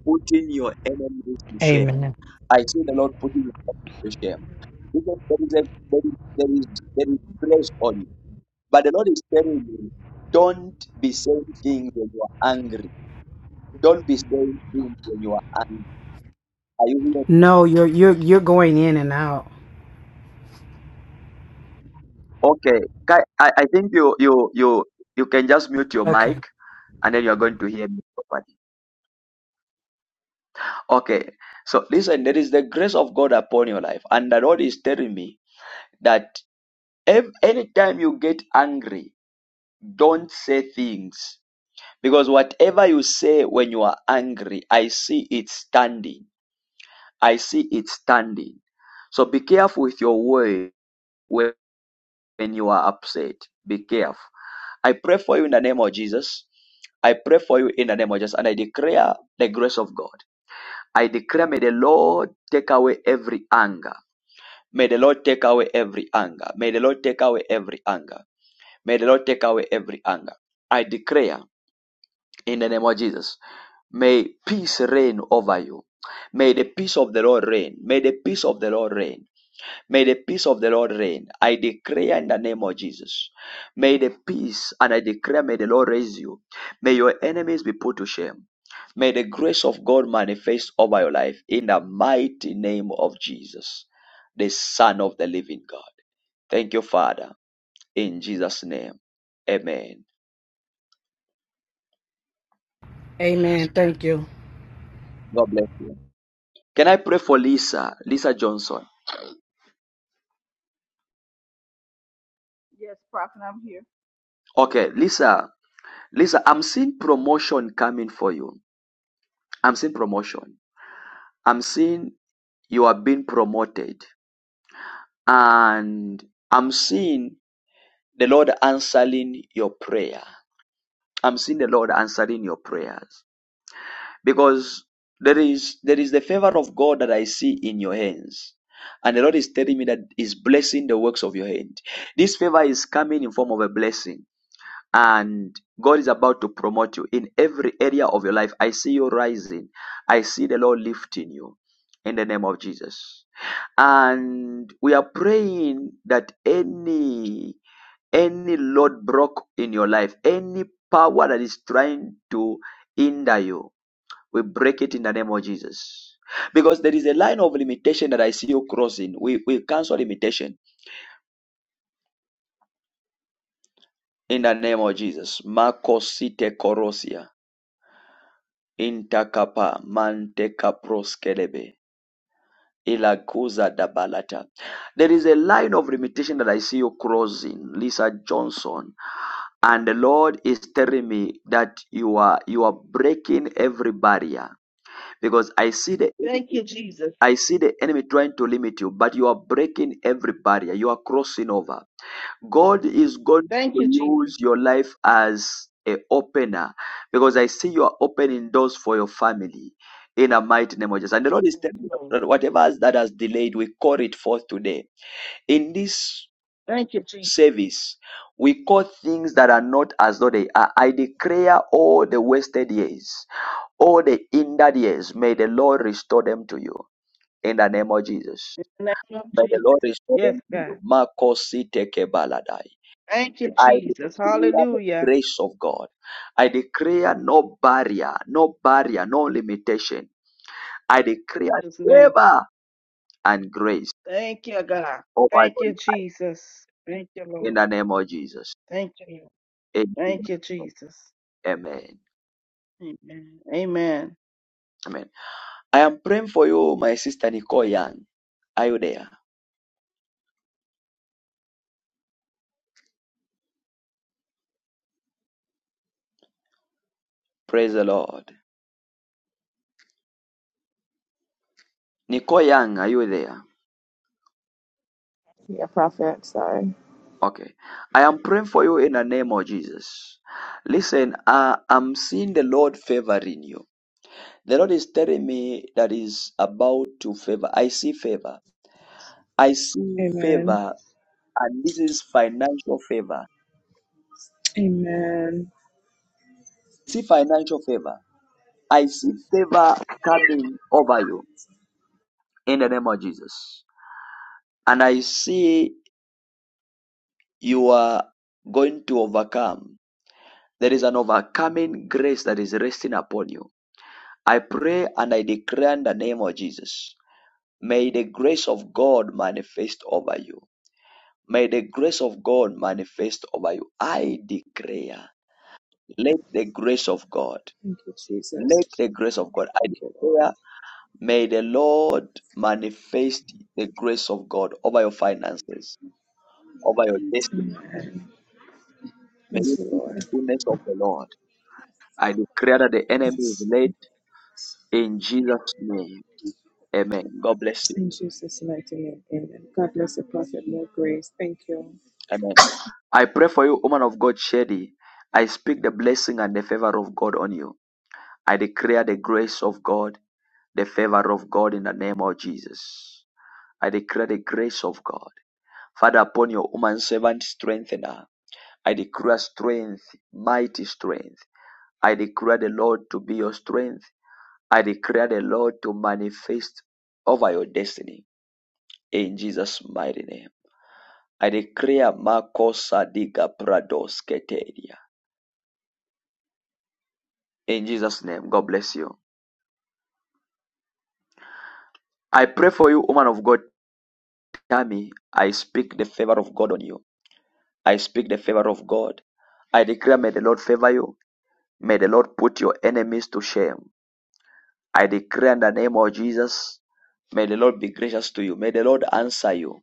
putting your enemies to shame.
Amen.
I see the Lord putting your enemies to shame. Because there is a there is there is, there is grace on you. But the Lord is telling you, don't be saying things when you are angry. Don't be saying things when you are angry. Are you hearing me?
No, you're you're you're going in and out.
Okay. Ki- I, I think you you you you can just mute your mic
Okay.
and then you are going to hear me properly. Okay, so listen, there is the grace of God upon your life, and the Lord is telling me that ev- anytime you get angry, don't say things because whatever you say when you are angry, I see it standing. I see it standing. So be careful with your word when when you are upset. Be careful. I pray for you in the name of Jesus. I pray for you in the name of Jesus, and I declare the grace of God. I declare, may the Lord take away every anger. May the Lord take away every anger. May the Lord take away every anger. May the Lord take away every anger. I declare in the name of Jesus. May peace reign over you. May the peace of the Lord reign. May the peace of the Lord reign. May the peace of the Lord reign. I declare in the name of Jesus. May the peace, and I declare, may the Lord raise you. May your enemies be put to shame. May the grace of God manifest over your life in the mighty name of Jesus, the Son of the living God. Thank you, Father, in Jesus' name. Amen.
Amen. Thank you.
God bless you. Can I pray for Lisa? Lisa Johnson.
Yes, Prophet, I'm here.
Okay, Lisa. Lisa, I'm seeing promotion coming for you. I'm seeing promotion. I'm seeing you have been promoted. And I'm seeing the Lord answering your prayer. I'm seeing the Lord answering your prayers because there is there is the favor of God that I see in your hands. And the Lord is telling me that is blessing the works of your hand. This favor is coming in form of a blessing. And God is about to promote you in every area of your life. I see you rising. I see the Lord lifting you in the name of Jesus. and we are praying that any any lord broke in your life any power that is trying to hinder you we break it in the name of jesus because there is a line of limitation that i see you crossing we we cancel limitation in the name of jesus makosite korosia intakapa mantekaproskelebe ilakuza dabalata there is a line of limitation that i see you crossing lisa johnson And the Lord is telling me that you are you are breaking every barrier because I see the
Thank you, Jesus.
I see the enemy trying to limit you, but you are breaking every barrier. You are crossing over. God is going
Thank
to
you, Jesus.
use your life as a opener because I see you are opening doors for your family in a mighty name of Jesus. And the Lord is
Thank
telling
you,
you
Lord.
that whatever that has delayed, we call it forth today. In this
Thank you, Jesus.
service. We call things that are not as though they are. I declare all the wasted years, all the hindered years, may the Lord restore them to you in the name of Jesus.
In the name of
May the Lord
Jesus.
restore
Yes,
them to
God.
you. Makosi baladai.
Thank you,
I
Jesus.
declare the
Hallelujah.
grace of God. I declare no barrier, no barrier, no limitation. I
In
declare
Jesus' name.
favor and grace
Thank you, God.
over
Thank
you
you, Jesus. Thank you,
in
Lord.
the name of Jesus.
Thank you, Lord.
Amen.
Thank you, Jesus.
Amen.
Amen. Amen.
Amen. I am praying for you, my sister Nicole Young. Are you there? Praise the Lord. Nicole Young, are you there?
Dear prophet, sorry.
Okay. I am praying for you in the name of Jesus. Listen, uh, I'm seeing the Lord favoring you. The Lord is telling me that is about to favor. I see favor. I see
Amen.
favor, and this is financial favor.
Amen.
See financial favor. I see favor coming over you in the name of Jesus. And I see you are going to overcome. There is an overcoming grace that is resting upon you. I pray and I declare in the name of Jesus. May the grace of God manifest over you. May the grace of God manifest over you. I declare, let the grace of God,
Thank you, Jesus.
let the grace of God, I
Thank you, Lord.
declare, may the Lord manifest the grace of God over your finances, over your destiny.
Amen.
May
Thank
you
you,
see the
Lord.
goodness of the Lord. I declare that the enemy is
Yes.
laid In Jesus' name. Amen. God bless you.
In Jesus' mighty name, amen. God bless the prophet. More grace. Thank you.
Amen. I pray for you, woman of God, Shady. I speak the blessing and the favor of God on you. I declare the grace of God, the favor of God in the name of Jesus. I declare the grace of God. Father, upon your woman servant, strengthen her. I declare strength, mighty strength. I declare the Lord to be your strength. I declare the Lord to manifest over your destiny in Jesus' mighty name. I declare Makosa diga prados keteria. In Jesus' name, God bless you. I pray for you, woman of God, Tammy. I speak the favor of God on you. I speak the favor of God. I declare, may the Lord favor you. May the Lord put your enemies to shame. I declare in the name of Jesus, may the Lord be gracious to you. May the Lord answer you.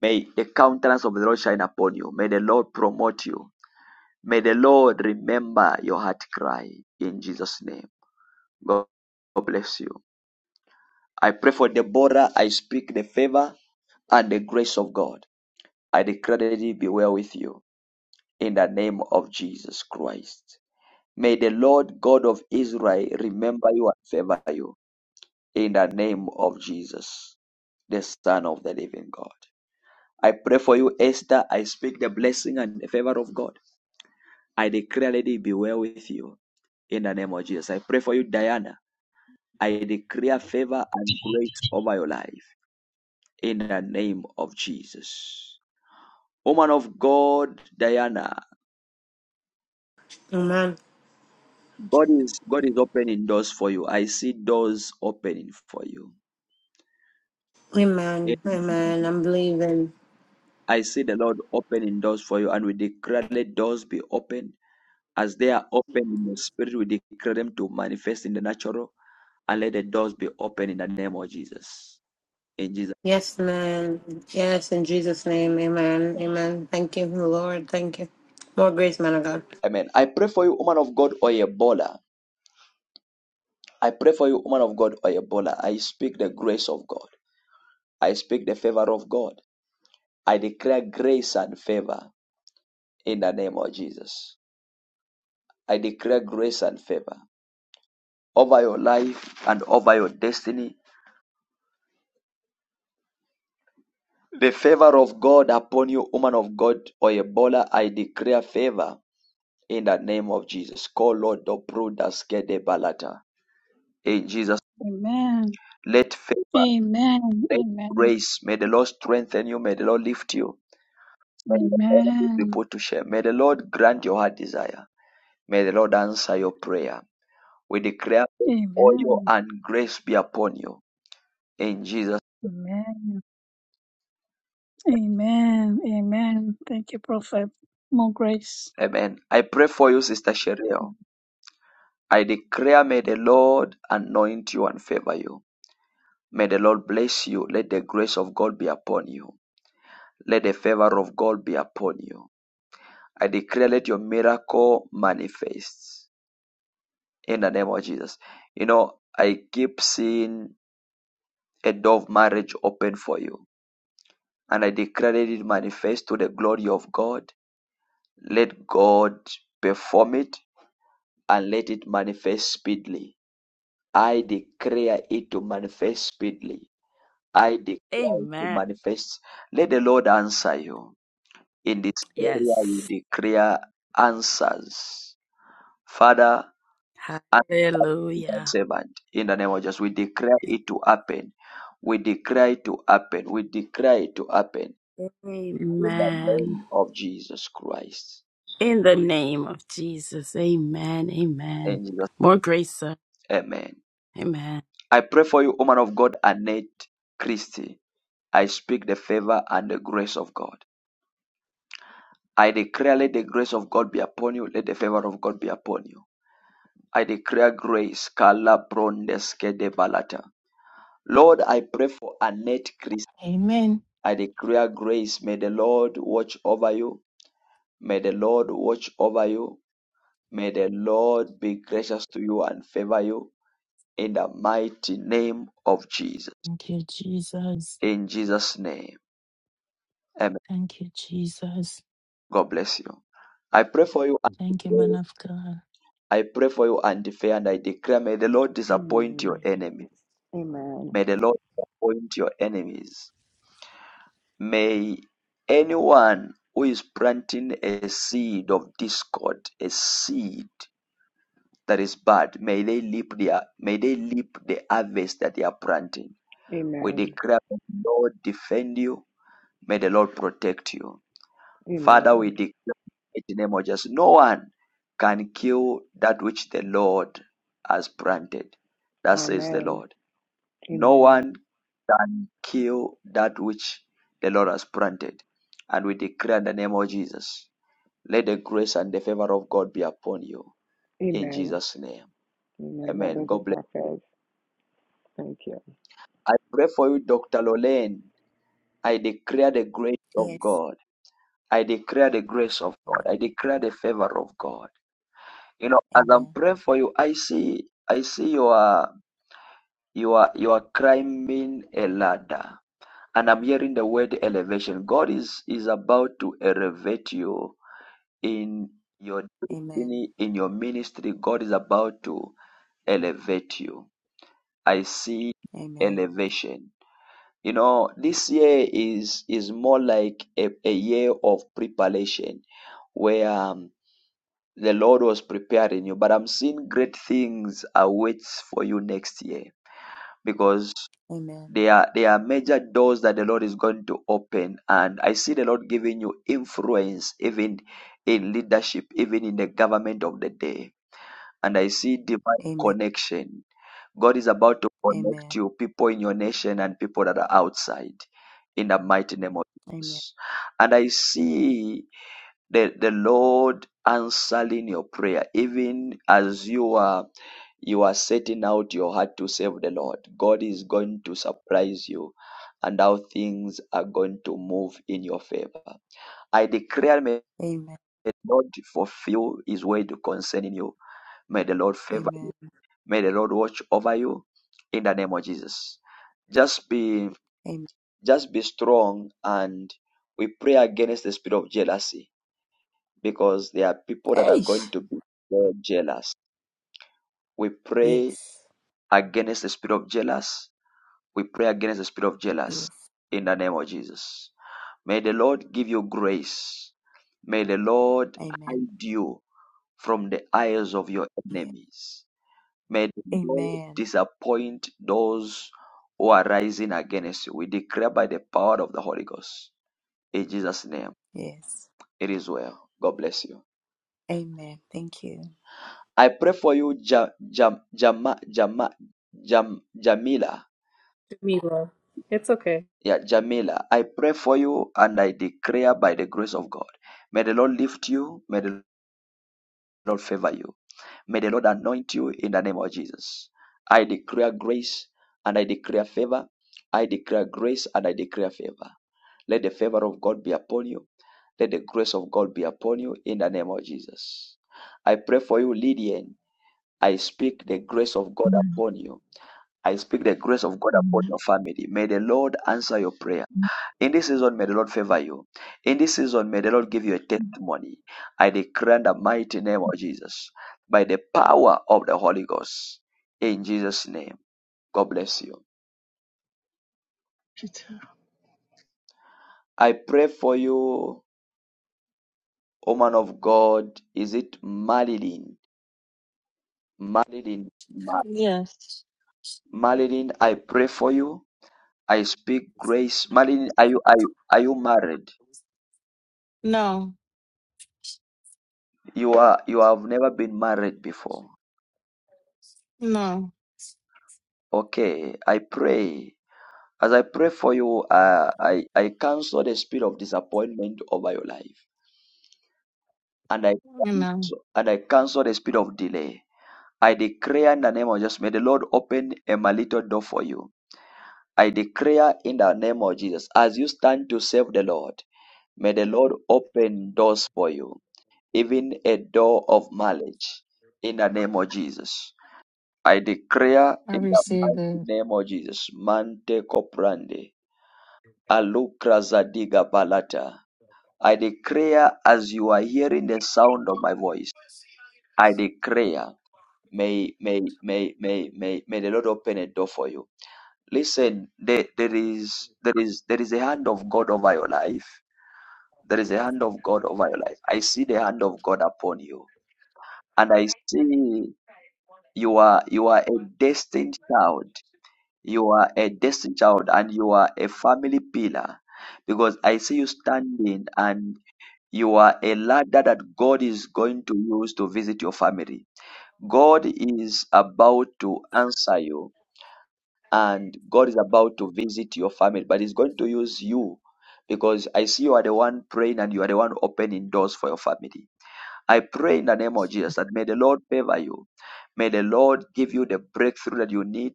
May the countenance of the Lord shine upon you. May the Lord promote you. May the Lord remember your heart cry in Jesus' name. God bless you. I pray for Deborah. I speak the favor and the grace of God. I declare that it be well with you in the name of Jesus Christ. May the Lord God of Israel remember you and favor you in the name of Jesus, the Son of the living God. I pray for you, Esther. I speak the blessing and the favor of God. I declare, that it be well with you in the name of Jesus. I pray for you, Diana. I declare favor and grace over your life in the name of Jesus. Woman of God, Diana,
Amen.
God is God is opening doors for you. I see doors opening for you.
Amen. Amen. I'm believing.
I see the Lord opening doors for you, and we declare let doors be open as they are open in the spirit. We declare them to manifest in the natural, and let the doors be open in the name of Jesus. In Jesus,
Yes, man. Yes, in Jesus' name. Amen. Amen. Thank you, Lord. Thank you. More grace, man of God.
Amen. I pray for you, woman of God, Oyebola. I pray for you, woman of God, Oyebola. I speak the grace of God. I speak the favor of God. I declare grace and favor in the name of Jesus. I declare grace and favor over your life and over your destiny. The favor of God upon you, woman of God Oyebola. I declare favor in the name of Jesus. Call Lord Dobrudas Kede Balata. In Jesus,
Amen.
let favor,
Amen.
let
Amen.
grace, may the Lord strengthen you, may the Lord lift you, may the Lord be
Amen.
put to shame, may the Lord grant your heart desire, may the Lord answer your prayer We declare oil
Amen.
and grace be upon you. In Jesus,
Amen. Amen. Amen. Thank you, Prophet. More grace.
name, amen. I pray for you, Sister Cheryl. I declare, may the Lord anoint you and favor you. May the Lord bless you. Let the grace of God be upon you. Let the favor of God be upon you. I declare, let your miracle manifest in the name of Jesus. You know, I keep seeing a door of marriage open for you. And I declare, let it manifest to the glory of God. Let God perform it and let it manifest speedily. I declare it to manifest speedily. I declare it to
Amen.
manifest. Let the Lord answer you. In this area, you
Yes.
declare answers. Father, answer thy
Hallelujah.
servant. In the name of Jesus, we declare it to happen. We declare it to happen. We declare it to happen. In the
Amen.
name of Jesus Christ.
In the name of Jesus. Amen. Amen.
And Jesus,
More grace, sir.
amen.
Amen.
I pray for you, woman of God, Annette Christie. I speak the favor and the grace of God. I declare, let the grace of God be upon you. Let the favor of God be upon you. I declare grace. Kala brondeske de balata. Lord, I pray for Annette Christ.
Amen.
I declare grace. May the Lord watch over you. May the Lord watch over you. May the Lord be gracious to you and favor you in the mighty name of Jesus.
Thank you, Jesus.
In Jesus' name. Amen.
Thank you, Jesus.
God bless you. I pray for
Thank you,
you.
man of God.
I pray for you, and Fair, and I declare, may the Lord disappoint your
Amen.
enemy.
Amen.
May the Lord disappoint your enemies. May anyone who is planting a seed of discord, a seed that is bad, may they reap their, may they reap the harvest that they are planting. We
Amen.
declare, may the Lord defend you. May the Lord protect you. Father, we
Amen.
declare in the name of Jesus, no one can kill that which the Lord has planted. That says the
Amen.
Lord. No
Amen.
one can kill that which the Lord has planted. And we declare in the name of Jesus, let the grace and the favor of God be upon you. In
Amen.
Jesus' name.
Amen. God
Amen.
bless you,
God bless.
prophets. Thank you.
I pray for you, Dr. Lolene. I declare the grace of
Yes.
God. I declare the grace of God. I declare the favor of God. You know, as I'm
Amen.
praying for you, I see I see you are you are you are climbing a ladder. And I'm hearing the word elevation. God is is about to elevate you in your
Amen.
destiny, in your ministry. God is about to elevate you. I see
Amen.
elevation. You know, this year is is more like a, a year of preparation where um, The Lord was preparing you, but I'm seeing great things awaits for you next year because
Amen.
there are there are major doors that the Lord is going to open, and I see the Lord giving you influence even in leadership, even in the government of the day, and I see divine
Amen.
connection. God is about to
Amen.
connect you, people in your nation and people that are outside, in the mighty name of
Amen.
Jesus. And I see the, the Lord answering your prayer, even as you are you are setting out your heart to serve the Lord. God is going to surprise you, and how things are going to move in your favor. I declare, may
Amen.
the Lord fulfill His word concerning you. May the Lord favor you.
Amen.
May the Lord watch over you. In the name of Jesus, just be
Amen.
just be strong, and we pray against the spirit of jealousy because there are people that are
Hey.
going to be more jealous. We pray
Yes.
against the spirit of jealous. We pray against the spirit of jealous
Yes.
in the name of Jesus. May the Lord give you grace. May the Lord
Amen.
hide you from the eyes of your
Yeah.
enemies. May the Lord
Amen.
disappoint those who are rising against you. We declare by the power of the Holy Ghost. In Jesus' name,
Yes.
it is well. God bless you.
Amen. Thank you.
I pray for you, ja, Jam Jama, Jama, Jam, Jamila.
Mila. It's okay.
Yeah, Jamila. I pray for you and I declare by the grace of God. May the Lord lift you. May the Lord favor you. May the Lord anoint you in the name of Jesus. I declare grace and I declare favor. I declare grace and I declare favor. Let the favor of God be upon you. Let the grace of God be upon you in the name of Jesus. I pray for you, Lydian. I speak the grace of God
Amen.
upon you. I speak the grace of God upon your
Amen.
family. May the Lord answer your prayer. In this season, may the Lord favor you. In this season, may the Lord give you a
Amen.
testimony. I declare in the mighty name of Jesus, by the power of the Holy Ghost. In Jesus' name, God bless you.
Peter.
I pray for you, woman of God. Is it Marilyn? Marilyn, Ma-
Yes.
Marilyn, I pray for you. I speak grace. Marilyn, are you are you are you married?
No,
You are you have never been married before.
no,
Okay, I pray. As I pray for you, uh, I, I cancel the spirit of disappointment over your life. And I
you know,
cancel, and I cancel the spirit of delay. I declare in the name of Jesus, may the Lord open a little door for you. I declare in the name of Jesus, as you stand to serve the Lord, may the Lord open doors for you, even a door of marriage, in the name of Jesus. I declare
I
in the
receive
mighty
it.
name of Jesus, Mante Coprande. Alukrazadiga Balata. I declare as you are hearing the sound of my voice, I declare may may may may may may the Lord open a door for you. Listen, there, there is there is there is a hand of God over your life. There is a hand of God over your life. I see the hand of God upon you. And I see you are you are a destined child. You are a destined child and you are a family pillar because I see you standing and You are a ladder that God is going to use to visit your family. God is about to answer you and God is about to visit your family, but He's going to use you because I see you are the one praying and you are the one opening doors for your family. I pray in the name of Jesus that may the Lord favor you. May the Lord give you the breakthrough that you need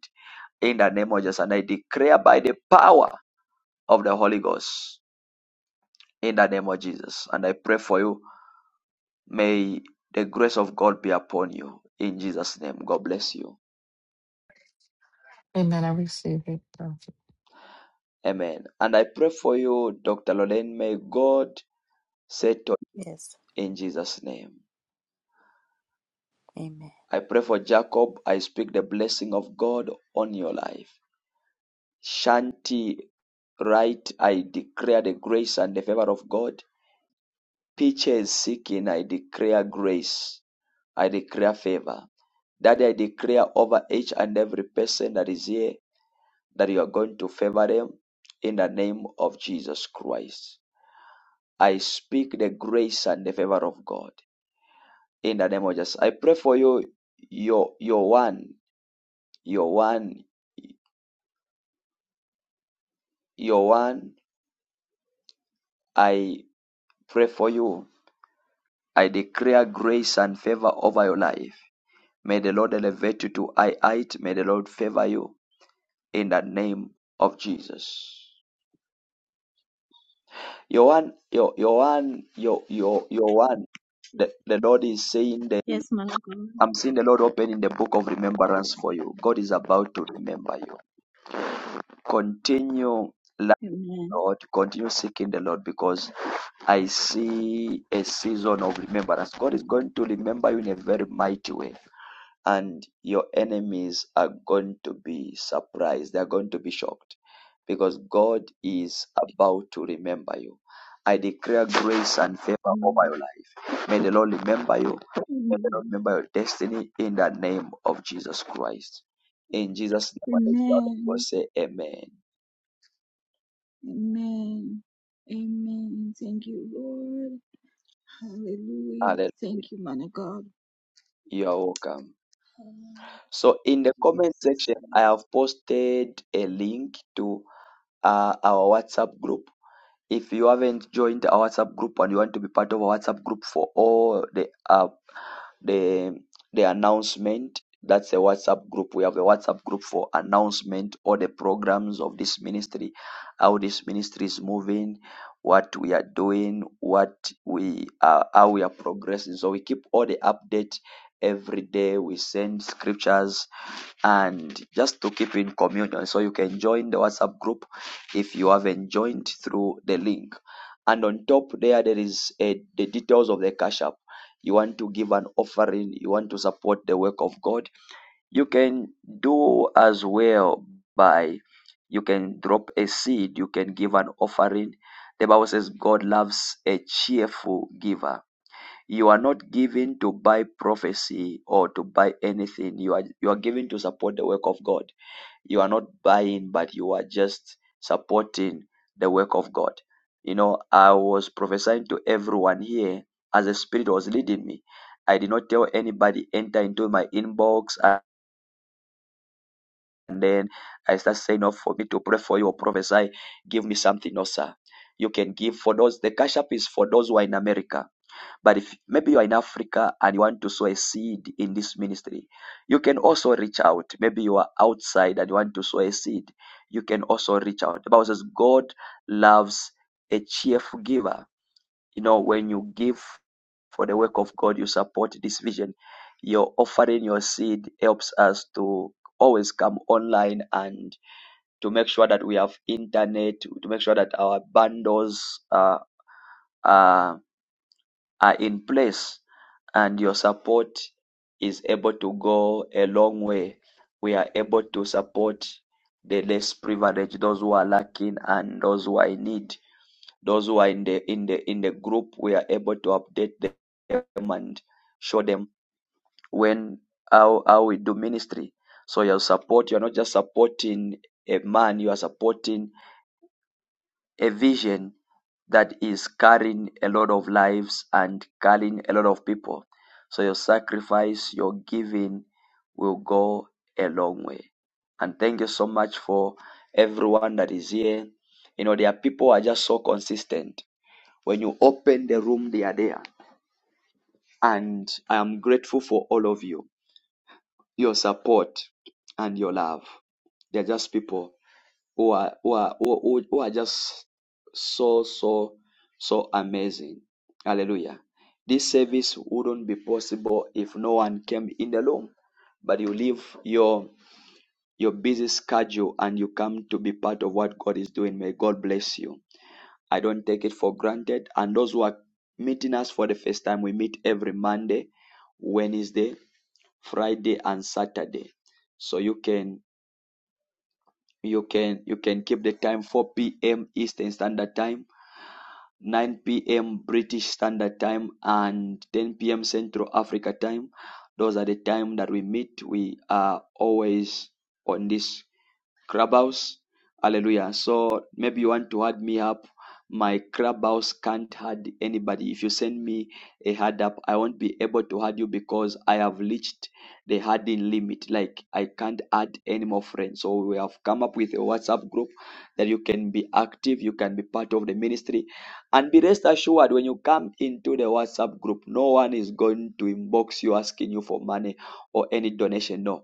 in the name of Jesus. And I declare by the power of the Holy Ghost in the name of Jesus. And I pray for you May the grace of God be upon you. In Jesus' name, God bless you.
Amen. I receive it.
Amen. And I pray for you, Dr. Lorraine. May God settle
Yes.
in Jesus' name.
Amen.
I pray for Jacob. I speak the blessing of God on your life. Shanti right, I declare the grace and the favor of God. Peaches seeking, I declare grace. I declare favor. That I declare over each and every person that is here that you are going to favor them in the name of Jesus Christ. I speak the grace and the favor of God in the name of Jesus. I pray for you, your your one, your one, your one. I pray for you. I declare grace and favor over your life. May the Lord elevate you to high height. May the Lord favor you in the name of Jesus. Your one, your your one, your your your one. The, the Lord is saying the
Yes, man of God.
I'm seeing the Lord open in the book of remembrance for you. God is about to remember you. Continue, Lord. Continue seeking the Lord because I see a season of remembrance. God is going to remember you in a very mighty way, and your enemies are going to be surprised. They are going to be shocked because God is about to remember you. I declare grace and favor over your life. May the Lord remember you. May the Lord remember your destiny in the name of Jesus Christ. In Jesus' name, we
Amen.
say amen.
Amen. Amen. Thank you, Lord. Hallelujah.
Hallelujah.
Thank you, man of God.
You are welcome. So in the comment
Jesus.
section, I
Thank you.
have posted a link to uh, our WhatsApp group. If you haven't joined our WhatsApp group and you want to be part of our WhatsApp group for all the uh, the the announcement. That's a WhatsApp group. We have a WhatsApp group for announcement all the programs of this ministry, how this ministry is moving, what we are doing, what we are, how we are progressing. So we keep all the update every day. We send scriptures and just to keep in communion. So you can join the WhatsApp group if you haven't joined through the link and on top there there is a, the details of the cash app you want to give an offering you want to support the work of god you can do as well by you can drop a seed you can give an offering the bible says god loves a cheerful giver you are not given to buy prophecy or to buy anything you are you are given to support the work of god you are not buying, but you are just supporting the work of God. You know, I was prophesying to everyone here as the Spirit was leading me. I did not tell anybody enter into my inbox and then I start saying, "Oh, for me to pray for you or prophesy, give me something." No, sir. You can give for those. The cash app is for those who are in America but if maybe you are in Africa and you want to sow a seed in this ministry, you can also reach out. Maybe you are outside and you want to sow a seed, you can also reach out. The Bible says God loves a cheerful giver. You know, when you give for the work of God, you support this vision. Your offering your seed helps us to always come online and to make sure that we have internet, to make sure that our bundles are, are, are in place and your support is able to go a long way. We are able to support the less privileged, those who are lacking and those who are in need, those who are in the in the in the group. We are able to update them and show them when how how we do ministry. So your support, you are not just supporting a man, you are supporting a vision that is carrying a lot of lives and carrying a lot of people. So your sacrifice, your giving will go a long way. And thank you so much for everyone that is here. You know, there are people who are just so consistent. When you open the room, they are there. And I am grateful for all of you, your support and your love. They're just people who are who are who, who who are just so so so amazing. Hallelujah. This service wouldn't be possible if no one came in the room, but you leave your your busy schedule and you come to be part of what God is doing. May God bless you. I don't take it for granted. And those who are meeting us for the first time, we meet every Monday, Wednesday, Friday, and Saturday. So you can you can you can keep the time 4 p.m. Eastern Standard Time nine PM British Standard Time and ten PM Central Africa Time. Those are the time that we meet. We are always on this Clubhouse. Hallelujah. So maybe you want to add me up. My clubhouse can't add anybody. If you send me a hard up, I won't be able to add you because I have reached the harding limit. Like I can't add any more friends. So we have come up with a WhatsApp group that you can be active, you can be part of the ministry. And be rest assured when you come into the WhatsApp group, no one is going to inbox you asking you for money or any donation. No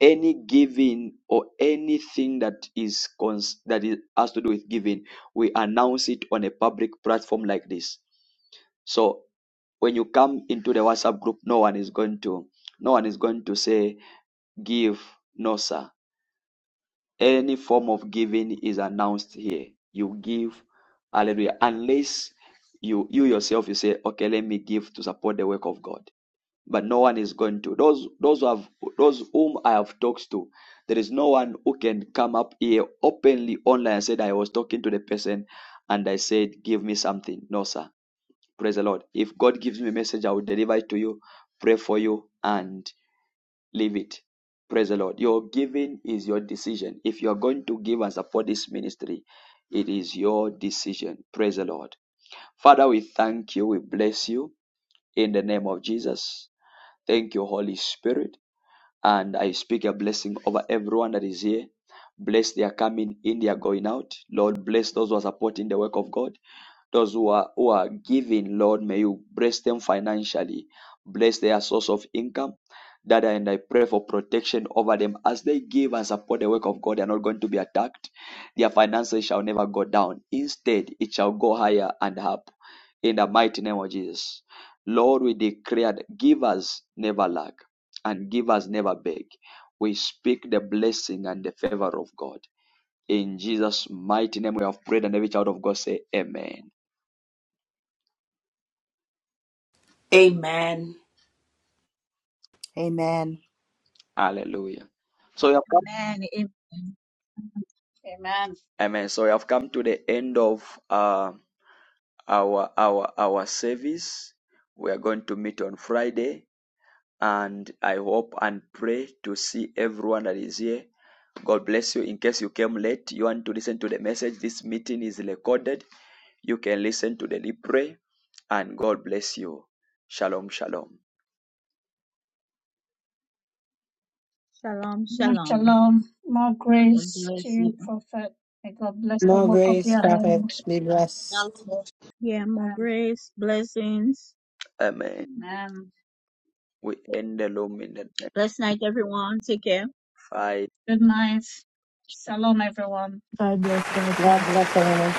any giving or anything that is cons- that is, has to do with giving, we announce it on a public platform like this. So when you come into the WhatsApp group, no one is going to no one is going to say give no sir. Any form of giving is announced here. You give, hallelujah, unless you you yourself you say okay, let me give to support the work of God but no one is going to. Those those who have those whom I have talked to, there is no one who can come up here openly online and said I was talking to the person and I said, Give me something. No, sir. Praise the Lord. If God gives me a message, I will deliver it to you, pray for you, and leave it. Praise the Lord. Your giving is your decision. If you are going to give and support this ministry, it is your decision. Praise the Lord. Father, we thank you. We bless you in the name of Jesus. Thank you, Holy Spirit. And I speak a blessing over everyone that is here. Bless their coming in, their going out. Lord, bless those who are supporting the work of God. Those who are, who are giving, Lord, may you bless them financially, bless their source of income. That and I pray for protection over them as they give and support the work of God. They are not going to be attacked. Their finances shall never go down. Instead, it shall go higher and up. In the mighty name of Jesus, Lord, we declare that givers never lack and givers never beg. We speak the blessing and the favor of God. In Jesus' mighty name, we have prayed, and every child of God say, Amen.
Amen.
Amen.
Hallelujah. So we have come,
Amen.
amen. So we have come to the end of uh, our our our service. We are going to meet on Friday, and I hope and pray to see everyone that is here. God bless you. In case you came late, you want to listen to the message. This meeting is recorded. You can listen to the replay, and God bless you. Shalom, shalom.
Shalom. More grace to you, Prophet. May God bless the
More
work of
grace,
your
prophet.
hands.
Be blessed.
Amen.
Yeah, more
Amen.
grace, blessings.
Amen.
Amen.
We end the loom in the next
Blessed night, everyone. Take care.
five.
Good night. Shalom, everyone.
God bless, God
God
bless.
bless everyone.